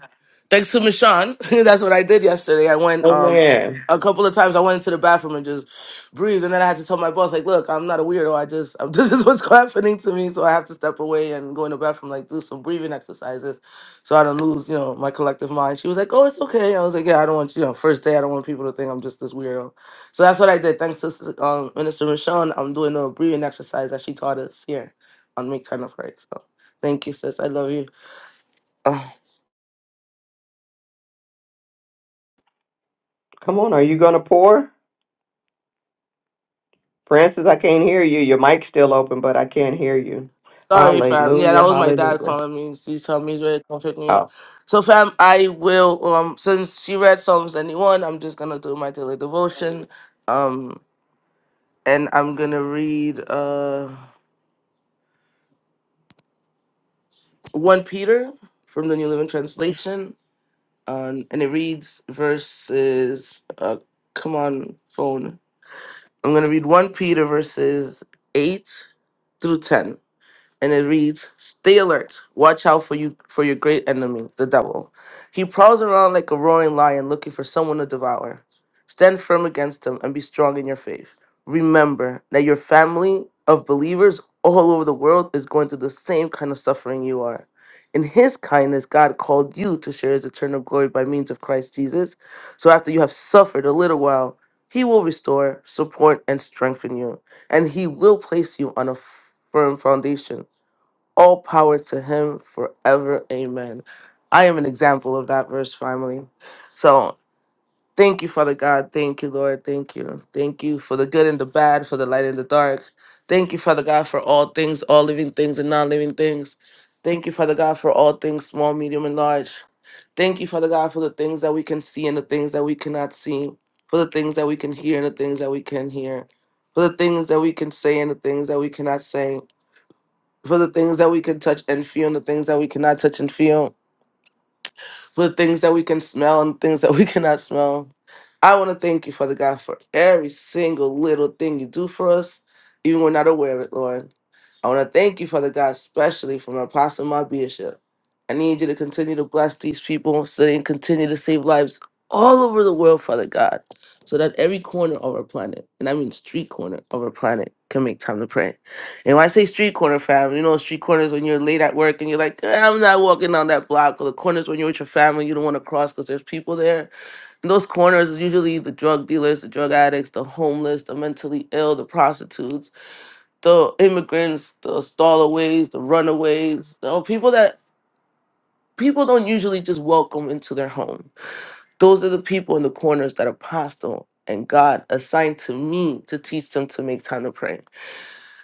Thanks to Michonne. <laughs> That's what I did yesterday. I went um
Amen.
a couple of times I went into the bathroom and just breathed and then I had to tell my boss, like, look, I'm not a weirdo. I just <laughs> this is what's happening to me. So I have to step away and go in the bathroom, like do some breathing exercises so I don't lose, you know, my collective mind. She was like, Oh, it's okay. I was like, Yeah, I don't want you know, first day I don't want people to think I'm just this weirdo. So that's what I did. Thanks to Sis- um Minister Michonne, I'm doing a breathing exercise that she taught us here on Make Time of Christ. So thank you, sis. I love you. <sighs>
Come on, are you gonna pour? Francis, I can't hear you. Your mic's still open, but I can't hear you.
Sorry, fam. Yeah, that
Hallelujah.
was my dad
Hallelujah.
calling me. He's telling me he's ready to come pick me up.
Oh.
So, fam, I will. Um, since she read Psalms 71, I'm just gonna do my daily devotion. Um, and I'm gonna read uh one Peter from the New Living Translation. Um, and it reads verses. Uh, come on, phone. I'm gonna read one Peter verses eight through ten. and it reads, "Stay alert. Watch out for you for your great enemy, the devil. He prowls around like a roaring lion looking for someone to devour. Stand firm against him and be strong in your faith. Remember that your family of believers all over the world is going through the same kind of suffering you are. In his kindness, God called you to share his eternal glory by means of Christ Jesus. So after you have suffered a little while, he will restore, support, and strengthen you, and he will place you on a firm foundation all power to him forever. Amen. I am an example of that verse, family. So thank you, Father God. Thank you, Lord. Thank you. Thank you for the good and the bad, for the light and the dark. Thank you, Father God, for all things, all living things and non living things. Thank you, Father God, for all things, small, medium, and large. Thank you, Father God, for the things that we can see and the things that we cannot see, for the things that we can hear and the things that we can hear, for the things that we can say and the things that we cannot say for the things that we can touch and feel and the things that we cannot touch and feel, for the things that we can smell and things that <laughs> we cannot smell. I want to thank you, Father God, for every single little thing you do for us, even when we're not aware of it, Lord. I want to thank you, Father God, especially for my apostle, my bishop. I need you to continue to bless these people so they can continue to save lives all over the world, Father God, so that every corner of our planet, and I mean street corner of our planet, can make time to pray. And when I say street corner, fam, you know, street corners when you're late at work and you're like, "Eh, I'm not walking down that block, or the corners when you're with your family, you don't want to cross because there's people there. And those corners is usually the drug dealers, the drug addicts, the homeless, the mentally ill, the prostitutes the immigrants, the stallaways, the runaways, the people that people don't usually just welcome into their home. Those are the people in the corners that apostle and God assigned to me to teach them to make time to pray.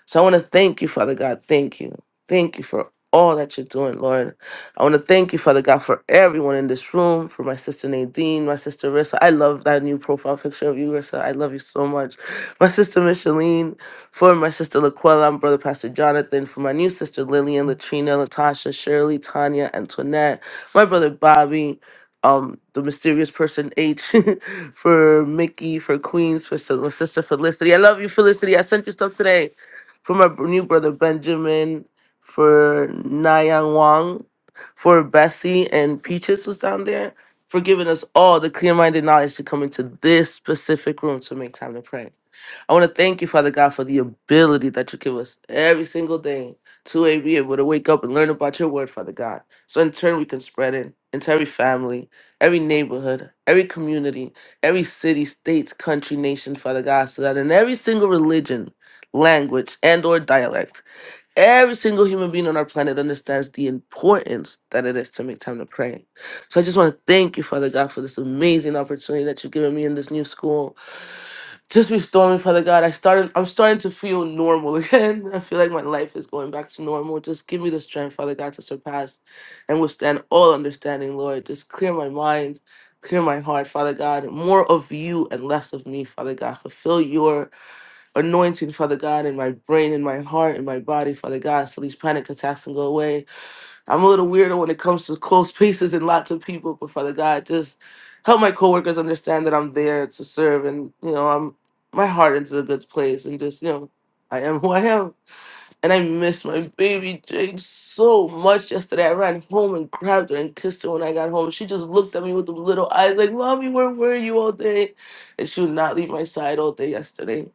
So I want to thank you, Father God. Thank you. Thank you for all that you're doing, Lord. I want to thank you, Father God, for everyone in this room, for my sister Nadine, my sister Rissa. I love that new profile picture of you, Rissa. I love you so much. My sister Micheline, for my sister Laquella, my brother Pastor Jonathan, for my new sister Lillian, Latrina, Latasha, Shirley, Tanya, Antoinette, my brother Bobby, um, the mysterious person H, <laughs> for Mickey, for Queens, for Sil- my sister Felicity. I love you, Felicity. I sent you stuff today for my new brother Benjamin, for Nayang Wang, for Bessie and Peaches was down there, for giving us all the clear minded knowledge to come into this specific room to make time to pray. I want to thank you, Father God, for the ability that you give us every single day to a- be able to wake up and learn about your word, Father God. So in turn, we can spread it into every family, every neighborhood, every community, every city, state, country, nation, Father God, so that in every single religion, language, and or dialect, every single human being on our planet understands the importance that it is to make time to pray. So I just want to thank you, Father God, for this amazing opportunity that you've given me in this new school. Just restore me, Father God. I started I'm starting to feel normal <laughs> again. I feel like my life is going back to normal. Just give me the strength, Father God, to surpass and withstand all understanding, Lord. Just clear my mind, clear my heart, Father God. More of you and less of me, Father God. Fulfill your anointing, Father God, in my brain, in my heart, in my body, Father God, so these panic attacks can go away I'm a little weirdo when it comes to close spaces and lots of people, but Father God, just help my coworkers understand that I'm there to serve, and you know, I'm my heart is in a good place, and just you know, I am who I am. And I missed my baby Jade so much yesterday. I ran home and grabbed her and kissed her when I got home. She just looked at me with the little eyes like, Mommy, where were you all day? And she would not leave my side all day yesterday.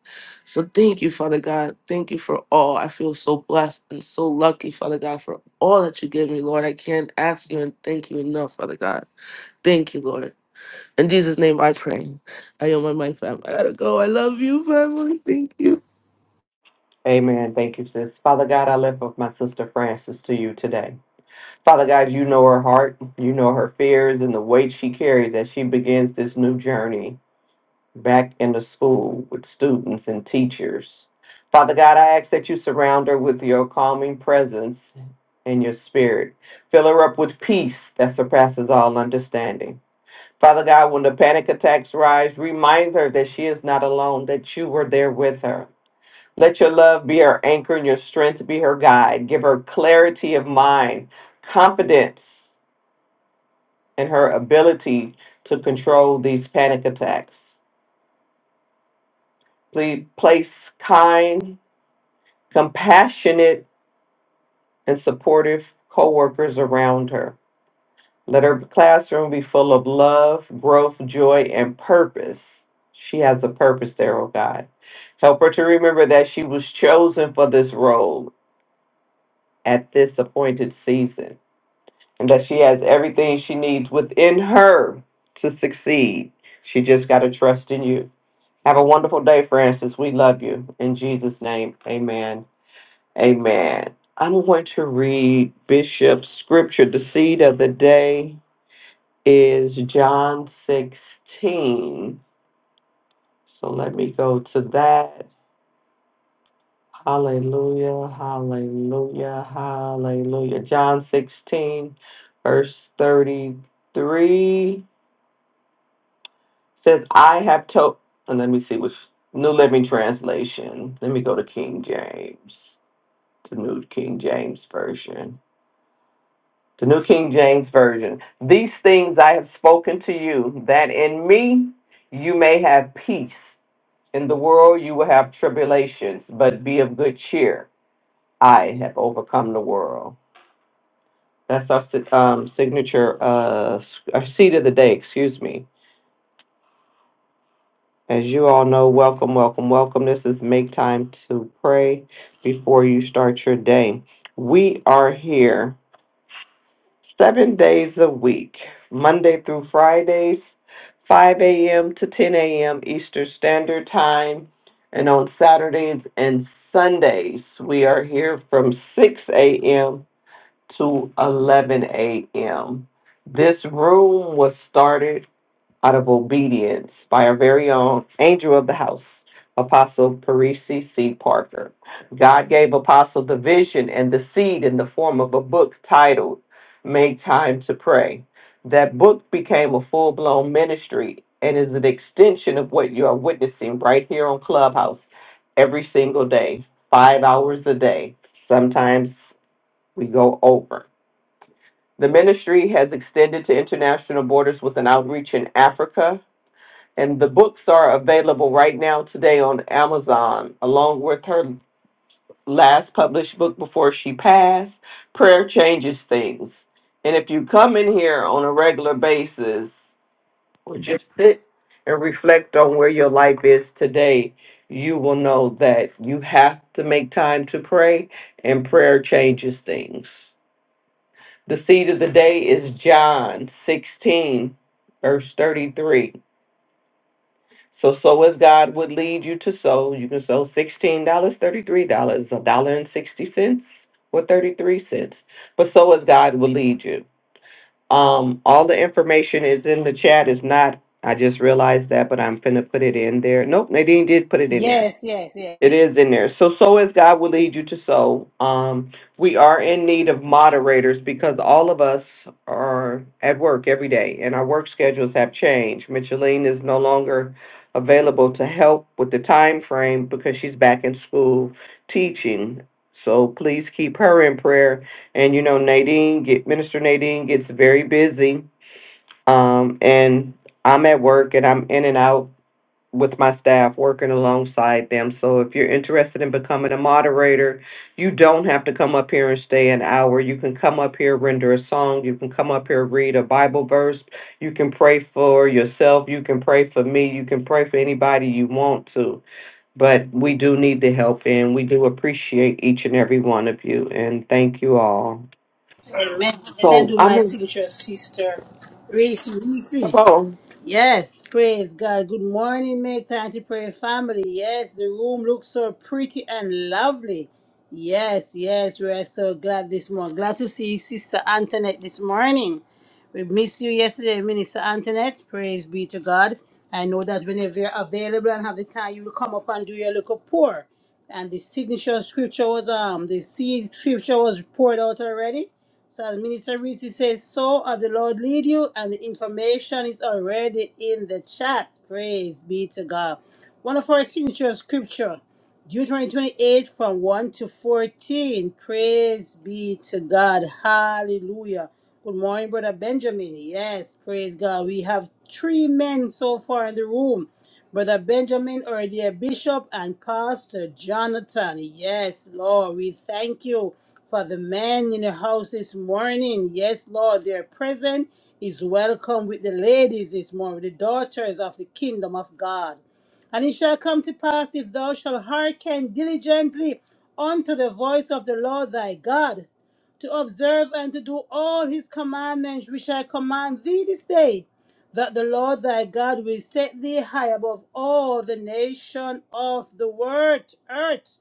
So thank you, Father God. Thank you for all. I feel so blessed and so lucky, Father God, for all that you gave me, Lord. I can't ask you and thank you enough, Father God. Thank you, Lord. In Jesus' name I pray. I owe my mic, fam. I gotta go. I love you, family. Thank you.
Amen. Thank you, sis. Father God, I lift up my sister Francis to you today. Father God, you know her heart, you know her fears and the weight she carries as she begins this new journey back in the school with students and teachers. Father God, I ask that you surround her with your calming presence and your spirit. Fill her up with peace that surpasses all understanding. Father God, when the panic attacks rise, remind her that she is not alone, that you were there with her. Let your love be her anchor and your strength be her guide. Give her clarity of mind, confidence and her ability to control these panic attacks. Please place kind, compassionate, and supportive coworkers around her. Let her classroom be full of love, growth, joy, and purpose. She has a purpose there, oh God. Help her to remember that she was chosen for this role at this appointed season and that she has everything she needs within her to succeed. She just got to trust in you. Have a wonderful day, Francis. We love you. In Jesus' name, amen. Amen. I'm going to read Bishop's scripture. The seed of the day is John 16. So let me go to that. Hallelujah, hallelujah, hallelujah. John 16, verse 33 says, I have told, and let me see which New Living Translation. Let me go to King James. the New King James Version. The New King James Version. These things I have spoken to you, that in me you may have peace. In the world you will have tribulations, but be of good cheer. I have overcome the world. That's our si- um, signature, uh, our seed of the day, excuse me. As you all know, welcome, welcome, welcome. This is Make Time to Pray Before You Start Your Day. We are here seven days a week, Monday through Fridays, 5 a.m. to 10 a.m. Eastern Standard Time. And on Saturdays and Sundays, we are here from 6 a.m. to 11 a.m. This room was started out of obedience by our very own angel of the house, Apostle Parisi C. Parker. God gave Apostle the vision and the seed in the form of a book titled Make Time to Pray. That book became a full blown ministry and is an extension of what you are witnessing right here on Clubhouse every single day, five hours a day. Sometimes we go over. The ministry has extended to international borders with an outreach in Africa, and the books are available right now today on Amazon, along with her last published book before she passed, Prayer Changes Things. And if you come in here on a regular basis or just sit and reflect on where your life is today, you will know that you have to make time to pray, and prayer changes things. The seed of the day is John 16, verse 33. So sow as God would lead you to sow. You can sow sixteen dollars, thirty-three dollars, a dollar and sixty cents, or thirty-three cents. But sow as God would lead you. Um, all the information is in the chat. It's not. I just realized that, but I'm finna put it in there. Nope, Nadine did put it in there.
Yes, yes, yes.
It is in there. So sow as God will lead you to sow. Um, we are in need of moderators because all of us are at work every day, and our work schedules have changed. Micheline is no longer available to help with the time frame because she's back in school teaching. So please keep her in prayer. And you know, Nadine, get, Minister Nadine gets very busy, um, and I'm at work and I'm in and out with my staff working alongside them. So if you're interested in becoming a moderator, you don't have to come up here and stay an hour. You can come up here, render a song. You can come up here, read a Bible verse. You can pray for yourself. You can pray for me. You can pray for anybody you want to. But we do need the help, and we do appreciate each and every one of you. And thank you all.
Amen. Let I
So
do
I'm
my
in.
signature, sister Reese.
Come
Reese.
on.
Yes, praise God. Good morning, make time to pray, family. Yes, the room looks so pretty and lovely. Yes, yes, we are so glad this morning. Glad to see Sister Antoinette this morning. We missed you yesterday, Minister Antoinette. Praise be to God. I know that whenever you're available and have the time, you will come up and do your little pour. And the signature scripture was um the seed scripture was poured out already. So as Minister Reese says, so as the Lord lead you, and the information is already in the chat. Praise be to God. One of our signature scripture, Deuteronomy 28 from 1 to 14. Praise be to God. Hallelujah. Good morning, Brother Benjamin. Yes, praise God. We have three men so far in the room. Brother Benjamin, or dear Bishop and Pastor Jonathan. Yes, Lord, we thank you for the men in the house this morning. Yes, Lord, their presence is welcome with the ladies this morning, the daughters of the kingdom of God. And it shall come to pass if thou shalt hearken diligently unto the voice of the Lord thy God, to observe and to do all his commandments which I command thee this day that the Lord thy God will set thee high above all the nation of the world, earth.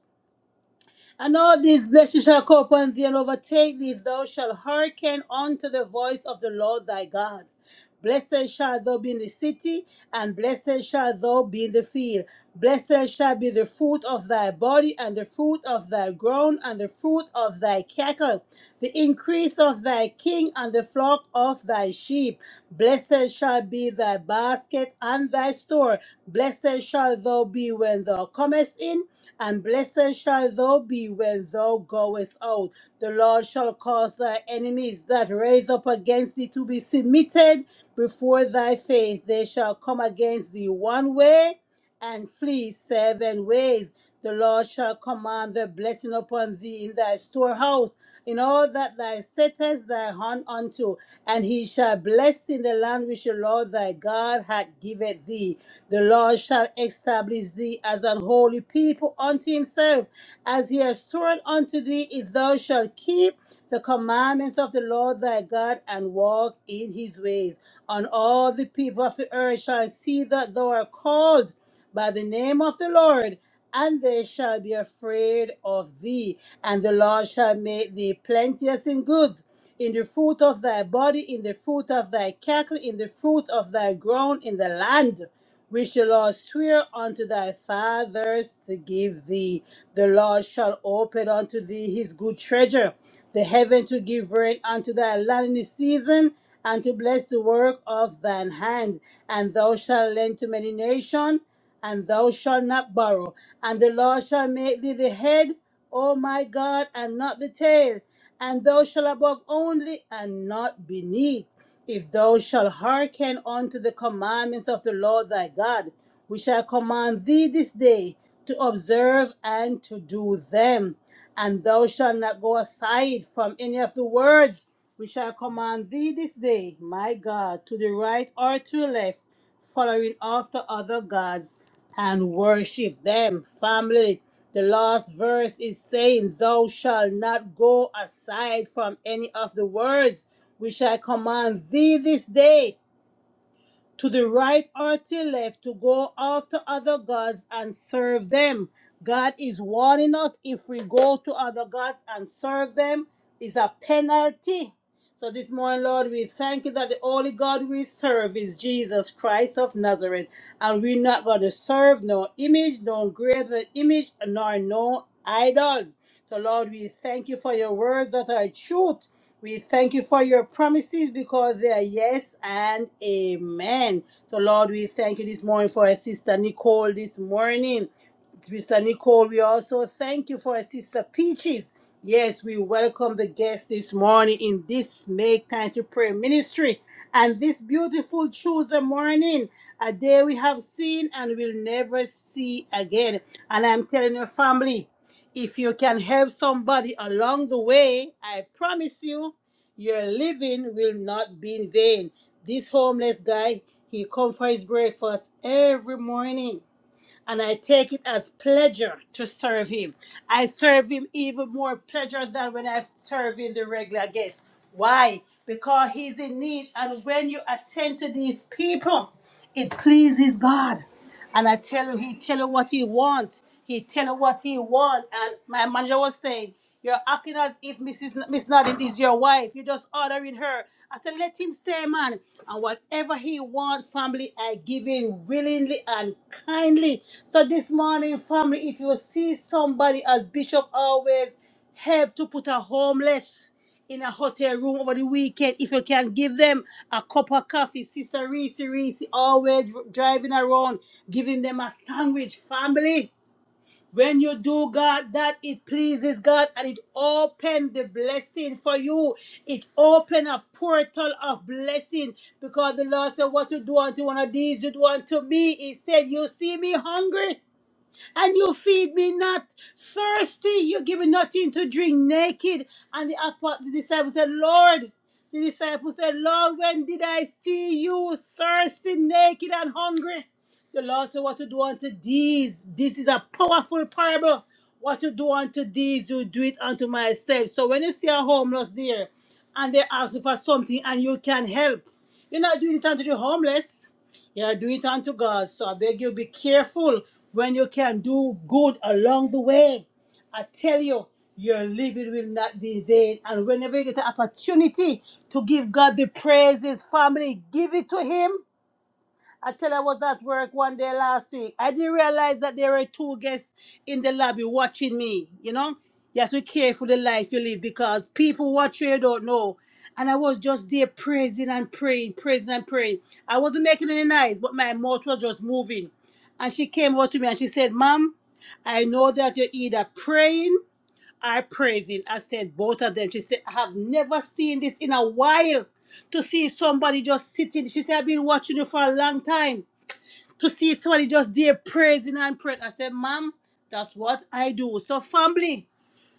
And all these blessings shall come upon thee and overtake thee if thou shalt hearken unto the voice of the Lord thy God. Blessed shall thou be in the city, and blessed shall thou be in the field. Blessed shall be the fruit of thy body, and the fruit of thy ground, and the fruit of thy cattle, the increase of thy king, and the flock of thy sheep. Blessed shall be thy basket and thy store. Blessed shall thou be when thou comest in, and blessed shall thou be when thou goest out. The Lord shall cause thy enemies that rise up against thee to be submitted before thy face. They shall come against thee one way, and flee seven ways. The Lord shall command the blessing upon thee in thy storehouse, in all that thou settest thy hand unto, and he shall bless in the land which the Lord thy God hath given thee. The Lord shall establish thee as an holy people unto himself, as he has sworn unto thee, if thou shalt keep the commandments of the Lord thy God and walk in his ways. And all the people of the earth shall see that thou art called by the name of the Lord, and they shall be afraid of thee. And the Lord shall make thee plenteous in goods, in the fruit of thy body, in the fruit of thy cattle, in the fruit of thy ground, in the land. Which the Lord swear unto thy fathers to give thee. The Lord shall open unto thee his good treasure, the heaven to give rain unto thy land in the season, and to bless the work of thine hand. And thou shalt lend to many nations, and thou shalt not borrow. And the Lord shall make thee the head, O my God, and not the tail. And thou shalt above only, and not beneath. If thou shalt hearken unto the commandments of the Lord thy God, which I command thee this day, to observe and to do them. And thou shalt not go aside from any of the words which I command thee this day, my God, to the right or to the left following after other gods and worship them. Family, the last verse is saying, Thou shalt not go aside from any of the words which I command thee this day, to the right or to left, to go after other gods and serve them. God is warning us if we go to other gods and serve them, is a penalty so this morning, Lord, we thank you that the only God we serve is Jesus Christ of Nazareth. And we're not going to serve no image, no graven image, nor no idols. So, Lord, we thank you for your words that are truth. We thank you for your promises because they are yes and amen. So, Lord, we thank you this morning for our sister Nicole this morning. Mr. Nicole, we also thank you for our sister Peaches. Yes, we welcome the guests this morning in this Make Time to Pray ministry. And this beautiful Tuesday morning, a day we have seen and will never see again. And I'm telling your family, if you can help somebody along the way, I promise you, your living will not be in vain. This homeless guy, he comes for his breakfast every morning and I take it as pleasure to serve him. I serve him even more pleasure than when I serve in the regular guest. Why? Because he's in need, and when you attend to these people, it pleases God. And I tell you, he tell you what he want. He tell you what he want. And my manager was saying. You're acting as if Mrs. Miss Nodding is your wife. You're just ordering her. I said, let him stay, man. And whatever he wants, family, I give in willingly and kindly. So this morning, family, if you see somebody, as Bishop always help to put a homeless in a hotel room over the weekend, if you can give them a cup of coffee, Sister Reese, Reese, always driving around, giving them a sandwich, family. When you do God that it pleases God and it open the blessing for you. It open a portal of blessing because the Lord said, What you do unto one of these, you do unto me. He said, You see me hungry and you feed me not. Thirsty, you give me nothing to drink. Naked, and the, apo- the disciples said, Lord, the disciples said, Lord, when did I see you thirsty, naked, and hungry? The Lord said, What to do unto these? This is a powerful parable. What to do unto these, you do it unto myself. So when you see a homeless there and they ask asking for something and you can help, you're not doing it unto the homeless. You are doing it unto God. So I beg you, be careful when you can do good along the way. I tell you, your living will not be vain. And whenever you get an opportunity to give God the praises, family, give it to Him I tell you I was at work one day last week. I didn't realize that there were two guests in the lobby watching me, you know? You have to care for the life you live because people watch you, you don't know. And I was just there praising and praying, praising and praying. I wasn't making any noise, but my mouth was just moving. And she came over to me and she said, Mom, I know that you're either praying I praised him. I said, both of them. She said, I have never seen this in a while. To see somebody just sitting. She said, I've been watching you for a long time. To see somebody just there praising and praying. I said, Mom, that's what I do. So, family.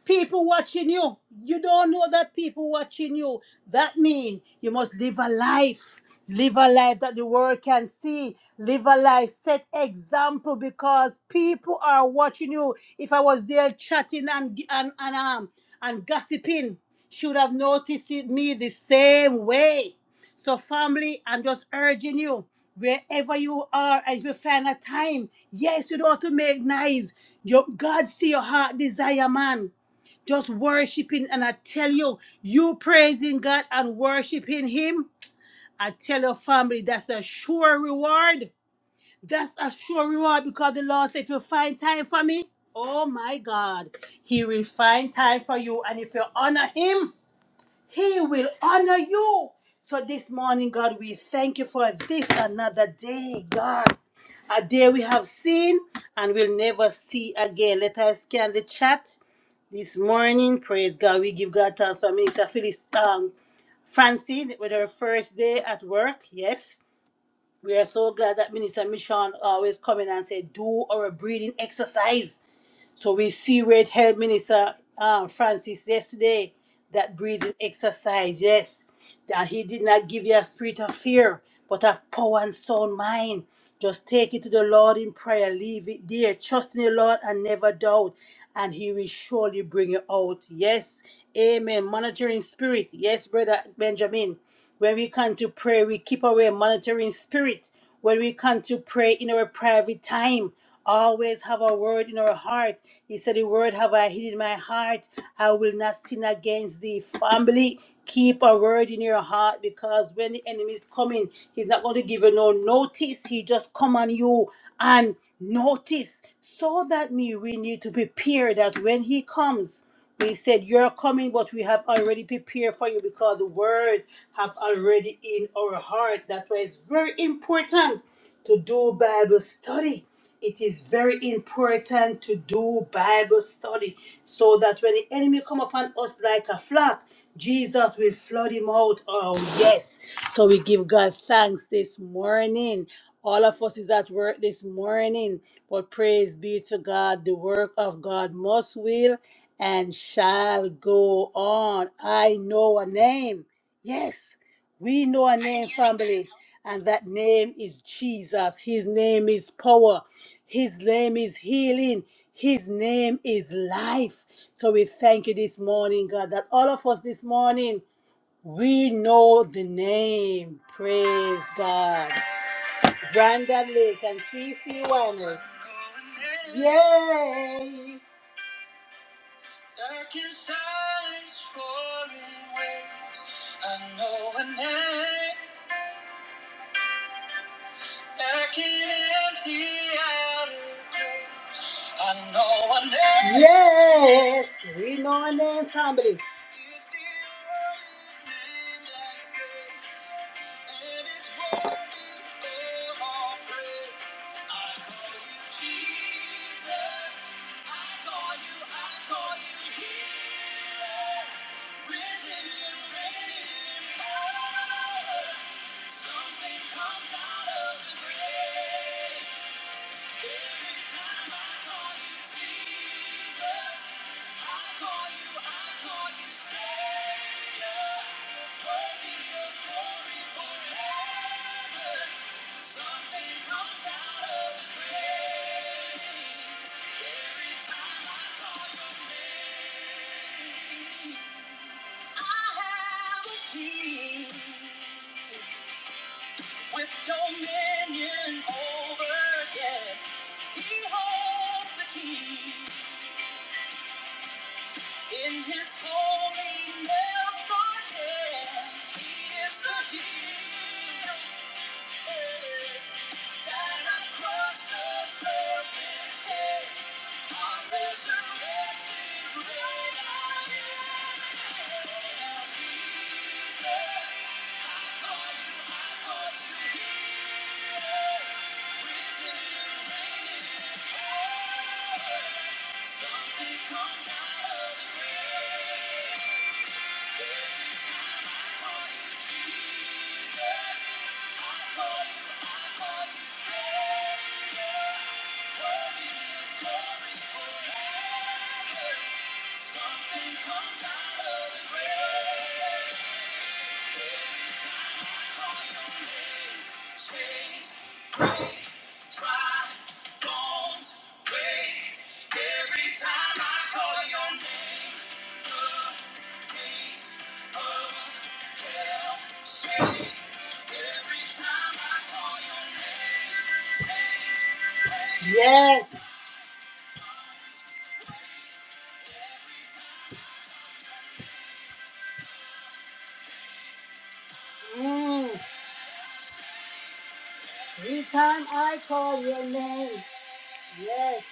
People watching you. You don't know that people watching you. That means you must live a life. Live a life that the world can see. Live a life. Set example because people are watching you. If I was there chatting and and and, um, and gossiping, should have noticed it- me the same way. So, family, I'm just urging you, wherever you are, as you find a time, yes, you don't have to make nice. Your God see your heart desire, man just worshiping. And I tell you, you praising God and worshiping Him, I tell your family that's a sure reward. That's a sure reward because the Lord said, if you find time for me, oh my God, He will find time for you. And if you honor Him, He will honor you. So this morning, God, we thank you for this another day, God. A day we have seen and will never see again. Let us scan the chat this morning. Praise God. We give God thanks for Minister Phyllis um, Francine with her first day at work. Yes. We are so glad that Minister Michon always come in and say, do our breathing exercise. So we see Red Health Minister um, Francis yesterday that breathing exercise, yes, that he did not give you a spirit of fear, but of power and sound mind. Just take it to the Lord in prayer, leave it there, trust in the Lord and never doubt, and he will surely bring you out. Yes, amen. Monitoring spirit, yes, brother Benjamin. When we come to pray, we keep our monitoring spirit. When we come to pray in our private time, always have a word in our heart. He said, The word have I hid in my heart. I will not sin against thee. Family, keep a word in your heart because when the enemy is coming, he's not going to give you no notice. He just come on you and notice. So that me we need to prepare that when he comes. He said, You're coming, but we have already prepared for you because the words have already in our heart. That's why it's very important to do Bible study. It is very important to do Bible study so that when the enemy come upon us like a flock, Jesus will flood him out. Oh, yes. So we give God thanks this morning. All of us is at work this morning, but praise be to God. The work of God must will and shall go on. I know a name. Yes. We know a name, family, and that name is Jesus. His name is power. His name is healing. His name is life. So we thank you this morning, God, that all of us this morning, we know the name. Praise God. Brandon Lake and CC Winers. Yay! Dark inside is roaring waves. I know a name. Yes, we know our name, family. Something comes out of the grave. Every time I call you Jesus, I call you, I call you Savior. Worthy of glory forever. Something comes out of the grave. Every time I call your name, I have a peace. with dominion over death. He holds the key in his holy nail scarred hands. He is the heel that has crushed the serpent's head. Our resurrected great I am. Jesus, I call you, I call you. Something comes out of the grave. Yes. Mm. Every time I call your name, yes.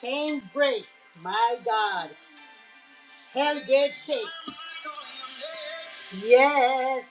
Chains break. My God. Hell dead shake. Yes.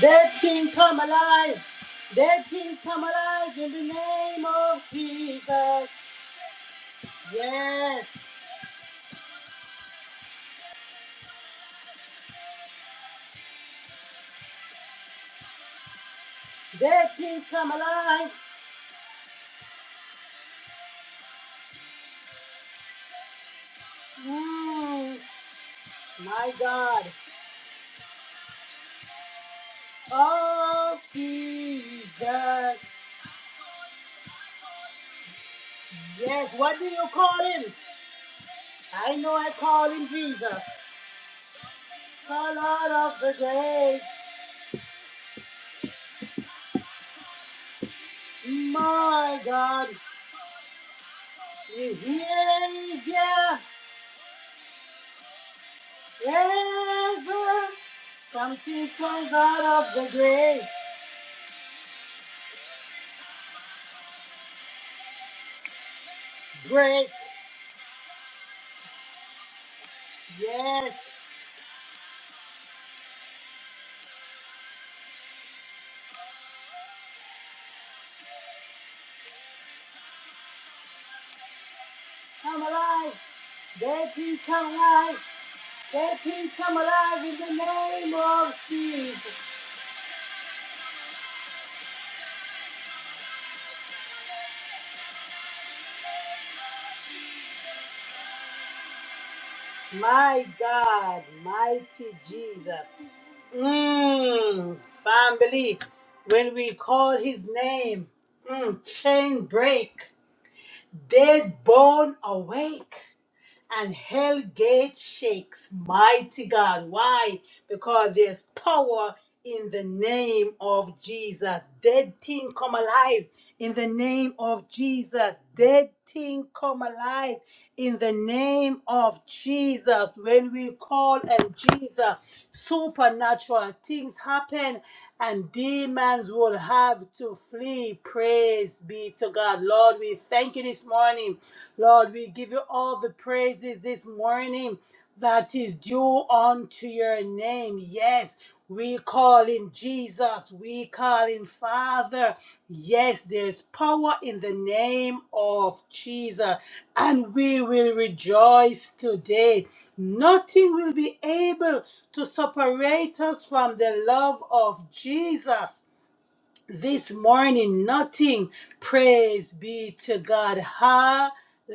Dead kings come alive. Dead kings come alive in the name of Jesus. Yes. Dead kings come alive. Mm, my God. Oh, Jesus. Yes, what do you call him? I know I call him Jesus. The Lord of the day. My God. Is he yeah, ever. Something comes out of the grave. Great. Yes. Come alive. Dead things come alive. Dead things come alive in the name of Jesus. My God, mighty Jesus. Mmm, family, when we call his name, mm, chain break, dead bone awake, and hell gate shakes. Mighty God. Why? Because there's power in the name of Jesus. Dead thing come alive in the name of Jesus. Dead thing come alive in the name of Jesus. When we call on Jesus, supernatural things happen and demons will have to flee. Praise be to God. Lord, we thank you this morning. Lord, we give you all the praises this morning that is due unto your name. Yes, we call him Jesus. We call him Father. Yes, there's power in the name of Jesus. And we will rejoice today. Nothing will be able to separate us from the love of Jesus this morning nothing. Praise be to God.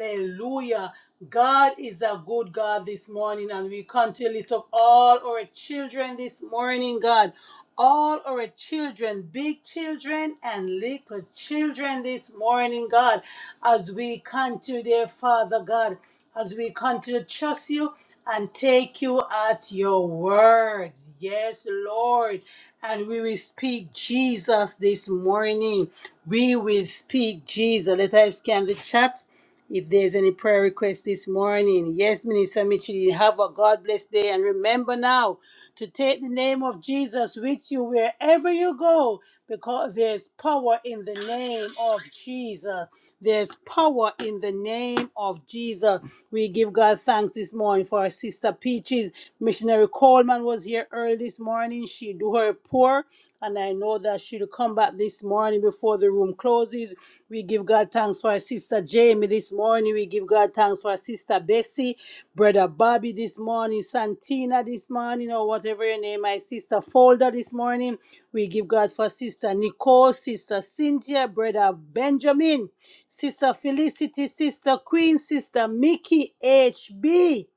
Hallelujah. God is a good God this morning, and we continue to lift up all our children this morning, God all our children, big children and little children this morning, God, as we continue, dear Father God, as we continue to trust you and take you at your words. Yes, Lord. And we will speak Jesus this morning. We will speak Jesus. Let us scan the chat if there's any prayer request this morning. Yes, Minister Mitchell, you have a God bless day. And remember now to take the name of Jesus with you wherever you go because there's power in the name of Jesus. There's power in the name of Jesus. We give God thanks this morning for our sister Peaches. Missionary Coleman was here early this morning. She do her pour, and I know that she'll come back this morning before the room closes. We give God thanks for our sister Jamie this morning. We give God thanks for our sister Bessie, brother Bobby this morning, Santina this morning, or whatever your name, my sister Folder this morning. We give God for sister Nicole, sister Cynthia, brother Benjamin, sister Felicity, sister Queen, sister Mickey HB.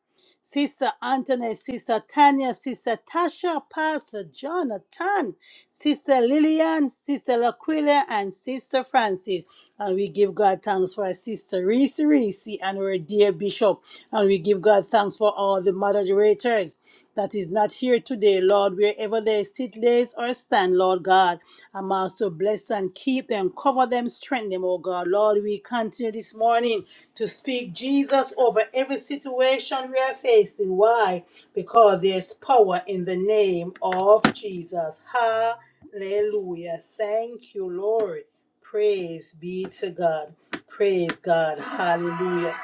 Sister Anthony, Sister Tanya, Sister Tasha, Pastor Jonathan, Sister Lillian, Sister Laquila, and Sister Francis. And we give God thanks for our Sister Reese Reese and our dear Bishop. And we give God thanks for all the moderators that is not here today, Lord, wherever they sit, lays, or stand, Lord God. I'm also bless and keep them, cover them, strengthen them, oh God. Lord, we continue this morning to speak Jesus over every situation we are facing. Why? Because there's power in the name of Jesus. Hallelujah. Thank you, Lord. Praise be to God. Praise God. Hallelujah.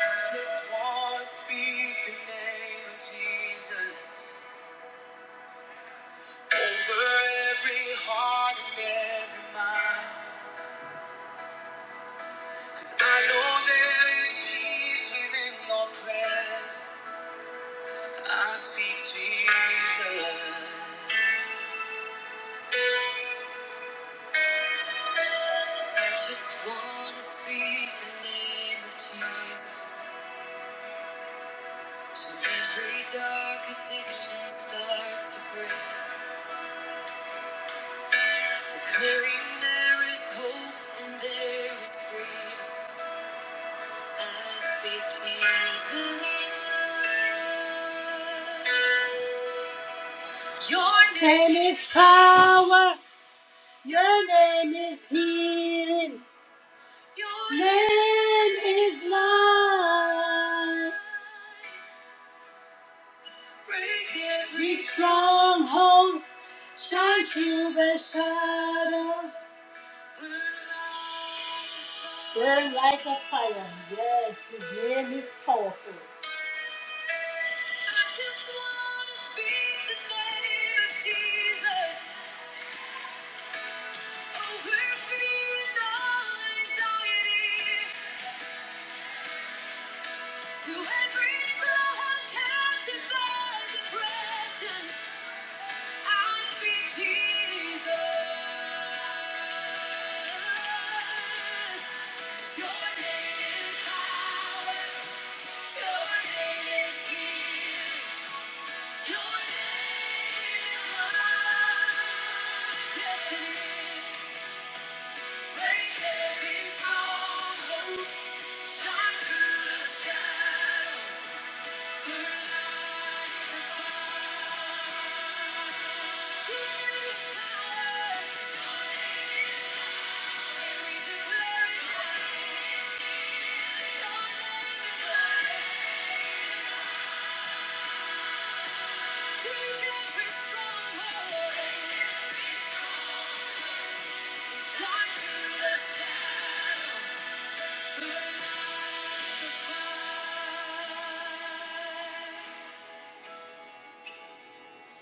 Just wanna speak the name of Jesus over every heart and every mind. 'Cause I know there is peace within your presence. I speak Jesus. I just wanna speak the name of Jesus. So every dark addiction starts to break. Declaring there is hope and there is freedom. Your name is power. Your name is healing. Your name is love. Break every stronghold. Shine through the shadows. Burn like a fire. Yes, his name is powerful. I just wanna speak the name of Jesus over fear and anxiety. To every soul held captive by depression, I speak Jesus. Your name is power. Your name is healing. Your name is love. Yes,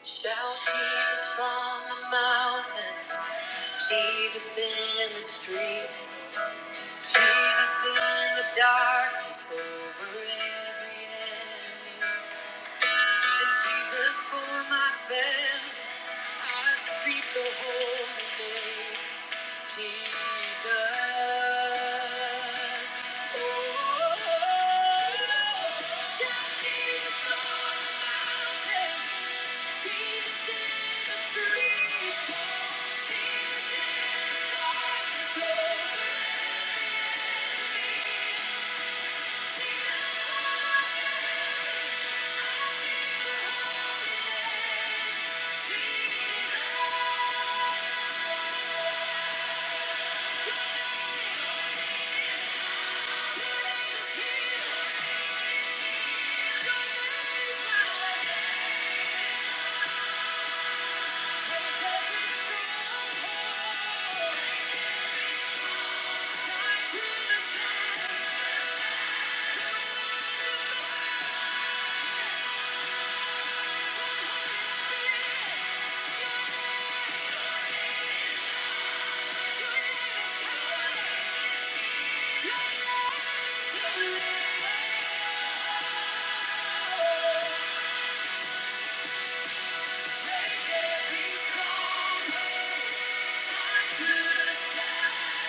Shout Jesus from the mountains, Jesus in the streets. Jesus in the darkness over every enemy. And Jesus for my family, I speak the holy name, Jesus. Oh, shout Jesus on the mountain, Jesus in the street, Jesus in the darkness over me, Jesus on the mountain. the every stronghold.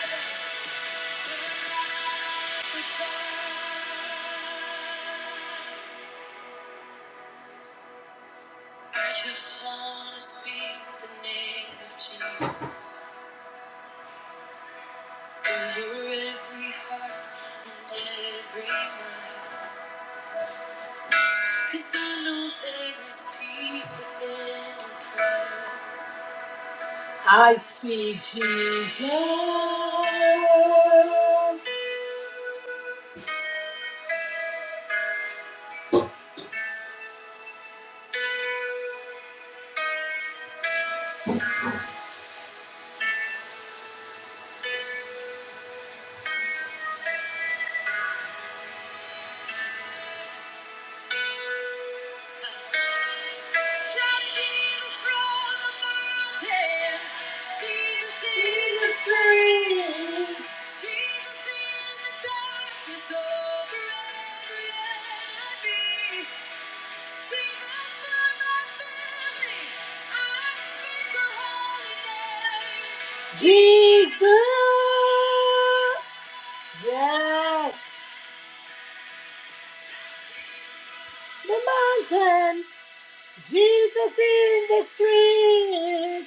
Yeah. I just wanna speak the name of Jesus over every heart and every mind. Cause I know there is peace within your presence. I see Jesus. Jesus! Yes! The mountain! Jesus in the street!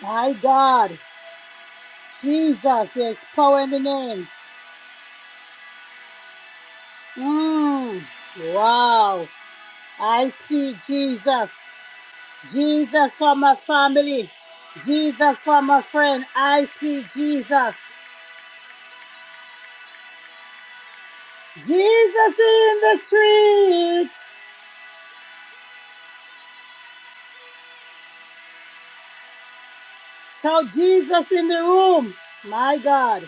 My God, Jesus, there's power in the name. Mm, wow. I speak Jesus. Jesus for my family. Jesus for my friend. I speak Jesus. Jesus in the street. So Jesus in the room. My God.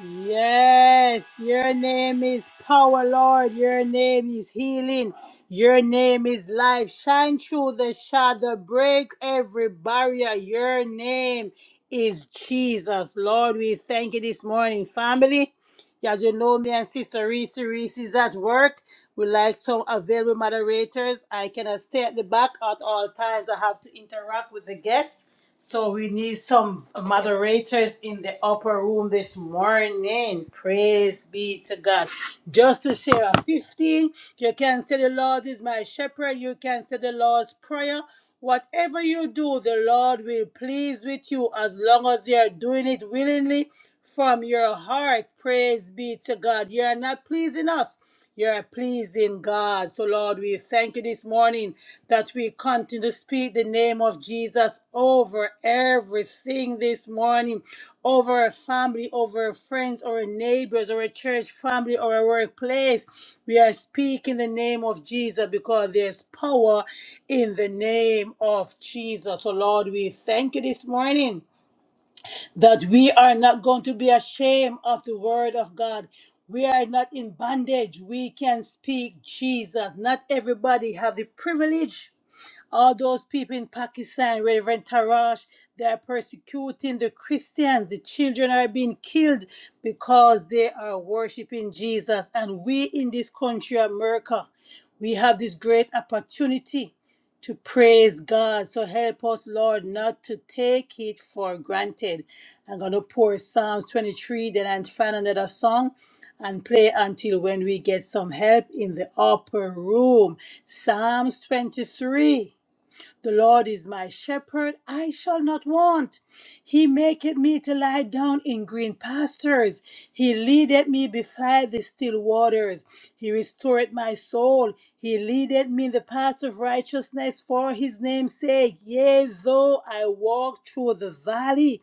Yes, your name is power, Lord. Your name is healing. Your name is life. Shine through the shadow, break every barrier. Your name is Jesus, Lord. We thank you this morning, family. Y'all just know me and Sister Reese. Reese is at work. We like some available moderators. I cannot stay at the back at all times. I have to interact with the guests. So we need some moderators in the upper room this morning. Praise be to God. Just to share a 15, you can say the Lord is my shepherd. You can say the Lord's prayer. Whatever you do, the Lord will please with you as long as you are doing it willingly from your heart. Praise be to God. You are not pleasing us. You're pleasing God. So, Lord, we thank you this morning that we continue to speak the name of Jesus over everything this morning, over a family, over friends, or neighbors, or a church family, or a workplace. We are speaking the name of Jesus because there's power in the name of Jesus. So, Lord, we thank you this morning that we are not going to be ashamed of the word of God. We are not in bondage. We can speak Jesus. Not everybody have the privilege all those people in Pakistan, Reverend Tarash, they are persecuting the Christians. The children are being killed because they are worshiping Jesus. And we in this country, America, we have this great opportunity to praise God. So help us, Lord, not to take it for granted. I'm going to pour Psalms 23, then I'll find another song and play until when we get some help in the upper room. Psalms 23. The Lord is my shepherd, I shall not want. He maketh me to lie down in green pastures. He leadeth me beside the still waters. He restoreth my soul. He leadeth me in the paths of righteousness for his name's sake. Yea, though I walk through the valley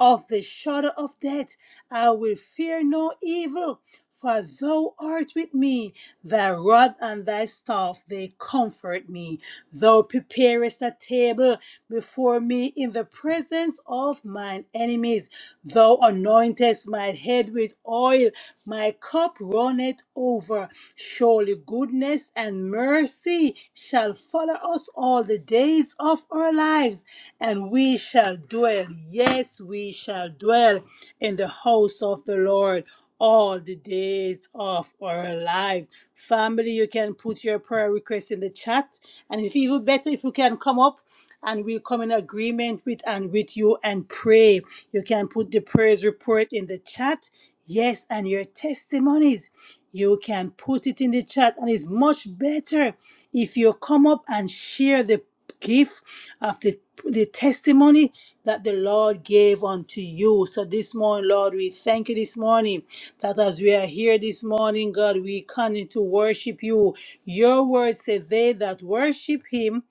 of the shadow of death, I will fear no evil, for thou art with me. Thy rod and thy staff, they comfort me. Thou preparest a table before me in the presence of mine enemies. Thou anointest my head with oil, my cup runneth over. Surely goodness and mercy mercy shall follow us all the days of our lives, and we shall dwell, yes, we shall dwell in the house of the Lord all the days of our lives. Family, you can put your prayer request in the chat, and it's even better if you can come up and we come in agreement with and with you and pray. You can put the praise report in the chat. Yes, and your testimonies you can put it in the chat and it's much better if you come up and share the gift of the, the testimony that the Lord gave unto you. So this morning, Lord, we thank you this morning that as we are here this morning, God, we continue to worship you. Your word says, They that worship him,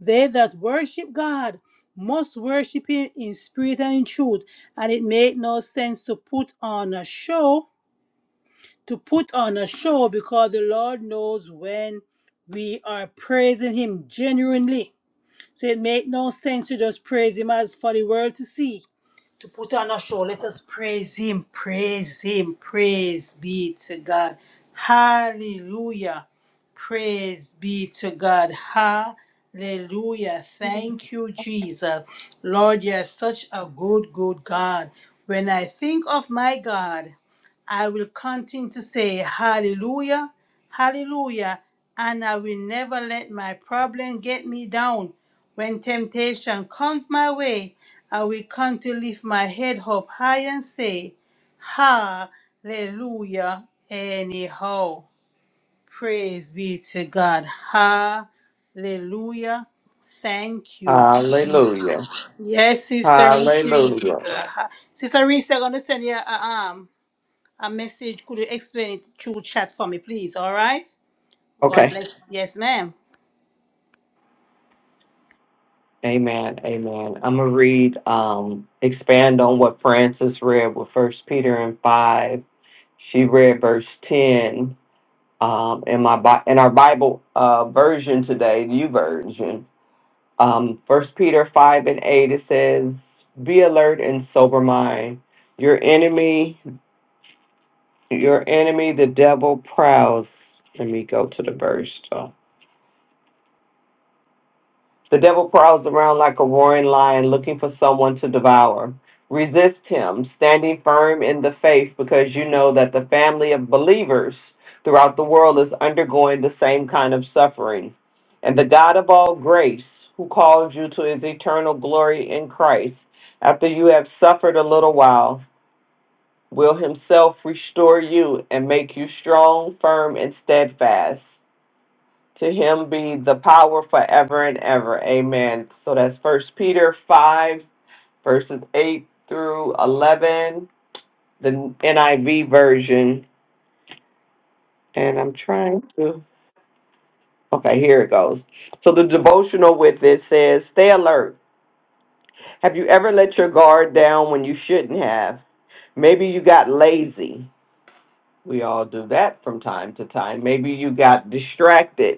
they that worship God must worship him in spirit and in truth. And it made no sense to put on a show to put on a show because the Lord knows when we are praising Him genuinely. So it make no sense to just praise Him as for the world to see to put on a show. Let us praise Him, praise Him, praise be to God. Hallelujah. Praise be to God. Hallelujah. Thank you, Jesus. Lord, you're such a good, good God. When I think of my God, I will continue to say, Hallelujah, Hallelujah, and I will never let my problem get me down. When temptation comes my way, I will come to lift my head up high and say, Hallelujah, anyhow. Praise be to God. Hallelujah. Thank you,
Hallelujah.
Jesus. Yes, Sister
Hallelujah.
Risa. Sister Risa, I'm going to send you a, um, a message. Could you explain it through chat for me, please? All right? God
Okay.
bless. Yes, ma'am.
Amen. Amen. I'm gonna read, um, expand on what Francis read with First Peter and five. She read verse ten. Um, in my Bi- in our Bible uh, version today, the U version. Um, First Peter five and eight. It says, "Be alert and sober mind. Your enemy, your enemy, the devil prowls." Let me go to the stuff. The devil prowls around like a roaring lion looking for someone to devour. Resist him, standing firm in the faith, because you know that the family of believers throughout the world is undergoing the same kind of suffering. And the God of all grace, who calls you to his eternal glory in Christ, after you have suffered a little while, will himself restore you and make you strong, firm, and steadfast. To him be the power forever and ever. Amen. So that's First Peter 5, verses 8 through 11, the NIV version. And I'm trying to. Okay, here it goes. So the devotional with it says, Stay alert. Have you ever let your guard down when you shouldn't have? Maybe you got lazy. We all do that from time to time. Maybe you got distracted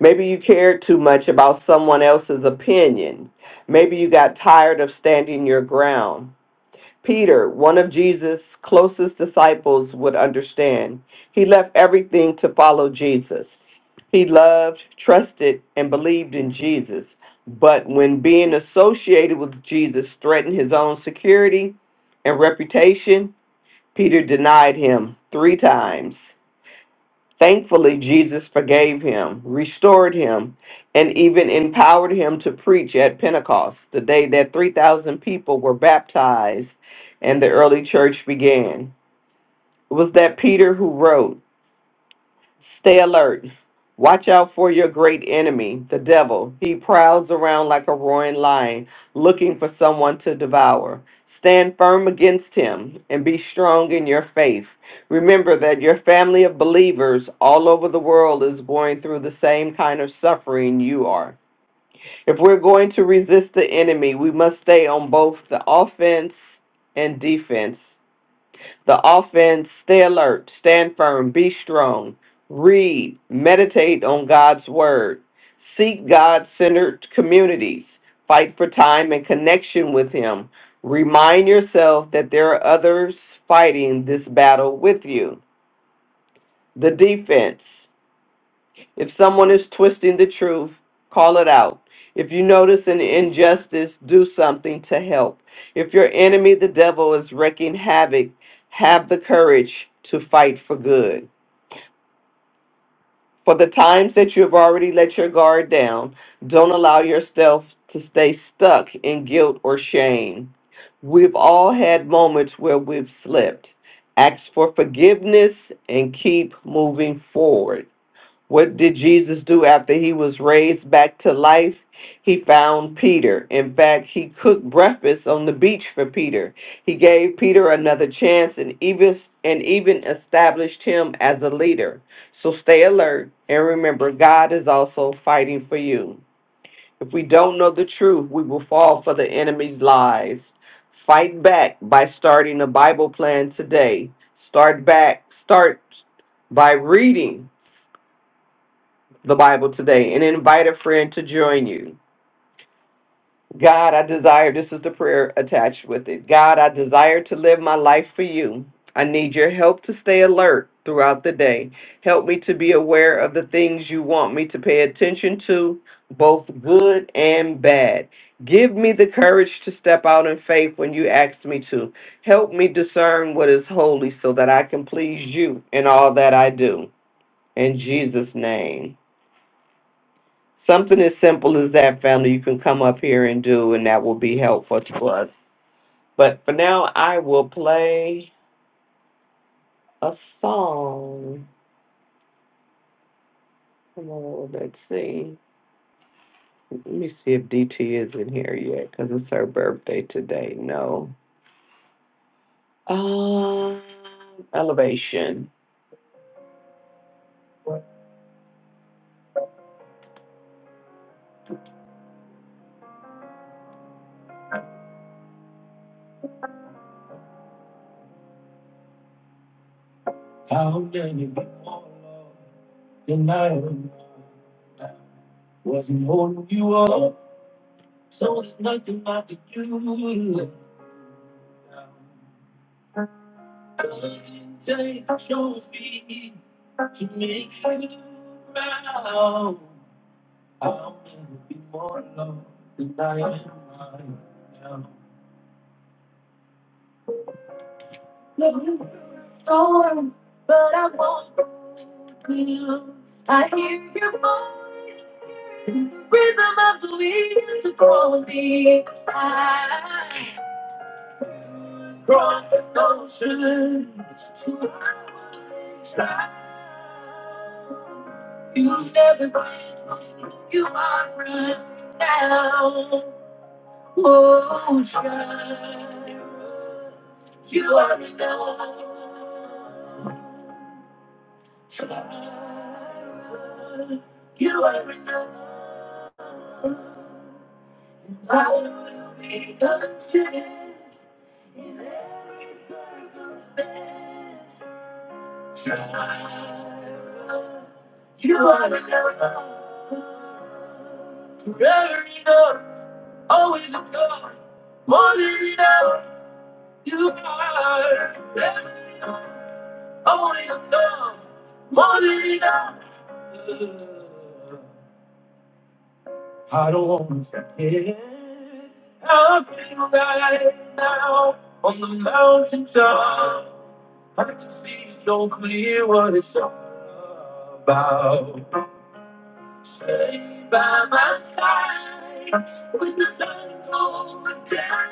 Maybe you cared too much about someone else's opinion. Maybe you got tired of standing your ground. Peter, one of Jesus' closest disciples, would understand. He left everything to follow Jesus. He loved, trusted, and believed in Jesus. But when being associated with Jesus threatened his own security and reputation, Peter denied him three times. Thankfully, Jesus forgave him, restored him, and even empowered to preach at Pentecost, the day that 3,000 people were baptized and the early church began. It was that Peter who wrote, Stay alert, watch out for me, the devil. He prowls around like a roaring lion, looking for some devour. Stand firm against him and be strong in your faith. Remember that your family of believers all over the world is going through the same kind of suffering you are. If we're going to resist the enemy, we must stay on both the offense and defense. The offense, stay alert, stand firm, be strong, read, meditate on God's word, seek God centered communities, fight for time and connection with Him. Remind yourself that there are others fighting this battle with you. The defense. If someone is twisting the truth, call it out. If you notice an injustice, do something to help. If your enemy, the devil, is wreaking havoc, have the courage to fight for good. For the times that you have already let your guard down, don't allow yourself to stay stuck in guilt or shame. We've all had moments where we've slipped. Ask for forgiveness and keep moving forward. What did Jesus do after he was raised back to life? he found Peter. In fact, he cooked breakfast on the beach for Peter. He gave Peter another chance and even and even established him as a leader. So stay alert and remember God is also fighting for you. If we don't know the truth, we will fall for the enemy's lies. Fight back by starting a Bible plan today. Start back start by reading the Bible today and invite a friend to join you. God, I desire, this is the prayer attached with it. God, I desire to live my life for you. I need your help to stay alert throughout the day. Help me to be aware of the things you want me to pay attention to, both good and bad. Give me the courage to step out in faith when you ask me to. Help me discern what is holy so that I can please you in all that I do. In Jesus' name. Something as simple as that, family, you can come up here and do, and that will be helpful to us. But for now, I will play a song. Come on, let's see. Let me see if DT is in here yet, because it's her birthday today. No. Um, elevation. How many people in life wasn't holding you up? So it's nothing I could do. Take your feet to make you smile. I want to be more loved than I am right now. Love you storm, but I won't feel. I hear your voice, rhythm of the wind calling me. I cross the ocean to the other side. You never been who you are right now. Oh, Jireh, you are enough. Jireh, you are enough. I will be content. Jireh, you are enough. Forever enough, always enough, more than enough. You are forever enough. I want it enough. Want it enough. I don't want to get up right now on the mountaintop. I can see so clear what it's all about. Stay by my side when the sun goes down.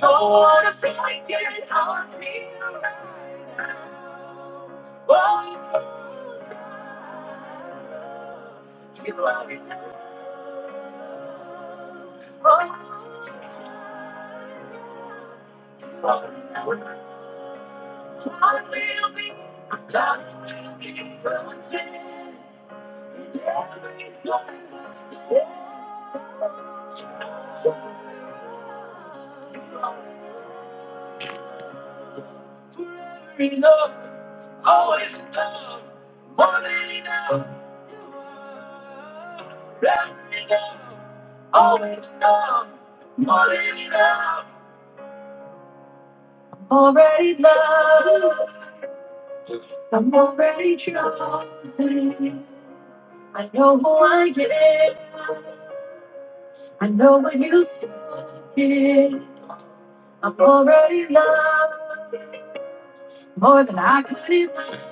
Don't wanna feel be getting on me right now. Oh, you are in the wrong. I'm every Enough, enough, always always more more than enough. Every love, always love, more than enough. I'm Already loved, I'm already chosen. I know who I am, I know what you did. I'm already loved. More than I can see. I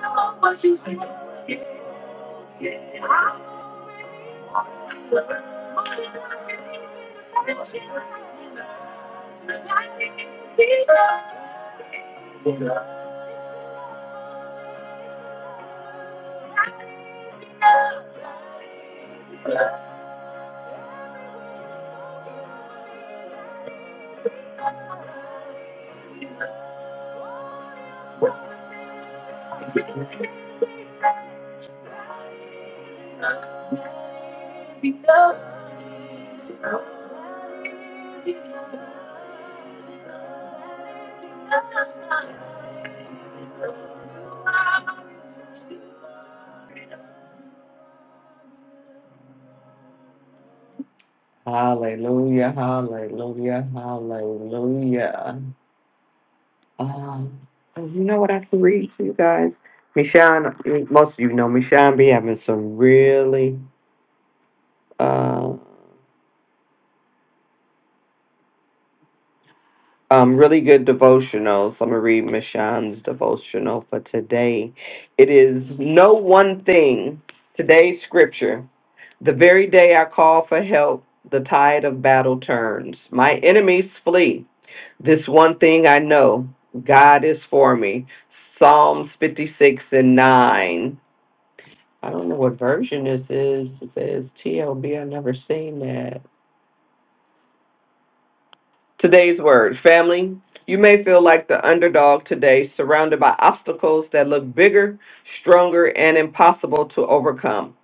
know what you think. Hallelujah, hallelujah, hallelujah. Um, oh, you know what I can read to you guys? Michonne, I mean, most of you know Michonne be having some really, uh, um, really good devotionals. I'm gonna read Michonne's devotional for today. It is no one thing. Today's scripture: The very day I call for help, the tide of battle turns. My enemies flee. This one thing I know: God is for me. Psalms 56 and 9. I don't know what version this is. It says TLB. I've never seen that. Today's word, family. You may feel like the underdog today, surrounded by obstacles that look bigger, stronger, and impossible to overcome.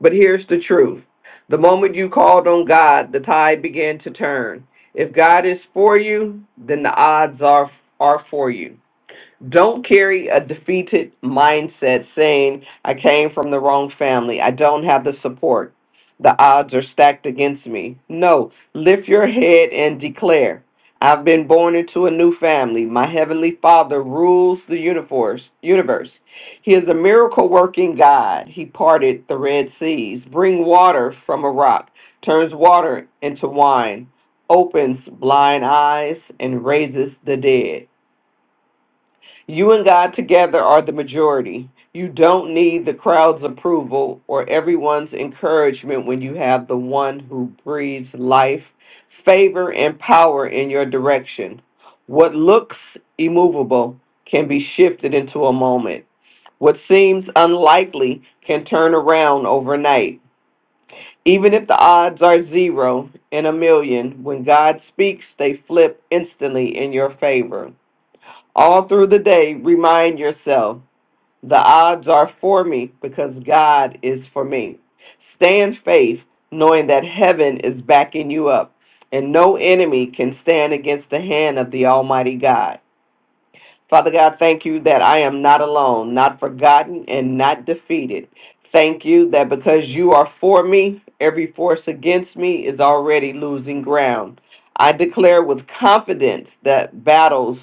But here's the truth the moment you called on God, the tide began to turn. If God is for you, then the odds are, are for you. Don't carry a defeated mindset saying, I came from the wrong family, I don't have the support. The odds are stacked against me. No, lift your head and declare. I've been born into a new family. My heavenly Father rules the universe. Universe. He is a miracle-working God. He parted the Red Seas, bring water from a rock, turns water into wine, opens blind eyes and raises the dead. You and God together are the majority. You don't need the crowd's approval or everyone's encouragement when you have the one who breathes life, favor, and power in your direction. What looks immovable can be shifted into a moment. What seems unlikely can turn around overnight. Even if the odds are zero in a million, when God speaks, they flip instantly in your favor. All through the day, remind yourself the odds are for me because God is for me. Stay in faith, knowing that heaven is backing you up, and no enemy can stand against the hand of the Almighty God. Father God, thank you that I am not alone, not forgotten, and not defeated. Thank you that because you are for me, every force against me is already losing ground. I declare with confidence that battles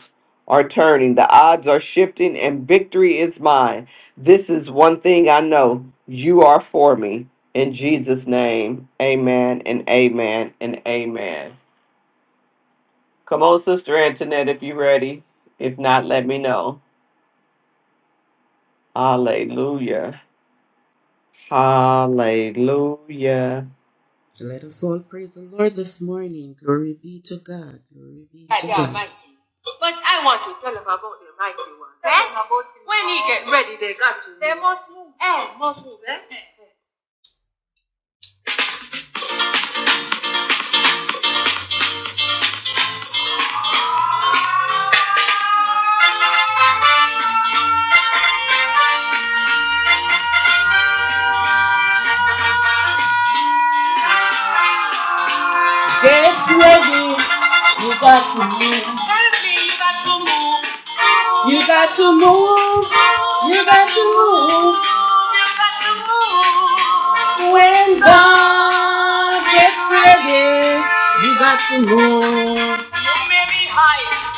are turning, the odds are shifting, and victory is mine. This is one thing I know you are for me. In Jesus' name, amen and amen and amen. Come on, Sister Antoinette, if you're ready. If not, let me know. Hallelujah. Hallelujah.
Almighty. But I want to tell him about the mighty one. Tell Eh? him about him. When he get ready, they got to move. They must move. Eh, must move, eh? Help me, you got to move. You got to move. may be high,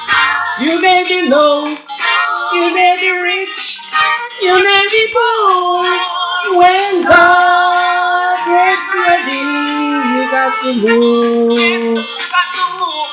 you got to move.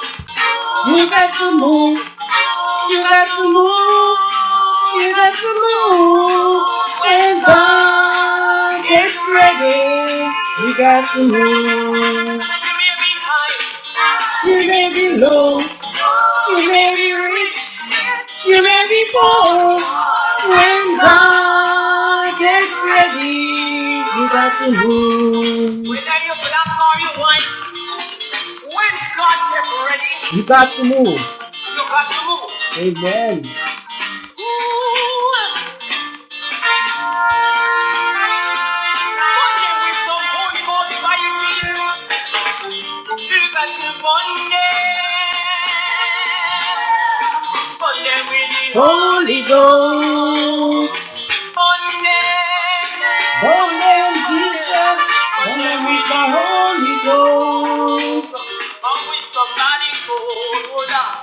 ready, you got to move. Monday with some Holy Ghost fire. You got to Monday. Monday with Holy Ghost.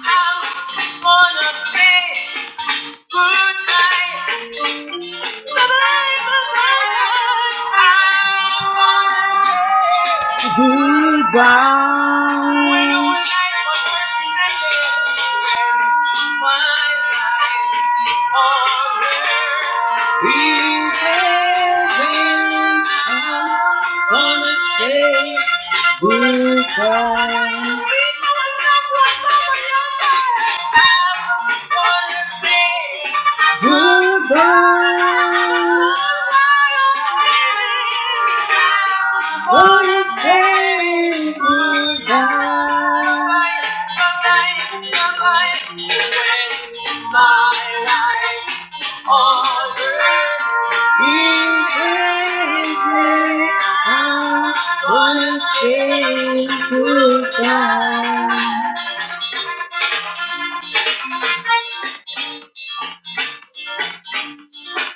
I wanna pray goodbye. Bye-bye, bye-bye. Goodbye. When will I find my life on earth? I wanna say goodbye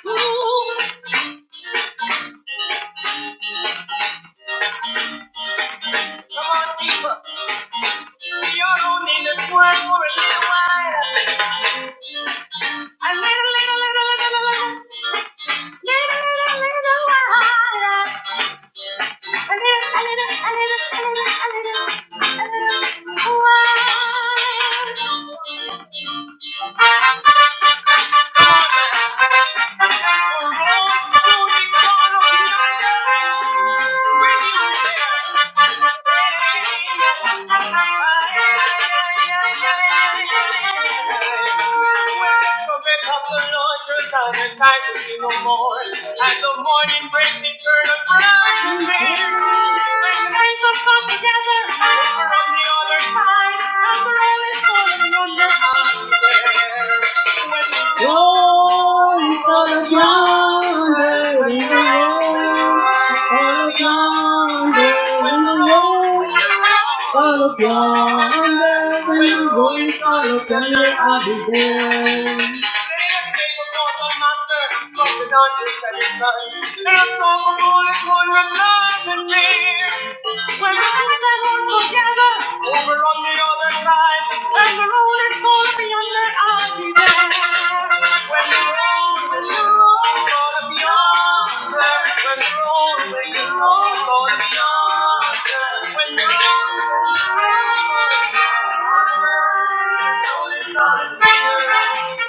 goodbye. Come on deeper. We all don't need this one for a little while. A little, little, little, little, little, little, little, little while. A little, a little, a little, a little, a little, a little while. When Wake up the Lord, the time and night will be no more. And the morning breaks Thank you.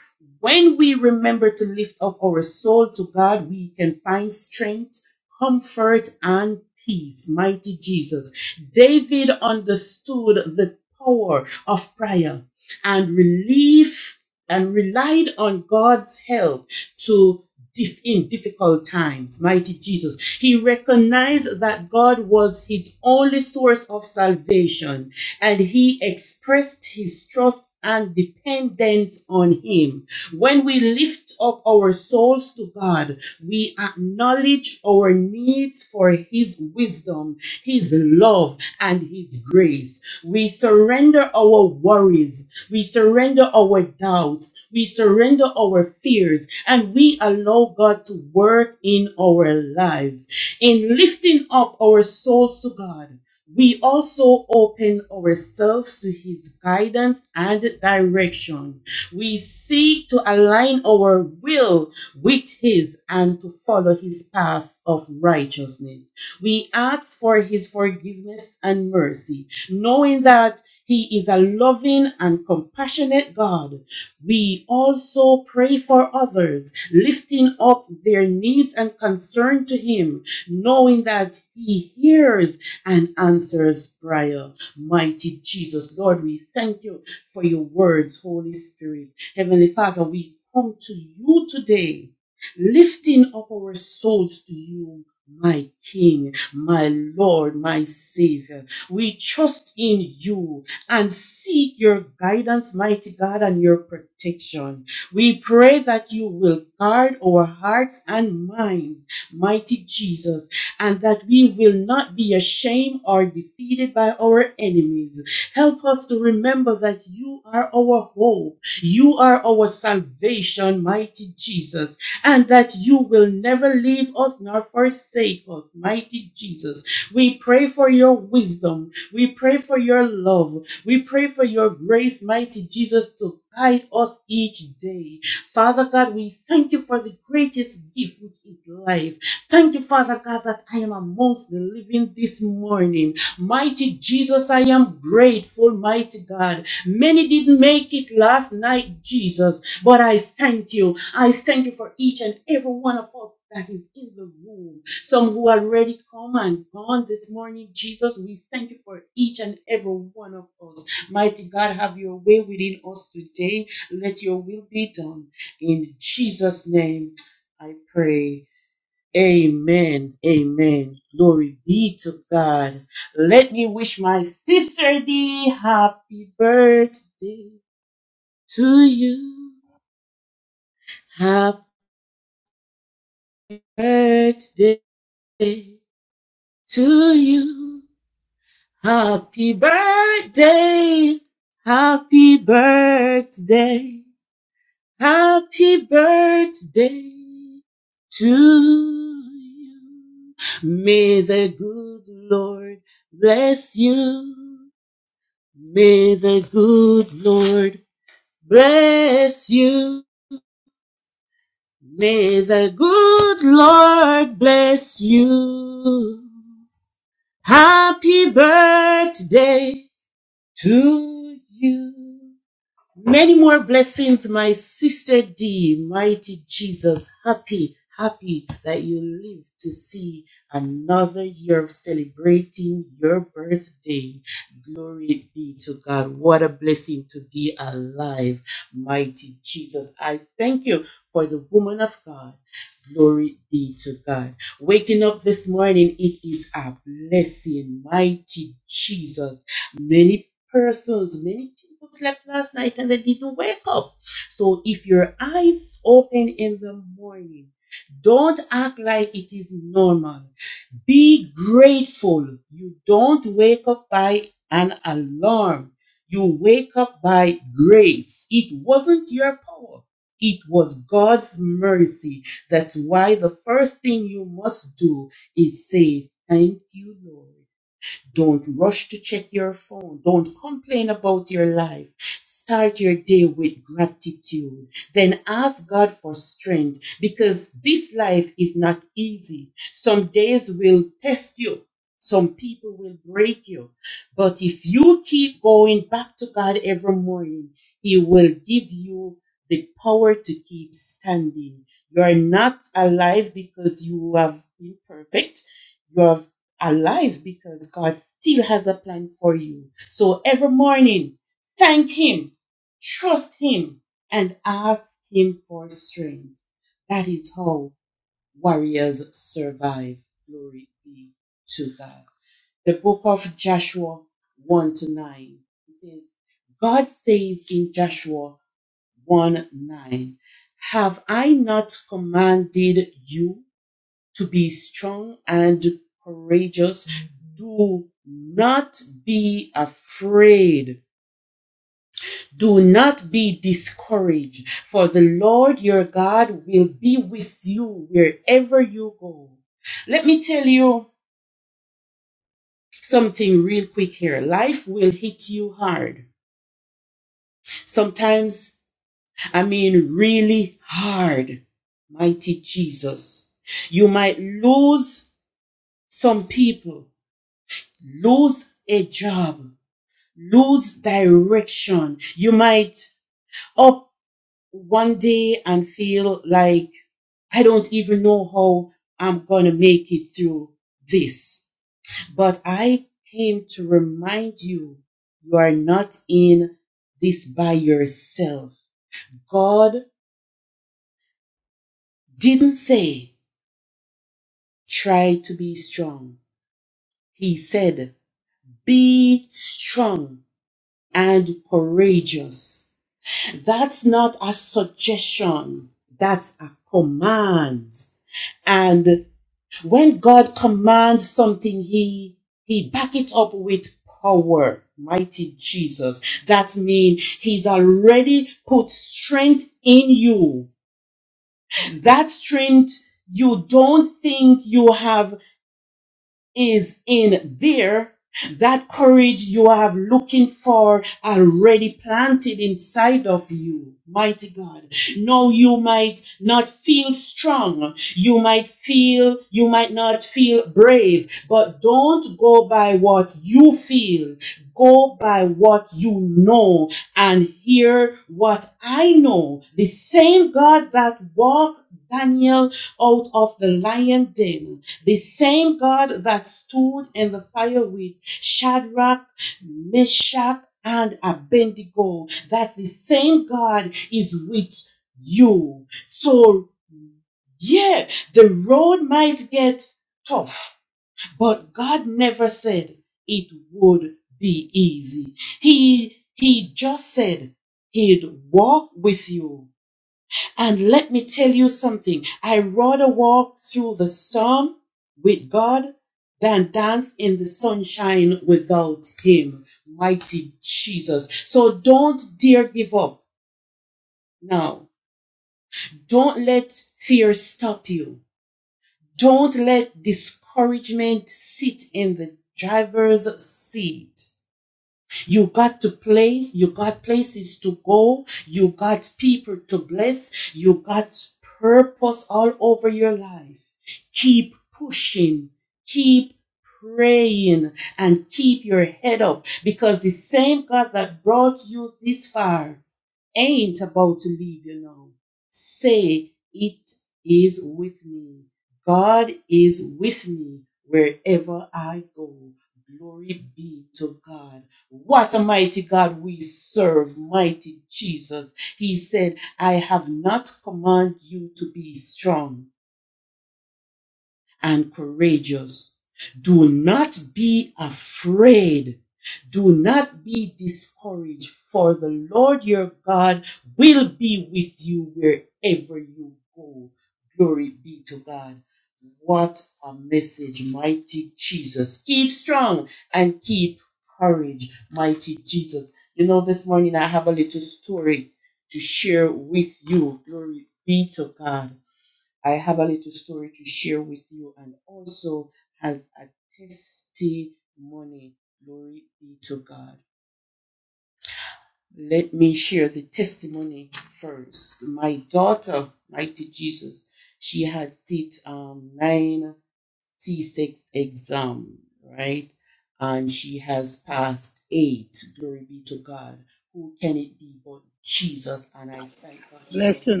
Blessing.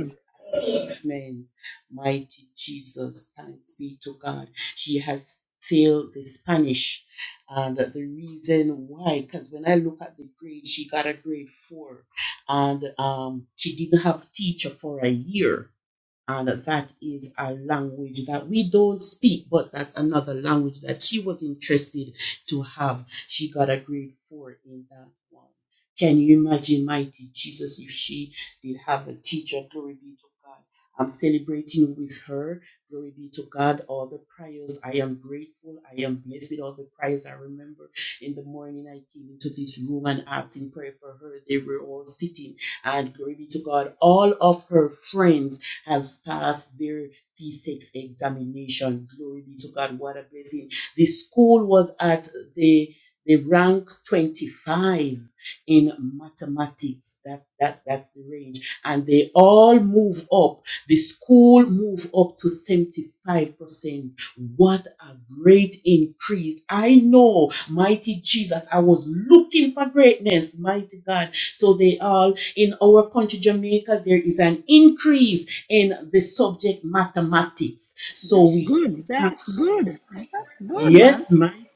That's good. That's good. That's good, man.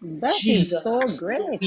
That is so great.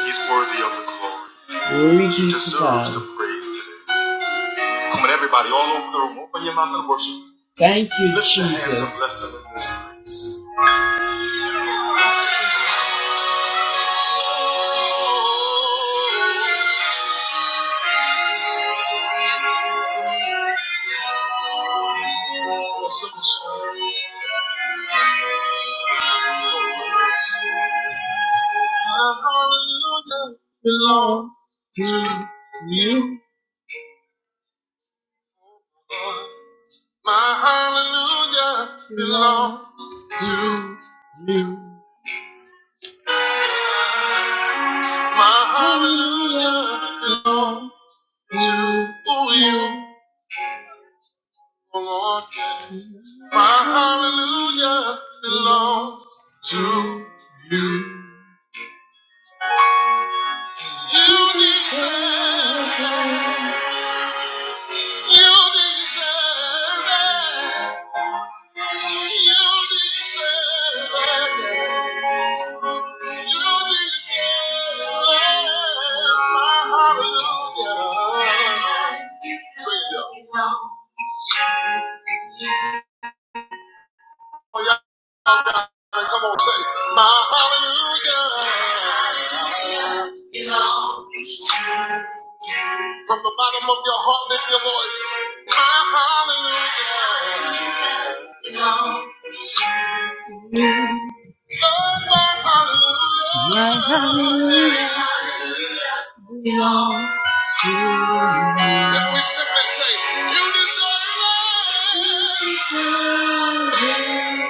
He's worthy of the glory and praise today. Come on, everybody, all over the room, open your mouth and worship. Let's celebrate this praise. My hallelujah, my hallelujah belongs to you, O Lord. My hallelujah, hallelujah. Come on, say, my hallelujah. From the bottom of your heart, lift your voice. My hallelujah. Oh, my hallelujah. Then we simply say, you deserve it.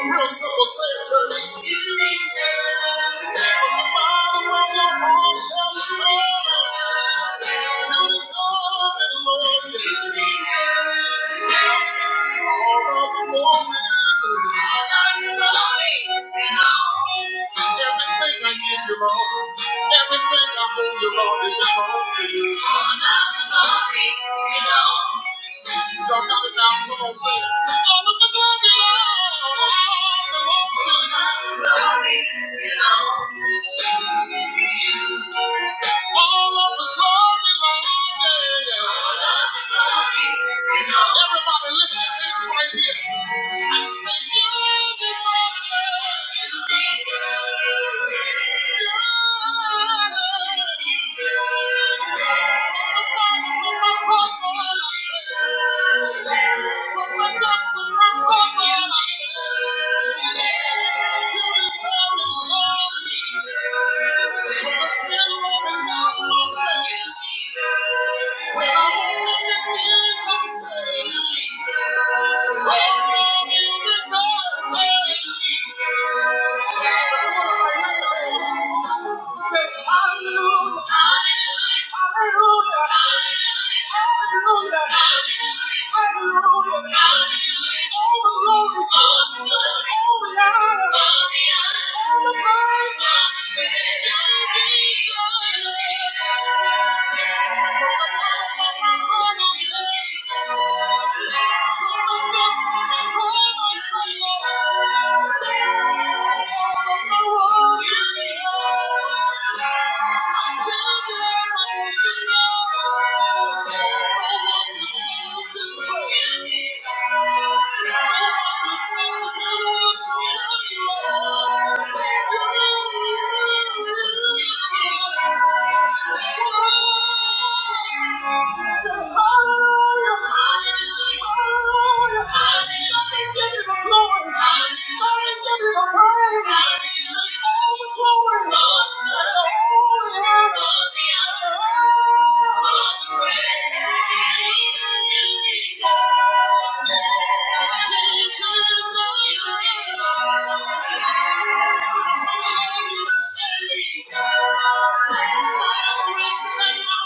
Real simple, say it, church. You need God. From the bottom of your heart, tell me, Lord, you deserve it, Lord. You need God. All of the glory. All you the glory. Everything I give you, Lord. Everything I owe you, Lord, is all to you. All of the glory. you know. Y'all got it now. Come on, say it. All of the glory, Lord, belongs to you. Glory belongs. All of the glory, Lord, yeah. All of the glory belongs. Everybody, listen, it's right here. When I hold up the feelings I'm so Thank you. Hallelujah. Hallelujah. Hallelujah. Thank you. Thank you. Glory.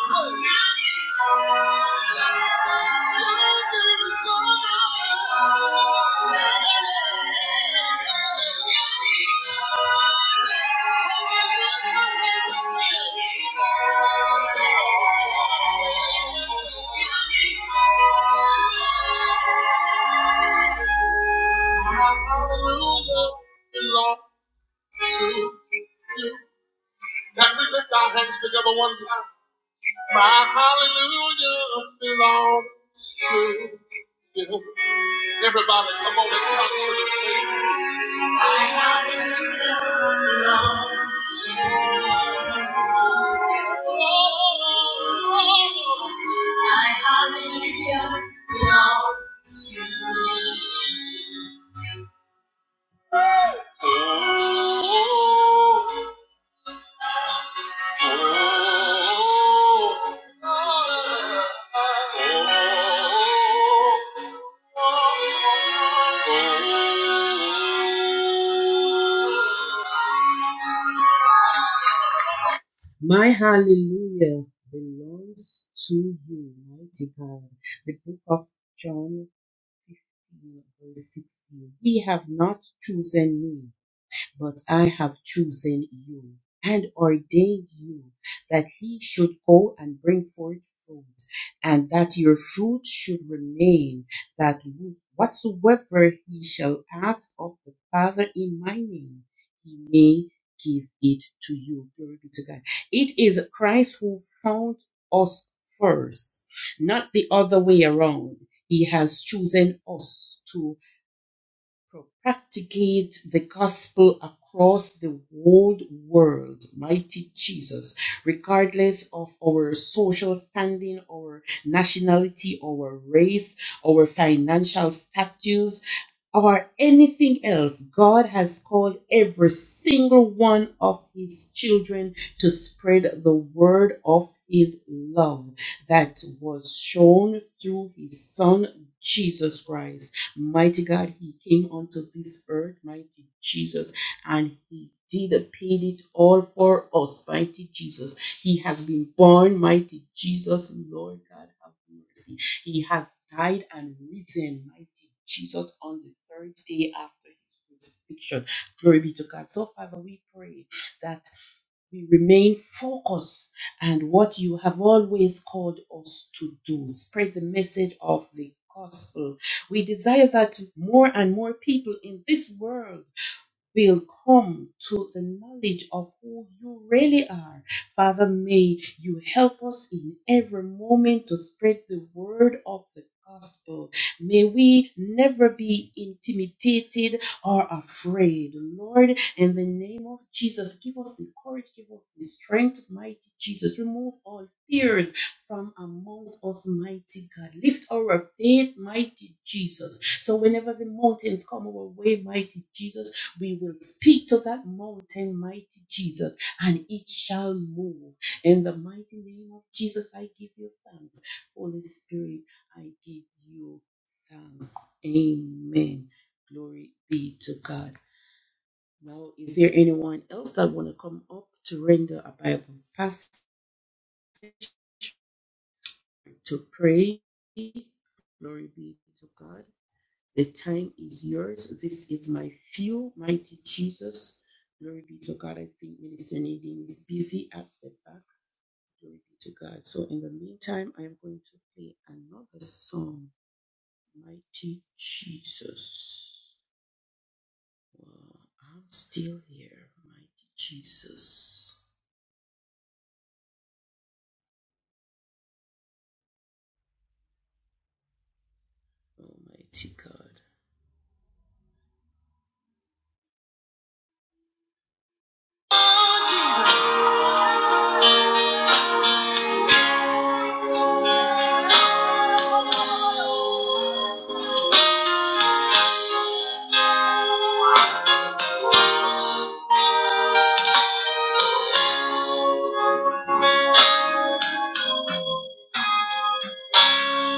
Thank you. Can we lift our hands together one time? My hallelujah belongs to you. Everybody, come on and come to the table.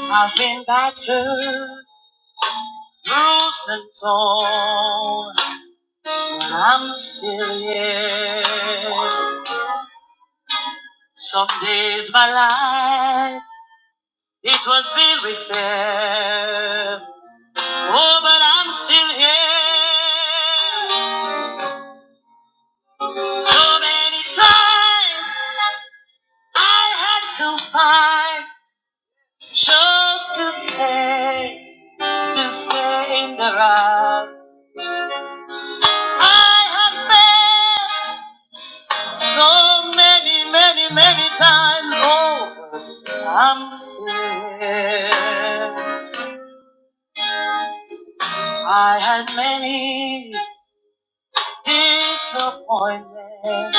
I've been battered, bruised and torn. and I'm still here. Some days my life, it was filled with fear. Oh, but I'm still here. So many times I had to fight just to stay, to stay in the rock. I have failed so many, many, many times. Oh, but I'm still here. I had many disappointments.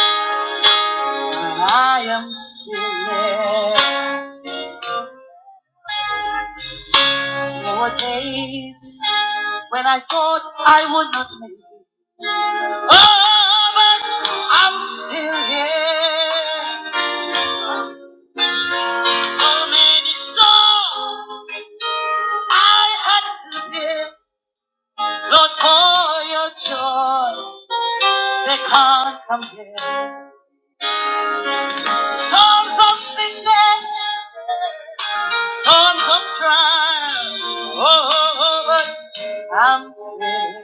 I am still there. There were days when I thought I would not make it. Oh, but I'm still here. So many storms I had to bear. Lord, for your joy, they can't compare. Storms of sickness, storms of trial. Oh, but I'm still here.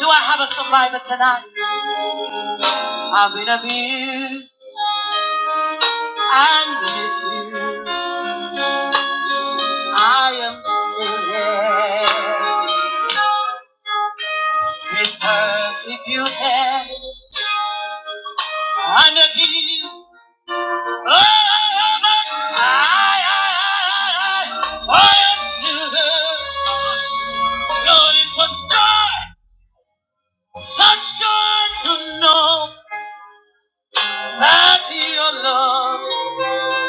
Do I have a survivor tonight? I've been abused and misused. I am still been persecuted and abused. Oh, oh, oh, oh, I, I, I, I, I am still. God is such joy, such joy to know that Your love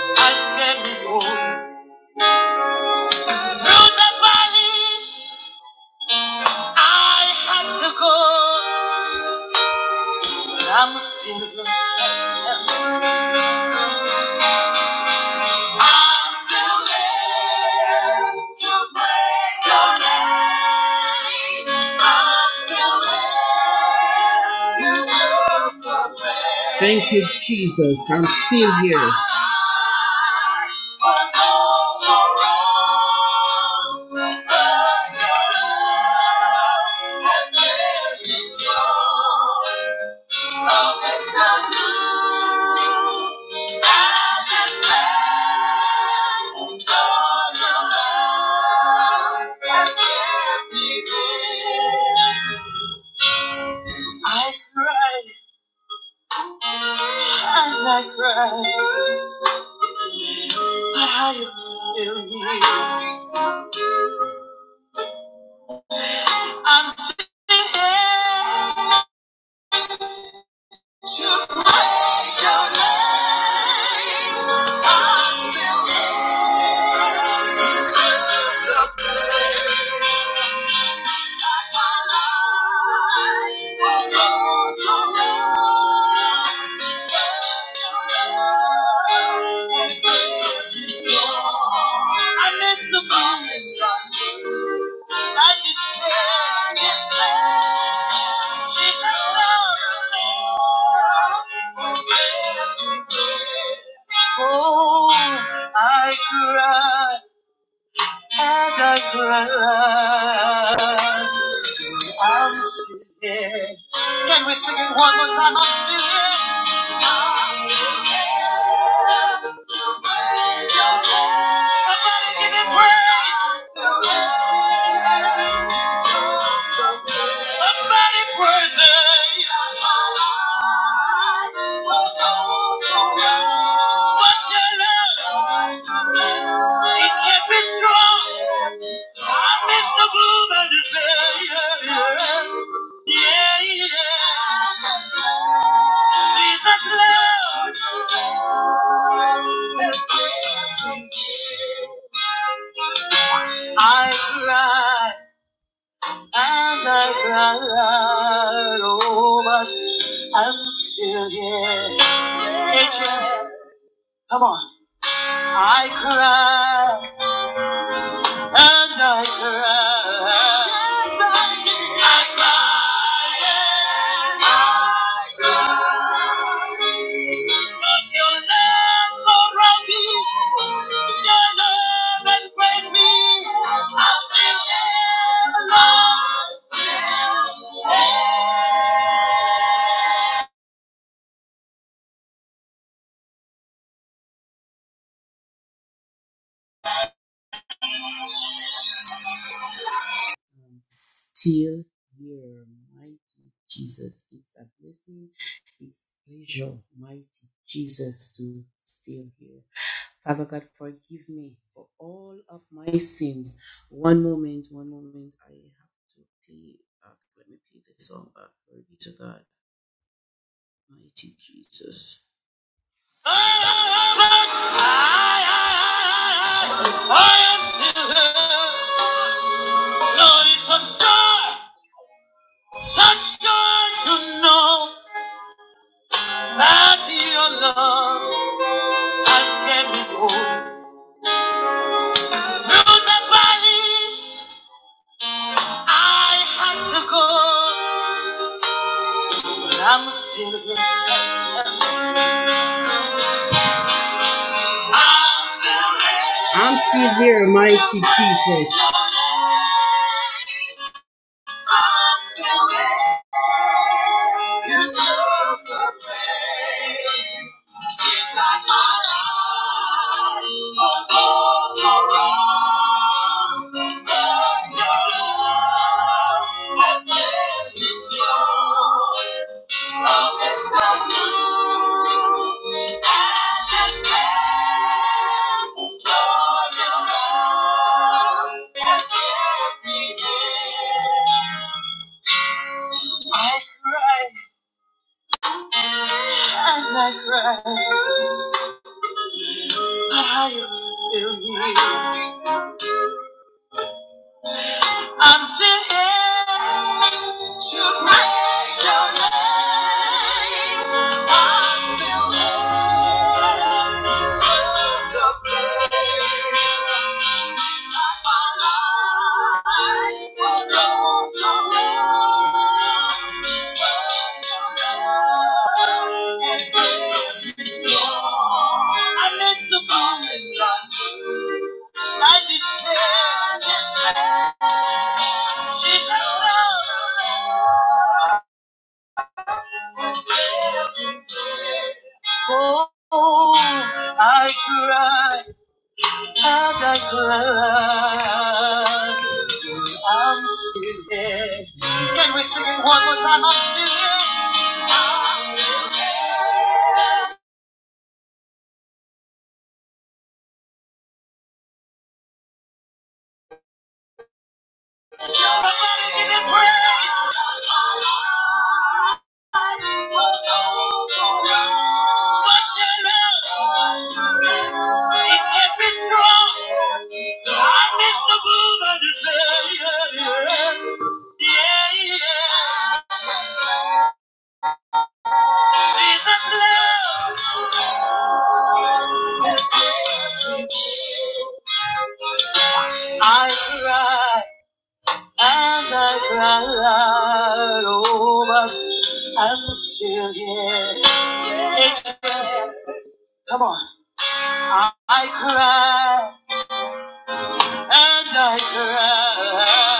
has made me whole. Through the valleys. I had to go. but I'm still there. I'm still there. Your name, I'm still there. You took away. One more time, I'm Somebody give him praise. Somebody praise him. What love, it can be strong. I miss the blue that is there. Yeah, yeah. Jesus Lord. I cry and I cry over but I'm still here. H-M. I cry and I cry. I cry and I cry. Such joy to know that your love has came before. Through the valleys, I had to go. I'm still a good I'm still there. You took the pain. Seems like my life, your love has left me scarred. Love is not new. And it's there. Lord, your love has kept me here. But how I'm sitting to praise your name. I'm feeling to the place of my life was overcome. I met the promise I despair. She loved. I'm still, I'm still. Can we sing it one more time? I'm still here. It can break, but your love, it can be strong. So I miss the move of your hand. Yeah, yeah. yeah, yeah. Jesus' love. I cry. And I cried, oh, but I'm still here. It's, come on. I, I cried, and I cried.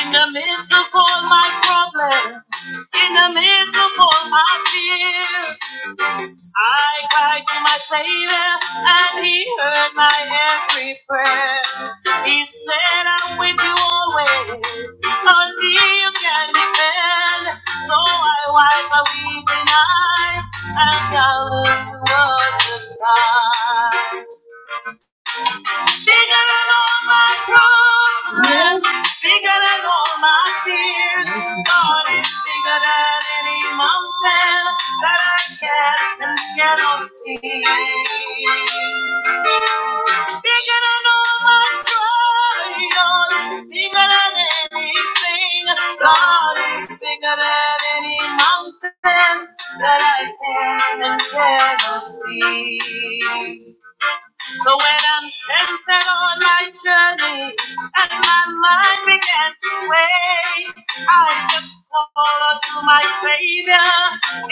In the midst of all my problems, in the midst of all my fears. I cried to my Savior, and He heard my every prayer. He said, I'm with you always. On me you can depend. So I wipe my weeping eye, and I look towards the sky. Bigger than all my problems. Yes. Bigger than all my fears. God is bigger than any mountain that I can and cannot see. Bigger than all my trials. Bigger than anything. God is bigger than any mountain that I can and cannot see. So when I'm tempted on my journey and my mind began to wave, I just call unto my Savior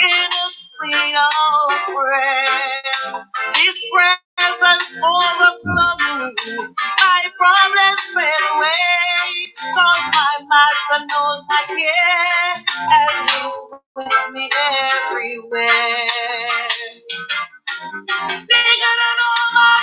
in a sweet old prayer. His presence overflowed me. My problems fade away. Cause my master knows my care and he's with me everywhere. Bigger than all my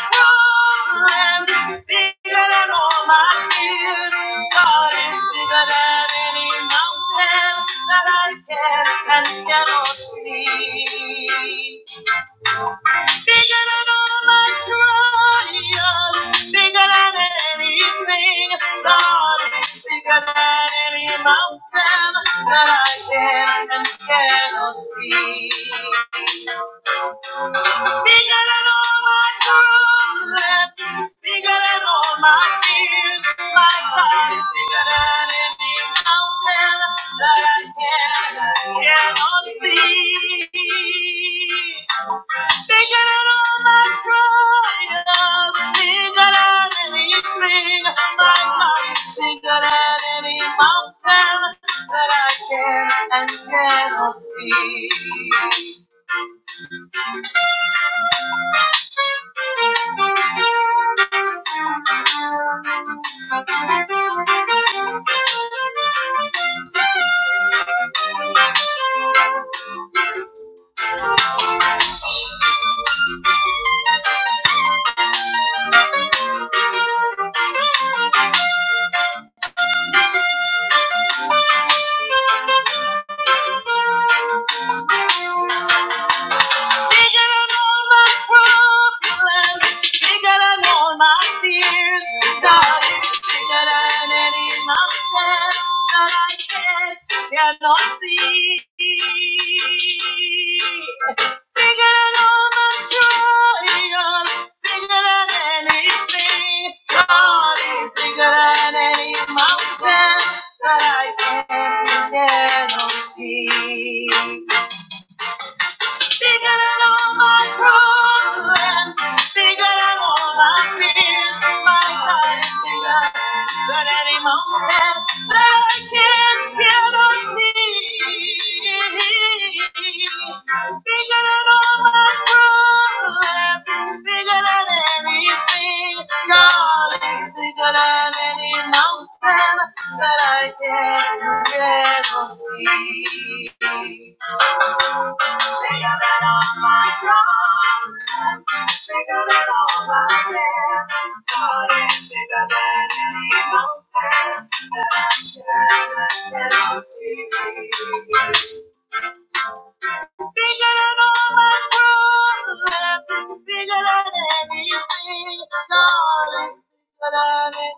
problems, bigger than all my fears. God is bigger than any mountain that I can and cannot see. Bigger than all my trials, bigger than anything. God is bigger than any mountain that I can and cannot see. Bigger than all my troubles. bigger than all my fears. My God is bigger than any mountain that I can, I cannot see. Bigger than all my trials, bigger than anything. My God is bigger than any mountain that I can and cannot see. Bigger than all my fears, God is bigger than any mountain that I can cannot see. Bigger than all my trials, bigger than anything. God is bigger than any mountain that I can cannot see. Bigger than all my problems, bigger than all my fears. My God is bigger than any mountain that I can get or see. Bigger than all my problems, bigger than anything. God is bigger than any mountain that I can ever see. Bigger bigger Bigger Bigger bigger than than than than any mountain that I see. Bigger than all all all my my my any any mountain, problems, anything, I'm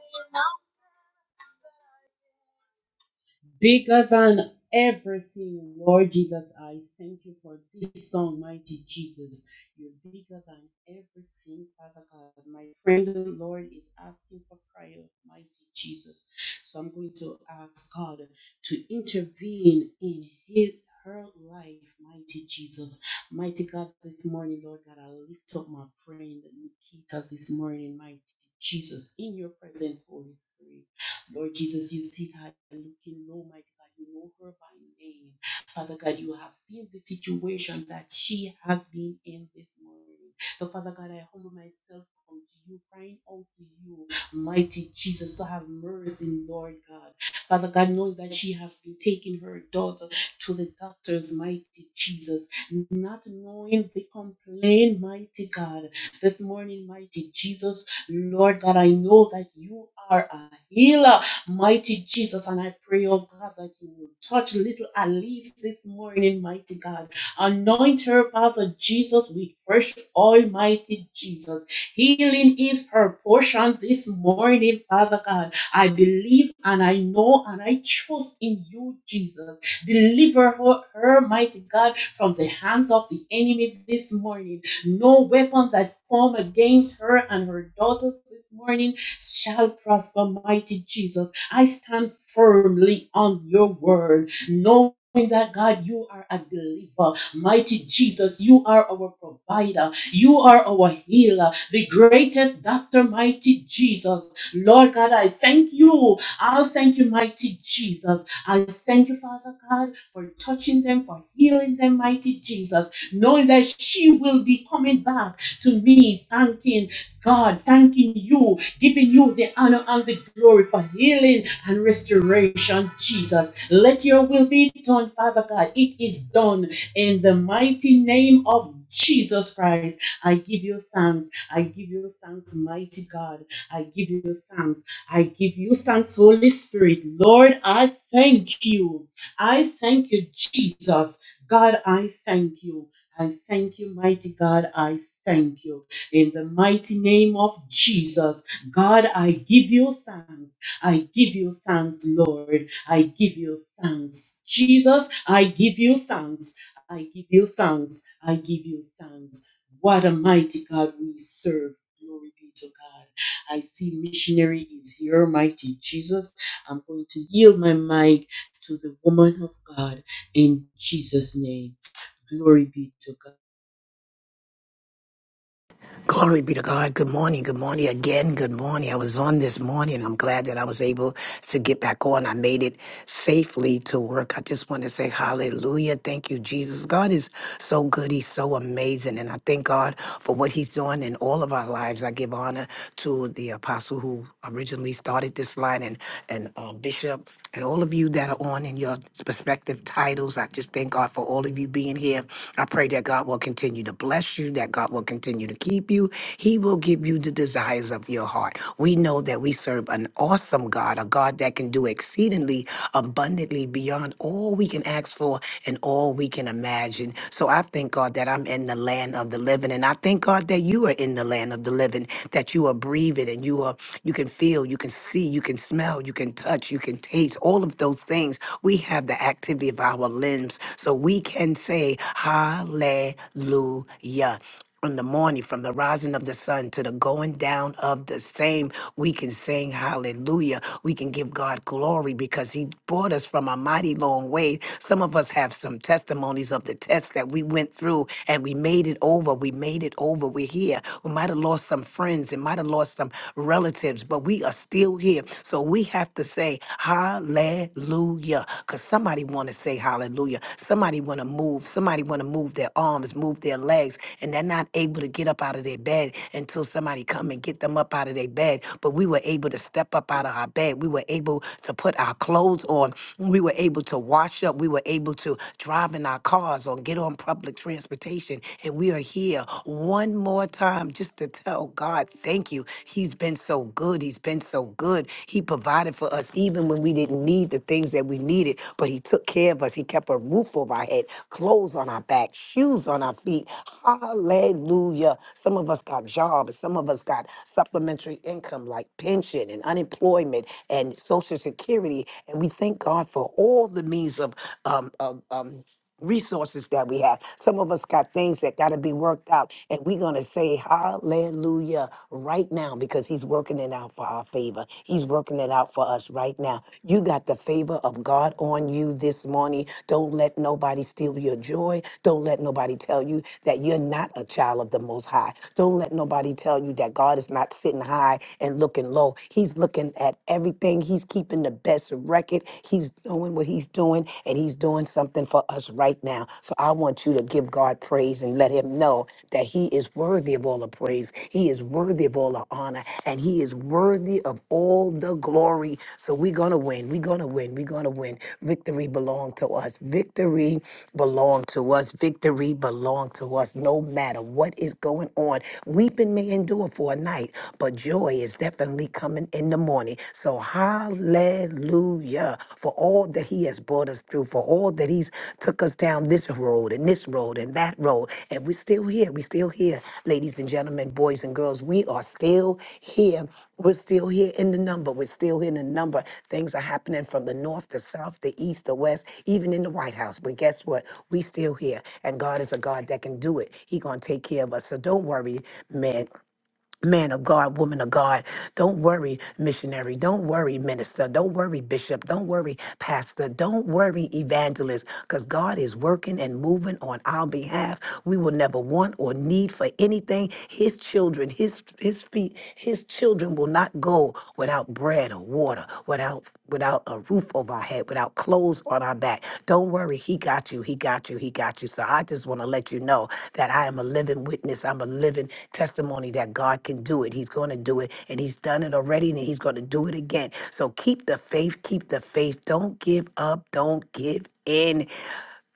Glory be to God. Good morning. Good morning again. Good morning. I was on this morning. I'm glad that I was able to get back on. I made it safely to work. I just want to say hallelujah. Thank you, Jesus. God is so good. He's so amazing. And I thank God for what he's doing in all of our lives. I give honor to the apostle who originally started this line and, and uh, Bishop and all of you that are on in your respective titles. I just thank God for all of you being here. I pray that God will continue to bless you, that God will continue to keep you. He will give you the desires of your heart. We know that we serve an awesome God, a God that can do exceedingly abundantly beyond all we can ask for and all we can imagine. So I thank God that I'm in the land of the living, and I thank God that you are in the land of the living, that you are breathing and you are you can feel feel, you can see, you can smell, you can touch, you can taste, all of those things. We have the activity of our limbs. So we can say, Hallelujah in the morning, from the rising of the sun to the going down of the same, we can sing hallelujah. We can give God glory because He brought us from a mighty long way. Some of us have some testimonies of the tests that we went through and we made it over. We made it over. We're here. We might have lost lost some friends and might have lost some relatives, but we are still here. So we have to say hallelujah. Cause somebody wanna say hallelujah. Somebody wanna move. Somebody wanna move their arms, move their legs, and they're not able to get up out of their bed until somebody come and get them up out of their bed. But we were able to step up out of our bed. We were able to put our clothes on. We were able to wash up. We were able to drive in our cars or get on public transportation and we are here one more time just to tell God, thank you. He's been so good. He's been so good. He provided for us even when we didn't need the things that we needed, but He took care of us. He kept a roof over our head, clothes on our back, shoes on our feet. Hallelujah. Some of us got jobs. Some of us got supplementary income like pension and unemployment and social security. And we thank God for all the means of um, um, um, resources that we have. Some of us got things that got to be worked out, and we're going to say hallelujah right now because He's working it out for our favor. He's working it out for us right now. You got the favor of God on you this morning. Don't let nobody steal your joy. Don't let nobody tell you that you're not a child of the Most High. Don't let nobody tell you that God is not sitting high and looking low. He's looking at everything, He's keeping the best record. He's doing what he's doing, and he's doing something for us right now. So I want you to give God praise and let him know that he is worthy of all the praise. He is worthy of all the honor, and he is worthy of all the glory. So we're going to win. We're going to win. We're going to win. Victory belongs to us. Victory belongs to us. Victory belongs to us no matter what is going on. Weeping may endure for a night, but joy is definitely coming in in the morning. So hallelujah for all that he has brought us through, for all that he's took us down this road and this road and that road. And we're still here. We're still here, ladies and gentlemen, boys and girls. We are still here. We're still here in the number. We're still here in the number. Things are happening from the north, the south, the east, the west, even in the White House. But guess what? We still here. And God is a God that can do it. He gonna take care of us. So don't worry, man Man of God, woman of God, don't worry, missionary. Don't worry, minister. Don't worry, bishop. Don't worry, pastor. Don't worry, evangelist, because God is working and moving on our behalf. We will never want or need for anything. His children, his his feet, his children will not go without bread or water, without without without a roof over our head, without clothes on our back. Don't worry, he got you, he got you, he got you. So I just want to let you know that I am a living witness. I'm a living testimony that God can do it. He's going to do it and he's done it already and he's going to do it again. So keep the faith, keep the faith. Don't give up, don't give in.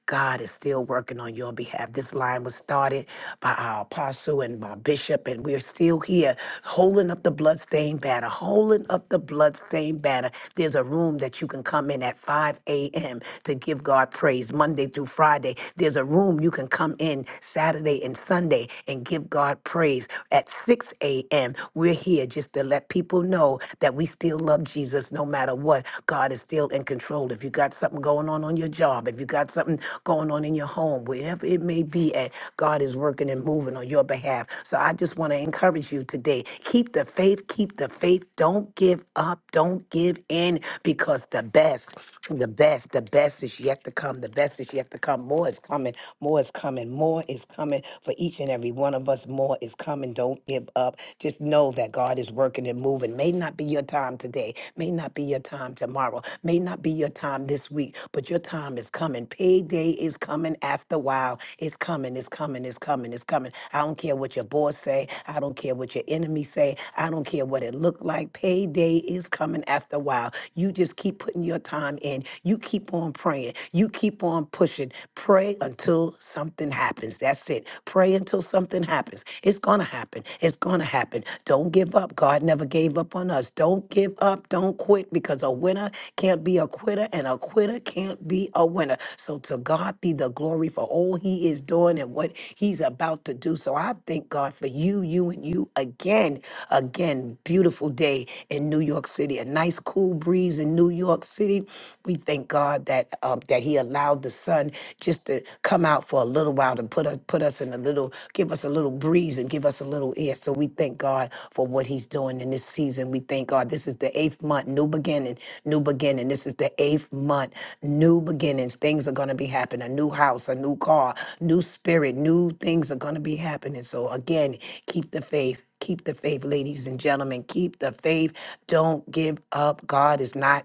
God is still working on your behalf. This line was started by our apostle and by bishop, and we're still here holding up the bloodstained banner, holding up the bloodstained banner. There's a room that you can come in at 5 a.m. to give God praise Monday through Friday. There's a room you can come in Saturday and Sunday and give God praise at 6 a.m. We're here just to let people know that we still love Jesus no matter what. God is still in control. If you got something going on on your job, if you got something going on in your home, wherever it may be at, God is working and moving on your behalf. So I just want to encourage you today. Keep the faith, keep the faith. Don't give up, don't give in because the best, the best, the best is yet to come. The best is yet to come. More is coming, more is coming, more is coming for each and every one of us. More is coming. Don't give up. Just know that God is is working and moving. May not be your time today, may not be your time tomorrow, may not be your time this week, but your time is coming. Payday is coming after a while. It's coming, it's coming, it's coming, it's coming. I don't care what your boss say, I don't care what your enemy say, I don't care what it look like. Payday is coming after a while. You just keep putting your time in. You keep on praying. You keep on pushing. Pray until something happens. That's it. Pray until until something happens. It's going to happen. It's going to happen. Don't give up. God never gave up on us. Don't give up. Don't quit because a winner can't be a quitter and a quitter can't be a winner. So to God be the glory for all he is doing and what he's about to do. So I thank God for you, you, and you again. Again, beautiful day in New York City. A nice cool breeze in New York City. We thank God that um, that he allowed the sun sun just to come out for a little while and put us put us in a little give us a little breeze and give us a little air. So we thank God for what He's doing in this season. We thank God. This is the eighth month, new beginning, new beginning. This is the eighth month, new beginnings. Things are going to be happening. A new house, a new car, new spirit, new things are going to be happening. So again, keep the faith. Keep the faith, ladies and gentlemen. Keep the faith. Don't give up. God is not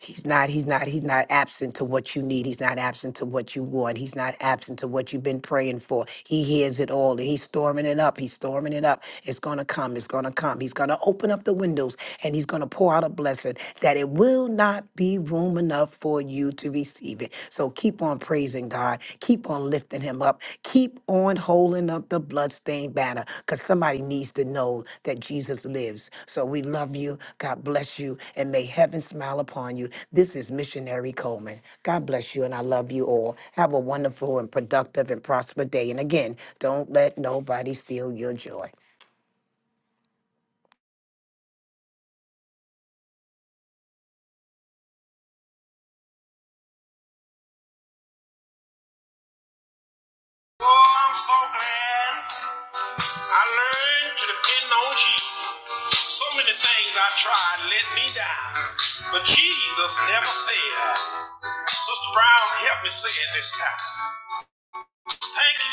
He's not, he's not, he's not absent to what you need. He's not absent to what you want. He's not absent to what you've been praying for. He hears it all. He's storming it up. He's storming it up. It's going to come. It's going to come. He's going to open up the windows and he's going to pour out a blessing that it will not be room enough for you to receive it. So keep on praising God. Keep Keep on lifting him up. Keep on holding up the bloodstained banner because somebody needs to know that Jesus lives. So we love you. God bless you. And may heaven smile upon you. This is Missionary Coleman. God bless you. And I love you all. Have a wonderful and productive and prosperous day. And again, don't let nobody steal your joy.
Oh, I'm so glad I learned to depend on you. So many things I tried let me down, but Jesus never failed. Sister Brown, help me say it this time. Thank you,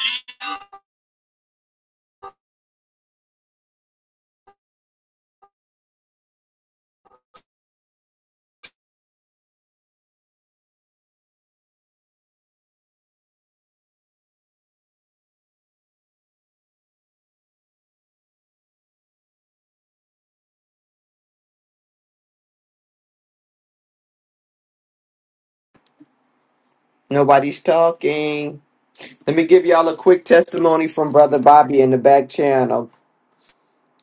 Nobody's talking. Let me give y'all a quick testimony from Brother Bobby in the back channel.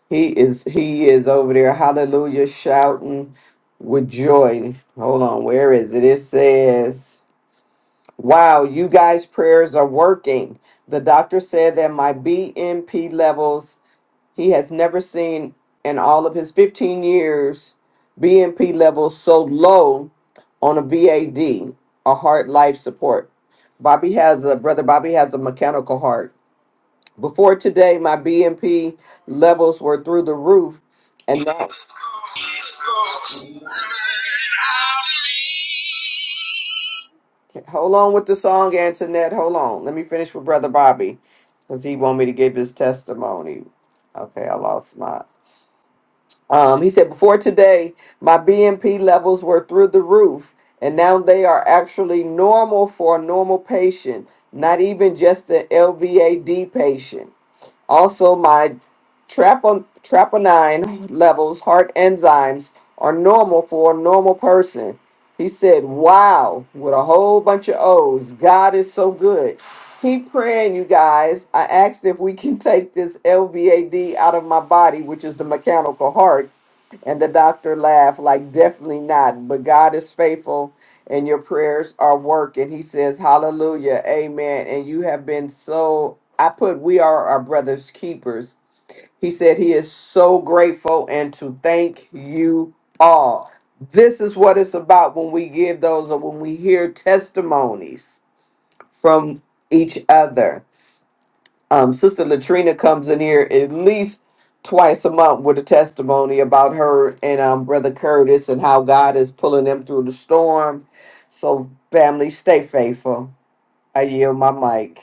He is he is over there, hallelujah, shouting with joy. Hold on, where is it? It says, Wow, you guys' prayers are working. The doctor said that my BMP levels he has never seen in all of his 15 years BMP levels so low on a BAD, a D, a heart life support. Bobby has a brother Bobby has a mechanical heart. Before today, my BMP levels were through the roof. And now,
Jesus.
hold on with the song, Antoinette. Hold on. Let me finish with Brother Bobby because he want me to give his testimony. Okay, I lost my. Um, he said, Before today, my BMP levels were through the roof, and now they are actually normal for a normal patient, not even just an LVAD patient. Also, my trapo- troponin levels, heart enzymes, are normal for a normal person. He said, Wow, with a whole bunch of O's. God is so good. Keep praying, you guys. I asked if we can take this LVAD out of my body, which is the mechanical heart. And the doctor laughed, like, Definitely not. But God is faithful and your prayers are working. He says, Hallelujah, Amen. And you have been so, I put, we are our brother's keepers. He said, He is so grateful and to thank you all. This is what it's about when we give those or when we hear testimonies from each other um, Sister Latrina comes in here at least twice a month with a testimony about her and um, Brother Curtis and how God is pulling them through the storm. So, family, stay faithful. I yield my mic.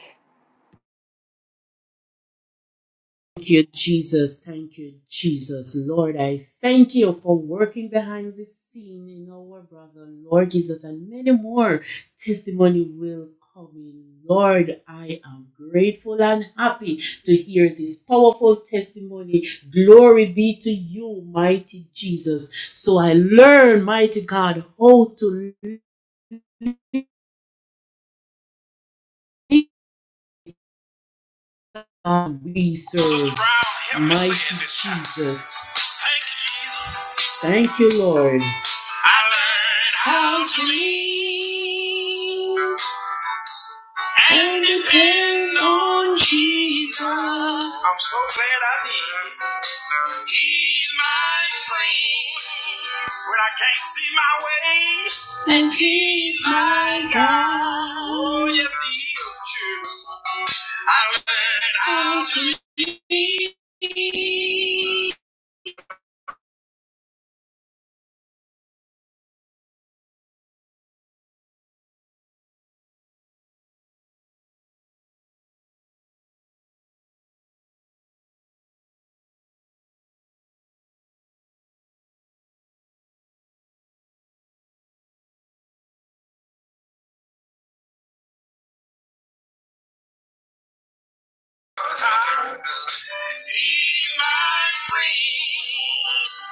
I depend on Jesus. He's my friend. When I can't see my way, and he's my God. Oh, yes, he is true. I'll believe.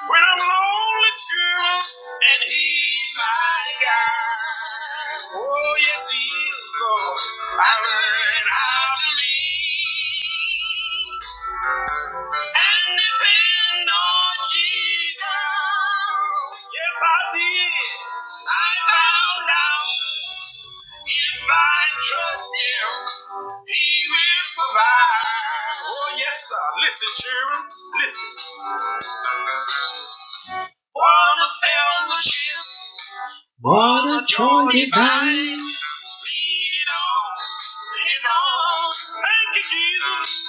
When I'm lonely too, and he's my guide. Oh yes, he is Lord. I learn how to lead and depend on Jesus. Yes, I did. I found out if I trust Him, He will provide. Oh yes, sure. On a joy divine. Thank you, Jesus.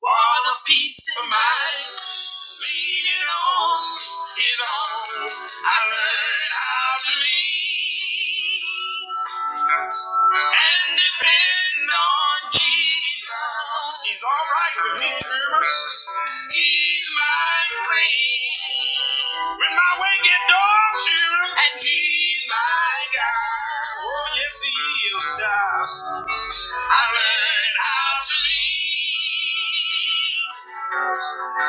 For a peace of mind. Lead it on, it on. I learned how to lead and depend on Jesus. He's all right with me, Trevor. He's my friend. When my way get dark, Trevor. And he's my God. Oh, yes, he is, child. I learned how to lean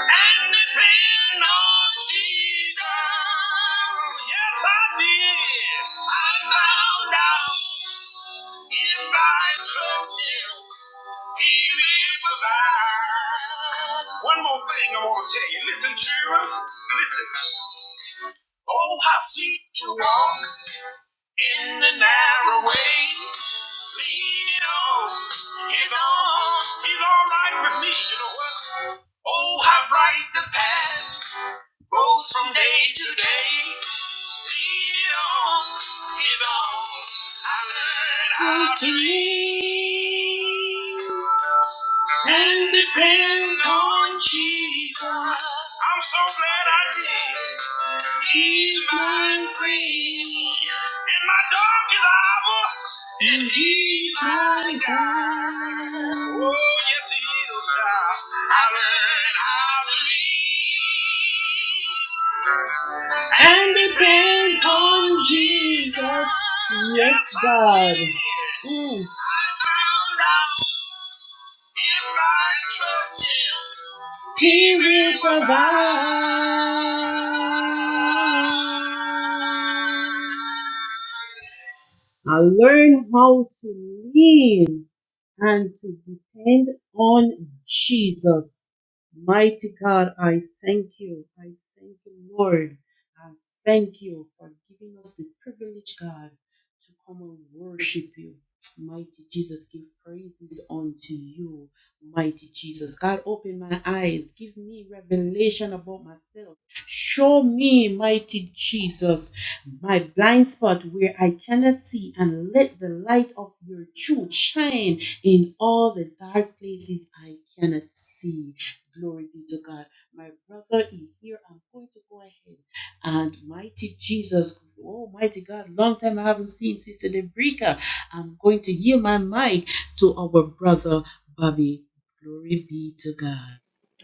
and depend on Jesus. Yes, I did. I found out if I trust Him, He will provide. One more turn. Listen. Oh, how sweet to walk in the narrow way. Lean on His arms. Oh, how bright the path. Rose from day to day. See it all, it all. And I can can depend on Jesus. I'm so glad I did. He's my friend in my darkest hour, and He's my guide. Oh yes, He is. I I learned how to lean and depend on Jesus. If I trust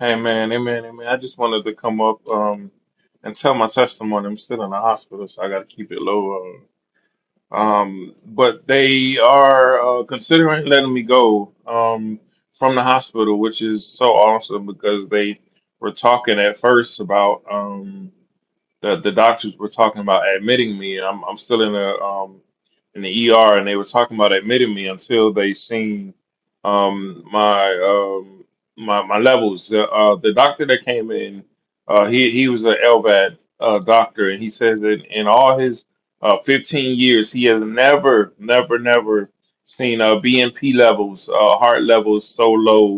Amen, amen, amen. I just wanted to come up um, and tell my testimony. I'm still in the hospital, so I got to keep it low. uh, Um, but they are uh, considering letting me go um, from the hospital, which is so awesome because they were talking at first about. Um, the the doctors were talking about admitting me, and I'm I'm still in the um in the ER, and they were talking about admitting me until they seen um my um my my levels. The uh, the doctor that came in, uh, he he was an LVAD uh, doctor, and he says that in all his uh 15 years, he has never never never seen uh BNP levels, uh heart levels so low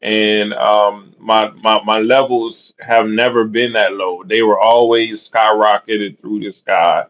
and um, my, my my levels have never been that low. They were always skyrocketed through the sky,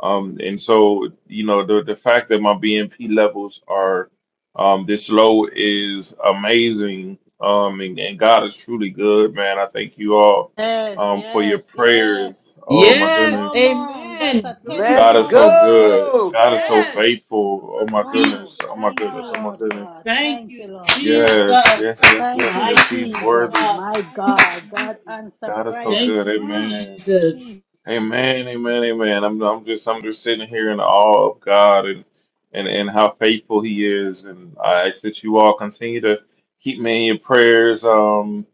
um, and so you know the the fact that my BNP levels are um, this low is amazing. Um, and, and God is truly good, man. I thank you all
Yes,
um, for your
yes,
prayers.
yes.
Oh my goodness,
Come on. That's a
God
Let's
is so
testimony. Let's
good.
go.
God is so
go.
faithful. Oh my
Wow.
goodness. Oh my
Thank you,
goodness. Oh my
Lord
goodness.
God. Thank you, Lord God.
Yes, yes, yes,
Thank
yes,
you,
yes. He's
Jesus.
worthy.
My God. God answer
God is so
prayer.
good.
Mm.
Amen.
Jesus.
Amen. Amen. Amen. I'm I'm just I'm just sitting here in awe of God and and, and how faithful He is. And I ask that you all continue to keep me in your prayers. Um,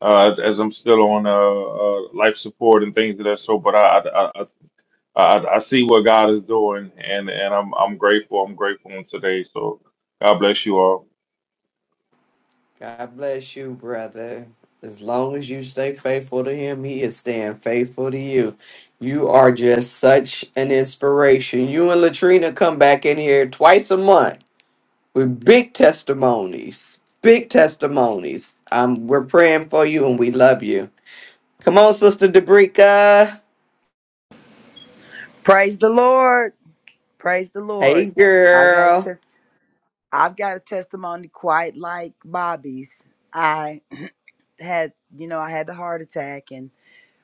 uh, as I'm still on uh, uh life support and things of that sort. But I I, I I I see what God is doing, and and I'm I'm grateful. I'm grateful on today. So God bless you all.
God bless you, brother. As long as you stay faithful to him, he is staying faithful to you. You are just such an inspiration. You and Latrina come back in here twice a month with big testimonies. Big testimonies. Um, we're praying for you and we love you. Come on, Sister Dabrika.
Praise the Lord. Praise the
Hey,
Lord. I got a
girl.
test I've got a testimony quite like Bobby's. I had, you know, I had the heart attack and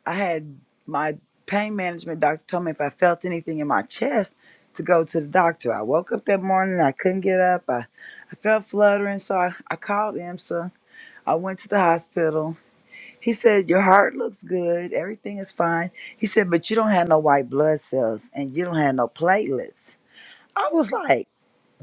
I had my pain management doctor told me if I felt anything in my chest to go to the doctor. I woke up that morning, I couldn't get up. I, I felt fluttering, so I, I called IMSA. I went to the hospital. He said, Your heart looks good, everything is fine. He said, But you don't have no white blood cells and you don't have no platelets. I was like,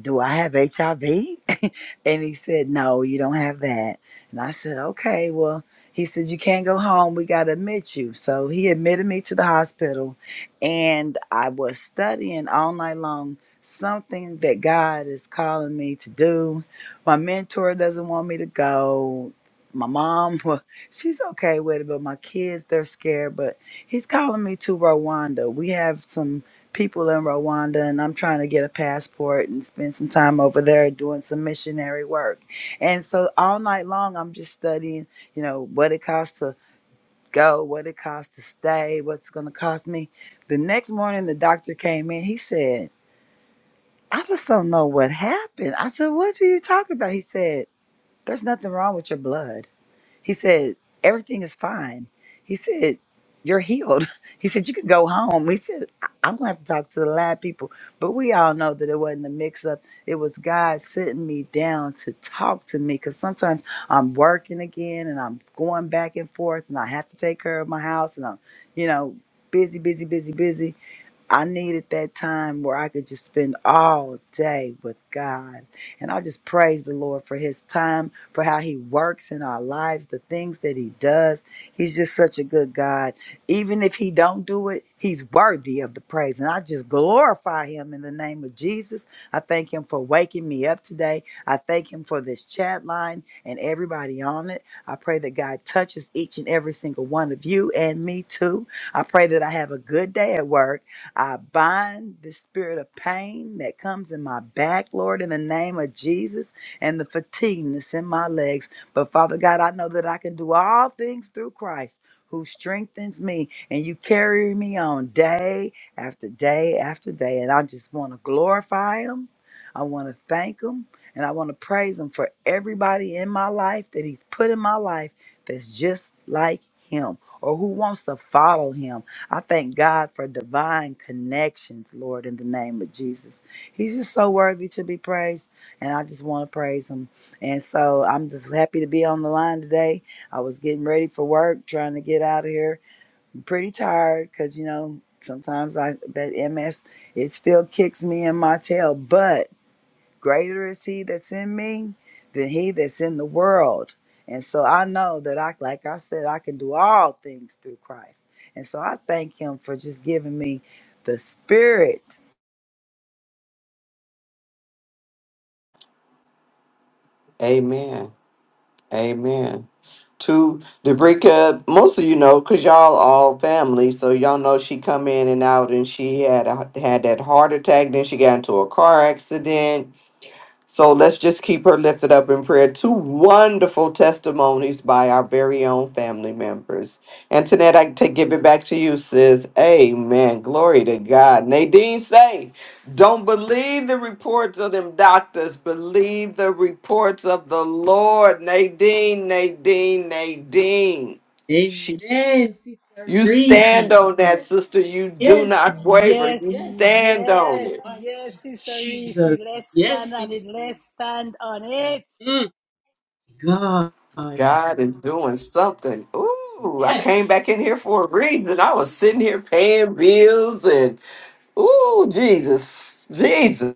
Do I have HIV? <laughs> and he said, No, you don't have that. And I said, Okay, well, he said, You can't go home. We got to admit you. So he admitted me to the hospital. And I was studying all night long something that God is calling me to do. My mentor doesn't want me to go. My mom, <laughs> well, she's okay with it, but my kids, they're scared. But he's calling me to Rwanda. We have some people in Rwanda and I'm trying to get a passport and spend some time over there doing some missionary work. And so all night long I'm just studying, you know, what it costs to go, what it costs to stay, what's going to cost me. The next morning the doctor came in. He said, "I just don't know what happened." I said, "What are you talking about?" He said, "There's nothing wrong with your blood." He said, Everything is fine. He said, You're healed. <laughs> He said, You can go home. He said, "I- I'm going to have to talk to the lab people. But we all know that it wasn't a mix up. It was God sitting me down to talk to me because sometimes I'm working again and I'm going back and forth and I have to take care of my house and I'm, you know, busy, busy, busy, busy. I needed that time where I could just spend all day with God. And I just praise the Lord for his time, for how he works in our lives, the things that he does. He's just such a good God. Even if he don't do it, he's worthy of the praise. And I just glorify him in the name of Jesus. I thank him for waking me up today. I thank him for this chat line and everybody on it. I pray that God touches each and every single one of you and me too. I pray that I have a good day at work I bind the spirit of pain that comes in my back, Lord, in the name of Jesus, and the fatigue in my legs. But Father God, I know that I can do all things through Christ who strengthens me, and you carry me on day after day after day. And I just want to glorify Him. I want to thank Him. And I want to praise Him for everybody in my life that He's put in my life that's just like Him or who wants to follow Him I thank God for divine connections, Lord, in the name of Jesus. He's just so worthy to be praised, and I just want to praise him. And so I'm just happy to be on the line today. I was getting ready for work, trying to get out of here. I'm pretty tired because, you know, sometimes I that MS, it still kicks me in my tail, but greater is he that's in me than he that's in the world. And so I know that I like I said I can do all things through Christ. And so I thank him for just giving me the spirit.
Amen. Amen. To Dabrika, most of you know, cause y'all all family, so y'all know she come in and out, and she had a, had that heart attack. Then she got into a car accident So let's just keep her lifted up in prayer. Two wonderful testimonies by our very own family members. And Antoinette, I take give it back to you, sis. Amen. Glory to God. Nadine say, don't believe the reports of them doctors. Believe the reports of the Lord. Nadine, Nadine, Nadine. She's you stand on that, sister. You do not waver.
Yes,
You
mm,
stand on
yes,
it.
yes, Sister Reese. Let's stand on it. Let's stand on it.
God is doing something. Ooh, I came back in here for a reason. I was sitting here paying bills and ooh, Jesus, Jesus.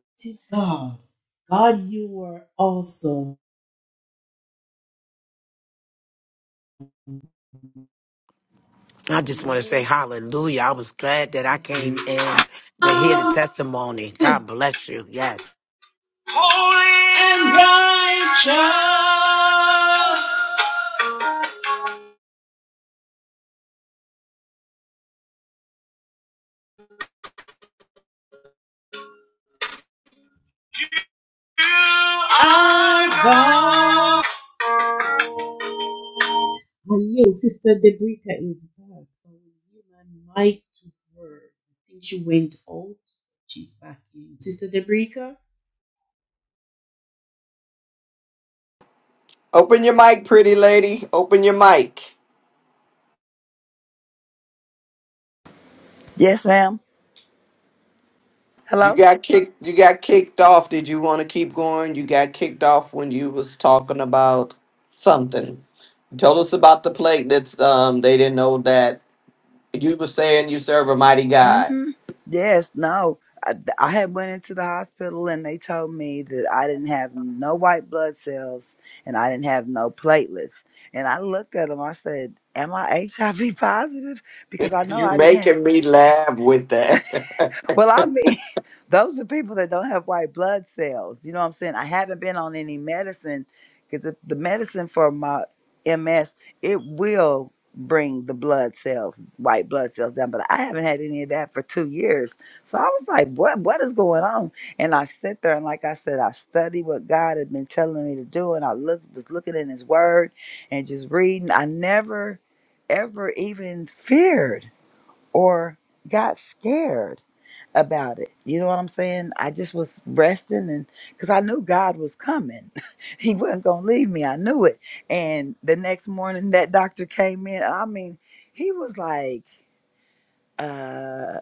I just want to say hallelujah. I was glad that I came in to hear the testimony. God bless you. Yes.
Holy and righteous, you are God.
Open your mic, pretty lady. Open your mic.
Yes, ma'am.
You
Hello?
got kicked you got kicked off. Did you want to keep going? You got kicked off when you was talking about something. You told us about the plate that's um they didn't know that you were saying you serve a mighty
mm
God. <laughs>
Mhm. Yes, no. I, I had went into the hospital and they told me that I didn't have no white blood cells and I didn't have no platelets. And I looked at them. I said, "Am I HIV <laughs> positive?" Because I know
You
I didn't have
making me laugh with that.
well, I mean, Those are people that don't have white blood cells. You know what I'm saying? I haven't been on any medicine because the, the medicine for my MS, it will bring the blood cells, white blood cells down, but I haven't had any of that for two years. So I was like, what what is going on? And I sit there and like I said, I studied what God had been telling me to do and I look was looking in his word and just reading. I never ever even feared or got scared about it. You know what I'm saying? I just was resting and because I knew God was coming. <laughs> he wasn't gonna leave me. I knew it. And the next morning that doctor came in. I mean, he was like, uh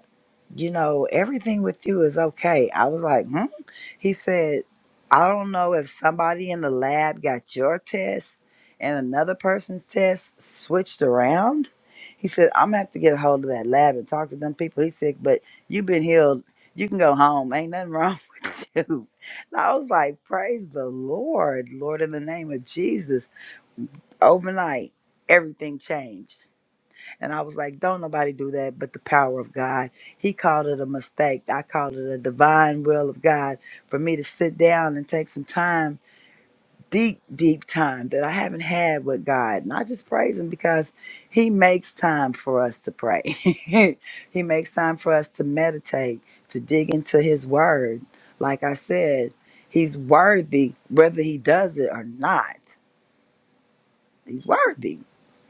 you know, everything with you is okay. I was like, hmm? He said, I don't know if somebody in the lab got your test and another person's test switched around. He said, I'm gonna have to get a hold of that lab and talk to them people. He said, but you've been healed. You can go home. Ain't nothing wrong <laughs> with you. And I was like, praise the Lord, Lord, in the name of Jesus. Overnight, everything changed. And I was like, don't nobody do that but the power of God. He called it a mistake. I called it a divine will of God for me to sit down and take some time, deep, deep time that I haven't had with God. Not just praise Him because He makes time for us to pray, <laughs> He makes time for us to meditate, to dig into His Word. Like I said, He's worthy whether He does it or not. He's worthy.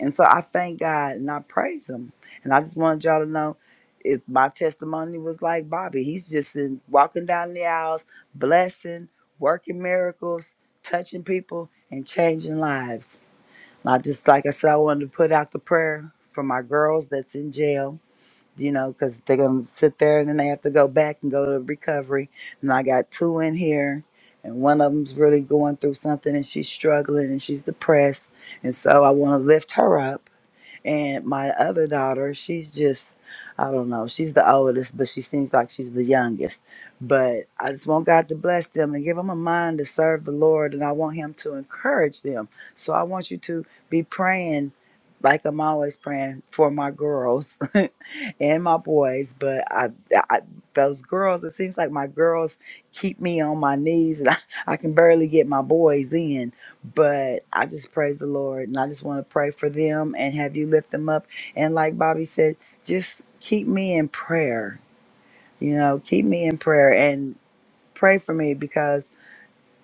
And so I thank God and I praise him. And I just wanted y'all to know if my testimony was like Bobby. He's just in, walking down the aisles, blessing, working miracles, touching people, and changing lives. And I just, like I said, I wanted to put out the prayer for my girls that's in jail you know, because they're going to sit there and then they have to go back and go to recovery. And I got two in here, and one of them's really going through something and she's struggling and she's depressed. And so I want to lift her up and my other daughter, she's just, I don't know, she's the oldest, but she seems like she's the youngest. But I just want God to bless them and give them a mind to serve the Lord. And I want Him to encourage them. So I want you to be praying, like I'm always praying for my girls <laughs> and my boys. But I, I, those girls, it seems like my girls keep me on my knees and <laughs> I, I can barely get my boys in but I just praise the Lord and I just want to pray for them and have you lift them up. And like Bobby said, just keep me in prayer, you know, keep me in prayer and pray for me because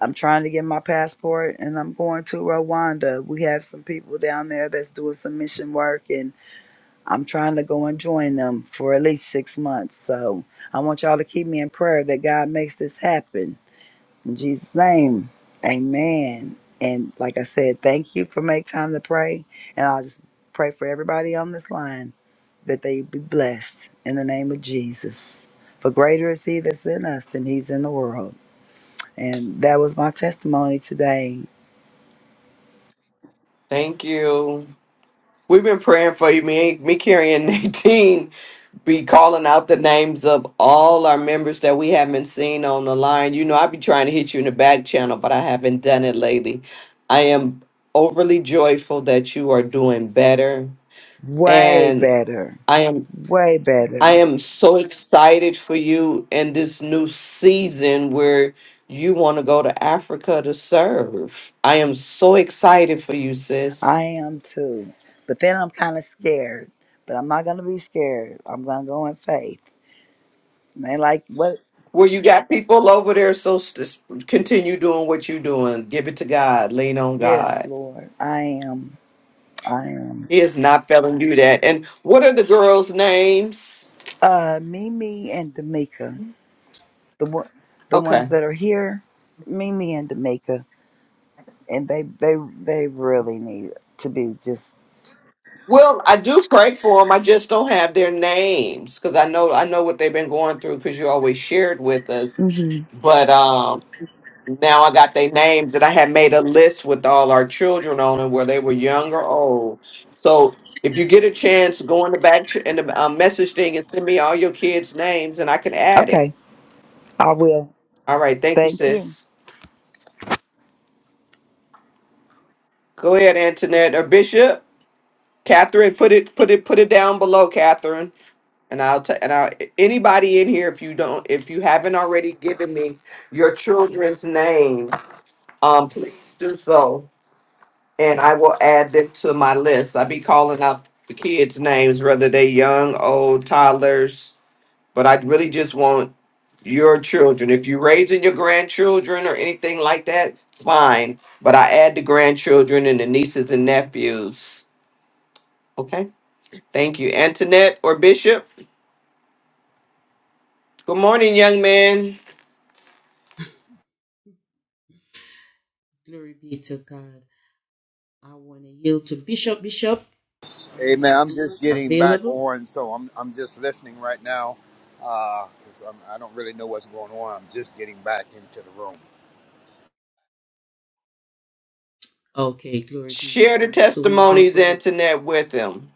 I'm trying to get my passport and I'm going to Rwanda. We have some people down there that's doing some mission work and I'm trying to go and join them for at least six months. So I want y'all to keep me in prayer that God makes this happen in Jesus' name, amen. And like I said, thank you for make time to pray. And I'll just pray for everybody on this line that they be blessed in the name of Jesus. For greater is he that's in us than he's in the world. And that was my testimony today.
<laughs> Thank you. We've been praying for you. Me, me, Carrie, and <laughs> Nadine be calling out the names of all our members that we haven't seen on the line. You know, I be trying to hit you in the back channel, but I haven't done it lately. I am overly joyful that you are doing better,
Way
and
better.
I am
Way
I
better.
am so excited for you in this new season where you want to go to Africa to serve. I am so excited for you, sis.
I am too. But then I'm kind of scared. But I'm not going to be scared. I'm going to go in faith. And they like, what?
Where you got people over there, so s- continue doing what you're doing. Give it to God. Lean on
Yes,
God.
Lord, I am. I am.
He is not failing you that. And what are the girls' names?
Uh, Mimi and D'Amica, the one, the
Okay.
ones that are here, Mimi and D'Amica, and they they they really need to be just.
Well, I do pray for them. I just don't have their names because I know I know what they've been going through because you always shared with us.
hmm
But um, Now I got their names and I had made a list with all our children on it, where they were young or old. So if you get a chance, go in the back ch- in the um, message thing and send me all your kids' names and I can add it.
Okay, I will.
All right, thank you,
Thank you.
sis. Go ahead, Antoinette or Bishop, Catherine. Put it, put it, put it down below, Catherine. And I'll t- and I anybody in here if you don't if you haven't already given me your children's name, um, please do so and I will add them to my list. I be calling out the kids' names, whether they young, old, toddlers, but I really just want your children. If you're raising your grandchildren or anything like that, fine. But I add the grandchildren and the nieces and nephews. Okay. Thank you. Antoinette or Bishop, good morning, young man.
Amen. I'm just getting back on, so I'm I'm just listening right now, uhbecause I'm I don't really know what's going on. I'm just getting back into the room.
Share the testimonies, Antoinette, with them.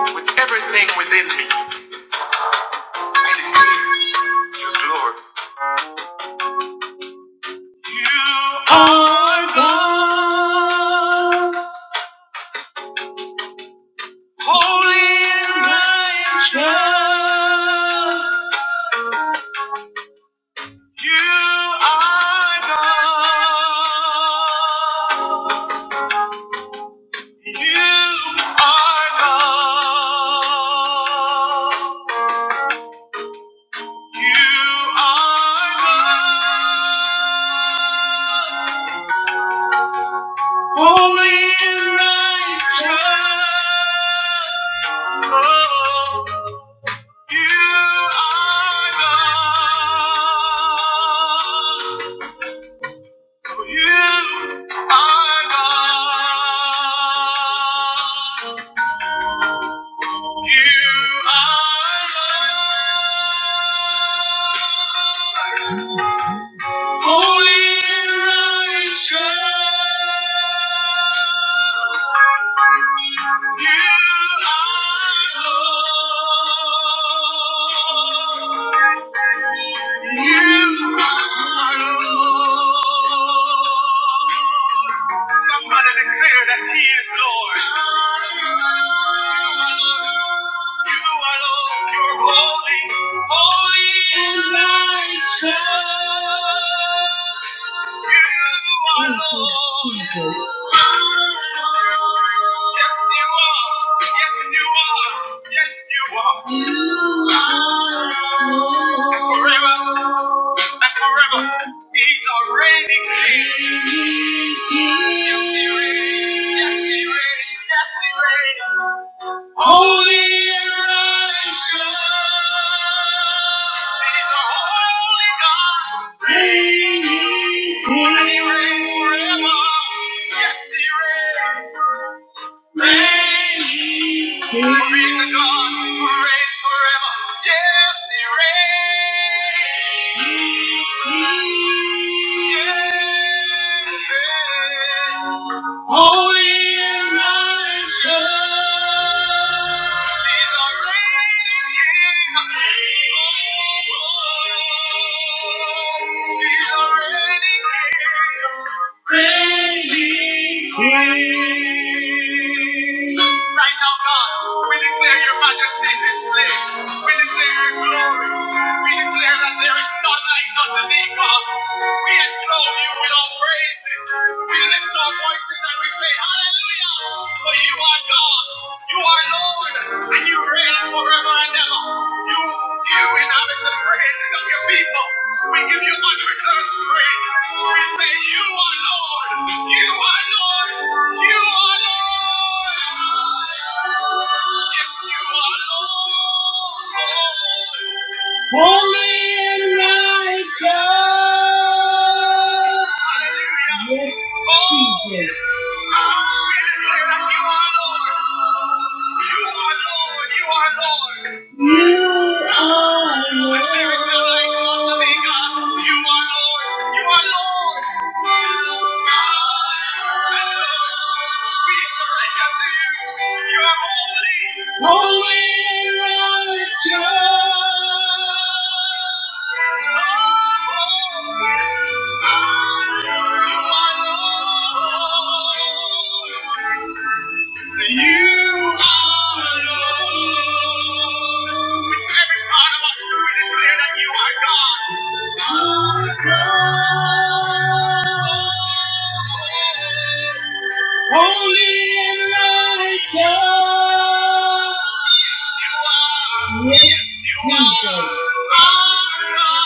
With everything within me, I decree your glory. You are God. Holy and righteous, you are God. You are God. You are God, holy and righteous. Oh, you are God. You are God. You are Lord. Holy and righteous, you are Lord. You are Lord. Somebody declare that He is Lord. You are Lord. You are Lord. You're holy. Holy and righteous. You are Lord. Yes, you are. Yes, you are. Yes, you are. Yes, You are Lord. And forever forever. He's a reigning king. Yes, he reigns. Yes, he reigns. Yes, he reigns. Holy and righteous. He's a holy God. Reigning king. And he reigns forever. Yes, he reigns. Reigning king. For he's a God who Holy King. Right now, God, we declare your majesty in this place. We declare your glory. We declare that there is none like unto thee, God. We enthroned you with our praises. We lift our voices and we say, Hallelujah! For you are God, you are Lord, and you reign forever and ever. You, you inhabit the praises of your people. We give you unreserved praise. We say, You are Lord. You are Lord. You are Lord. Yes, you are Lord. Holy and righteous. Jesus. We declare that you are Lord. You are Lord. You are Lord. You are Lord. There is no like unto thee, You are Lord. You are Lord. Thank you. You are Lord. With every part of us, we declare that you are God. Holy and righteous. Yes, you are. Yes, you Jesus. Our God.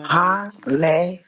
Hallelujah.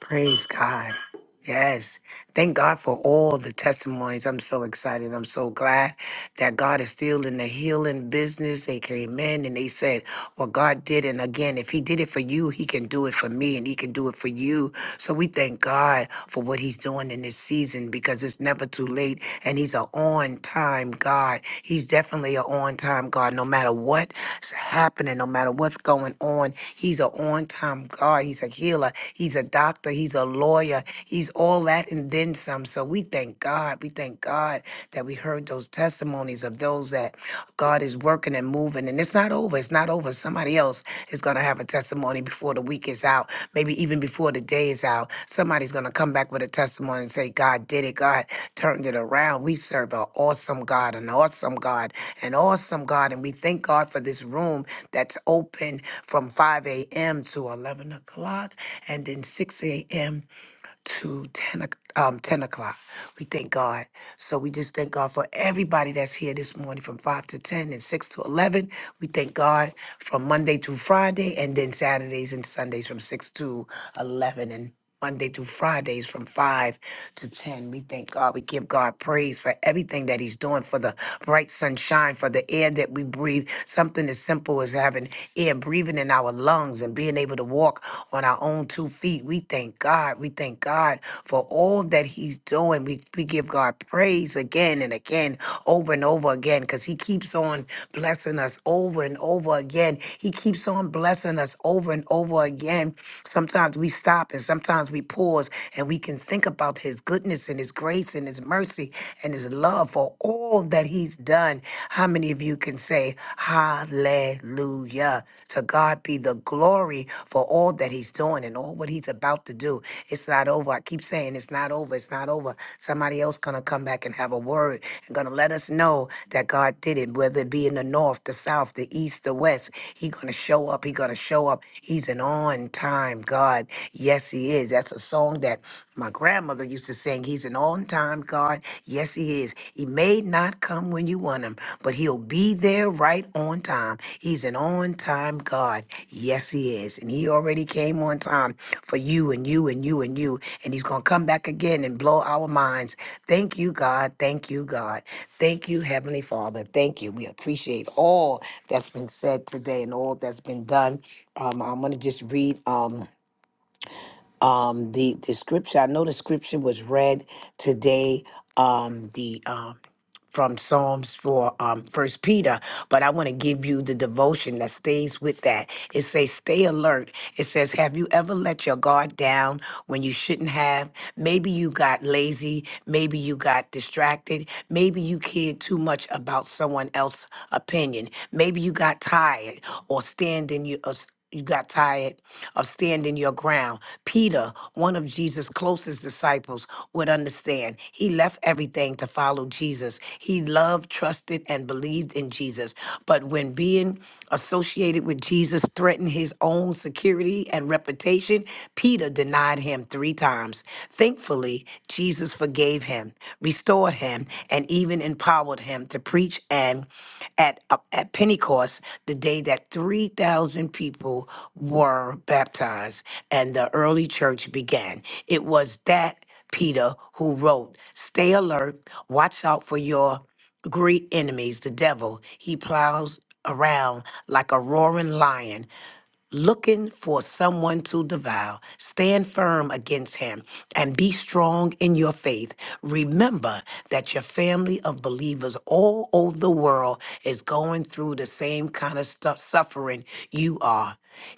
Praise God. Yes. Thank God for all the testimonies. I'm so excited. I'm so glad that God is still in the healing business. They came in and they said, Well, God did. And again, if He did it for you, He can do it for me and He can do it for you. So we thank God for what He's doing in this season because it's never too late. And He's an on time God. He's definitely an on time God. No matter what's happening, no matter what's going on, He's an on time God. He's a healer. He's a doctor. He's a lawyer. Hallelujah. He's all that and then some. So we thank God. We thank God that we heard those testimonies of those that God is working and moving. And it's not over. It's not over. Somebody else is going to have a testimony before the week is out, maybe even before the day is out. Somebody's going to come back with a testimony and say, God did it. God turned it around. We serve an awesome God, an awesome God, an awesome God. And we thank God for this room that's open from 5 a.m. to 11 o'clock and then 6 a.m to 10, o- um, 10 o'clock. We thank God. So we just thank God for everybody that's here this morning from 5 to 10 and 6 to 11. We thank God from Monday through Friday and then Saturdays and Sundays from 6 to 11 and Monday through Fridays from 5 to 10. We thank God. We give God praise for everything that He's doing, for the bright sunshine, for the air that we breathe. Something as simple as having air breathing in our lungs lungs and being able to walk on our own two feet. We thank God. We thank God for all that He's doing. We, we give God praise again and again, over and over again, because He keeps on blessing us over and over again. He keeps on blessing us over and over again. Sometimes we stop and sometimes we pause and we can think about His goodness and His grace and His mercy and His love for all that He's done. How many of you can say hallelujah? To God be the glory for all that he's doing and all what he's about to do. It's not over. I keep saying it's not over. It's not over. Somebody else going to come back and have a word and going to let us know that God did it, whether it be in the north, the south, the east, the west. He going to show up. He going to show up. He's an on time God. Yes, he is. That's a song that my grandmother used to sing. He's an He's an on time God. Yes, He is. He may not come when you want Him, but He'll be there right on time. He's an on time God. Yes, He is. And He already came on time for you and you and you and you. And He's going to come back again and blow our minds. Thank you, God. Thank you, God. Thank you, Heavenly Father. Thank you. We appreciate all that's been said today and all that's been done. Um, I'm going to just read. Um, um the the scripture i know the scripture was read today um the um from psalms for um first peter but i want to give you the devotion that stays with that it says stay alert it says have you ever let your guard down when you shouldn't have maybe you got lazy maybe you got distracted maybe you cared too much about someone else's opinion maybe you got tired or standing you you got tired of standing your ground. Peter, one of Jesus' closest disciples, would understand. He left everything to follow Jesus. He loved, trusted, and believed in Jesus. But when being associated with Jesus threatened his own security and reputation, Peter denied him three times. Thankfully, Jesus forgave him, restored him and even empowered him to preach and at uh, at Pentecost the day that 3000 people were baptized and the early church began it was that Peter who wrote stay alert watch out for your great enemies the devil he plows around like a roaring lion looking for someone to devour. Stand firm against him and be strong in your faith. Remember that your family of believers all over the world is going through the same kind of stuff, suffering you are.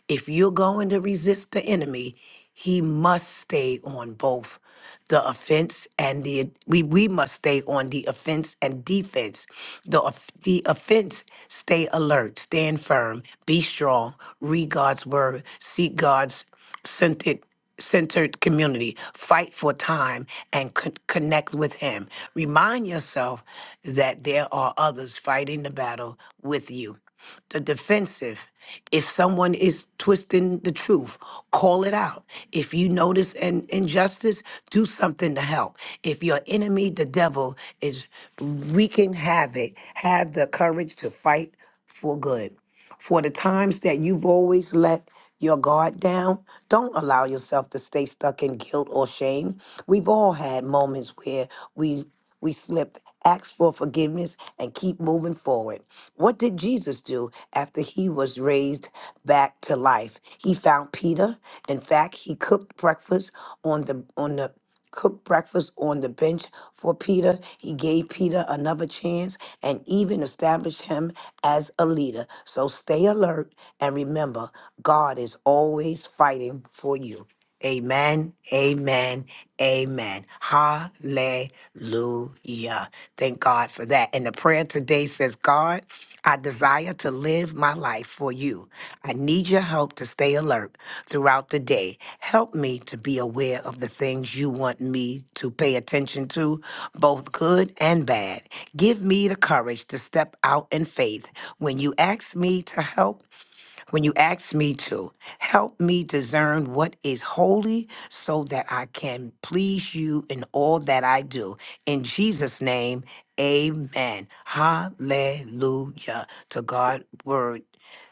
If you're going to resist the enemy, he must stay on both the offense and the we we must stay on the offense and defense. The off- the offense, stay alert, stand firm, be strong, read God's word, seek God's centered centered community, fight for time and con- connect with him. Remind yourself that there are others fighting the battle with you the defensive. If someone is twisting the truth, call it out. If you notice an injustice, do something to help. If your enemy, the devil, is wreaking havoc, have the courage to fight for good. For the times that you've always let your guard down, don't allow yourself to stay stuck in guilt or shame. We've all had moments where we we slipped. Ask for forgiveness and keep moving forward. What did Jesus do after he was raised back to life? He found Peter. In fact, he cooked breakfast on the on the cooked breakfast on the bench for Peter. He gave Peter another chance and even established him as a leader. So stay alert and remember, God is always fighting for you. Amen, amen, amen. Hallelujah. Thank God for that that. And the prayer today says, God, I desire to live my life for you. I need your help to stay alert throughout the day. Help me to be aware of the things you want me to pay attention to, both good and bad. Give me the courage to step out in faith. When you ask me to help, when you ask me to. Help me discern what is holy so that I can please you in all that I do. In Jesus' name, amen. Hallelujah. To God, word.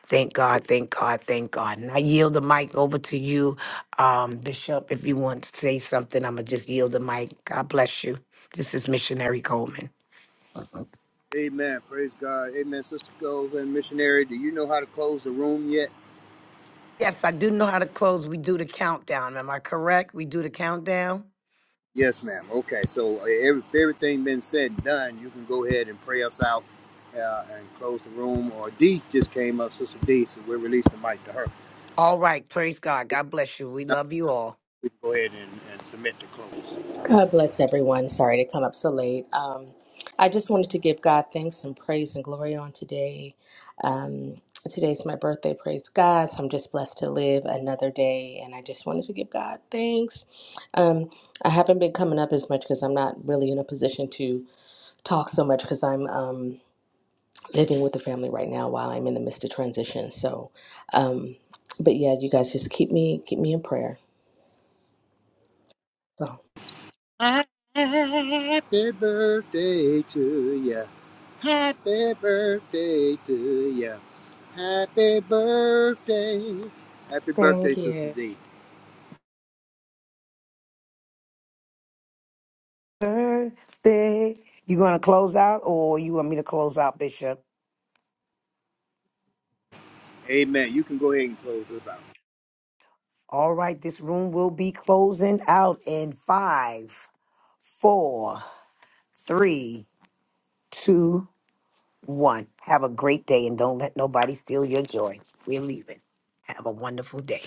Thank God, thank God, thank God. And I yield the mic over to you, um, Bishop. If you want to say something, I'm going to just yield the mic. God bless you. This is Missionary Coleman.
Amen. Praise God. Amen. Sister Gove and missionary, do you know how to close the room yet?
Yes, I do know how to close. We do the countdown. Am I correct? We do the countdown?
Yes, ma'am. Okay, so uh, every, everything been said and done, you can go ahead and pray us out uh, and close the room. Or D just came up, Sister D, so we'll release the mic to her.
All right. Praise God. God bless you. We
Now
love you all.
we can go ahead and, and submit to close.
God bless everyone. Sorry to come up so late. Um, I just wanted to give God thanks and praise and glory on today. Um, today's my birthday, praise God. So I'm just blessed to live another day. And I just wanted to give God thanks. Um, I haven't been coming up as much because I'm not really in a position to talk so much because I'm um, living with the family right now while I'm in the midst of transition. So, um, but yeah, you guys just keep me keep me in prayer. So
Happy birthday to ya. Happy birthday to ya. Happy birthday. Happy birthday,
thank
Sister
you.
D.
Birthday. You going to close out or you want me to close out, Bishop?
Amen. You can go ahead and close this out.
All right. This room will be closing out in five, four, three, two, one. Have a great day and don't let nobody steal your joy. We're leaving. Have a wonderful day.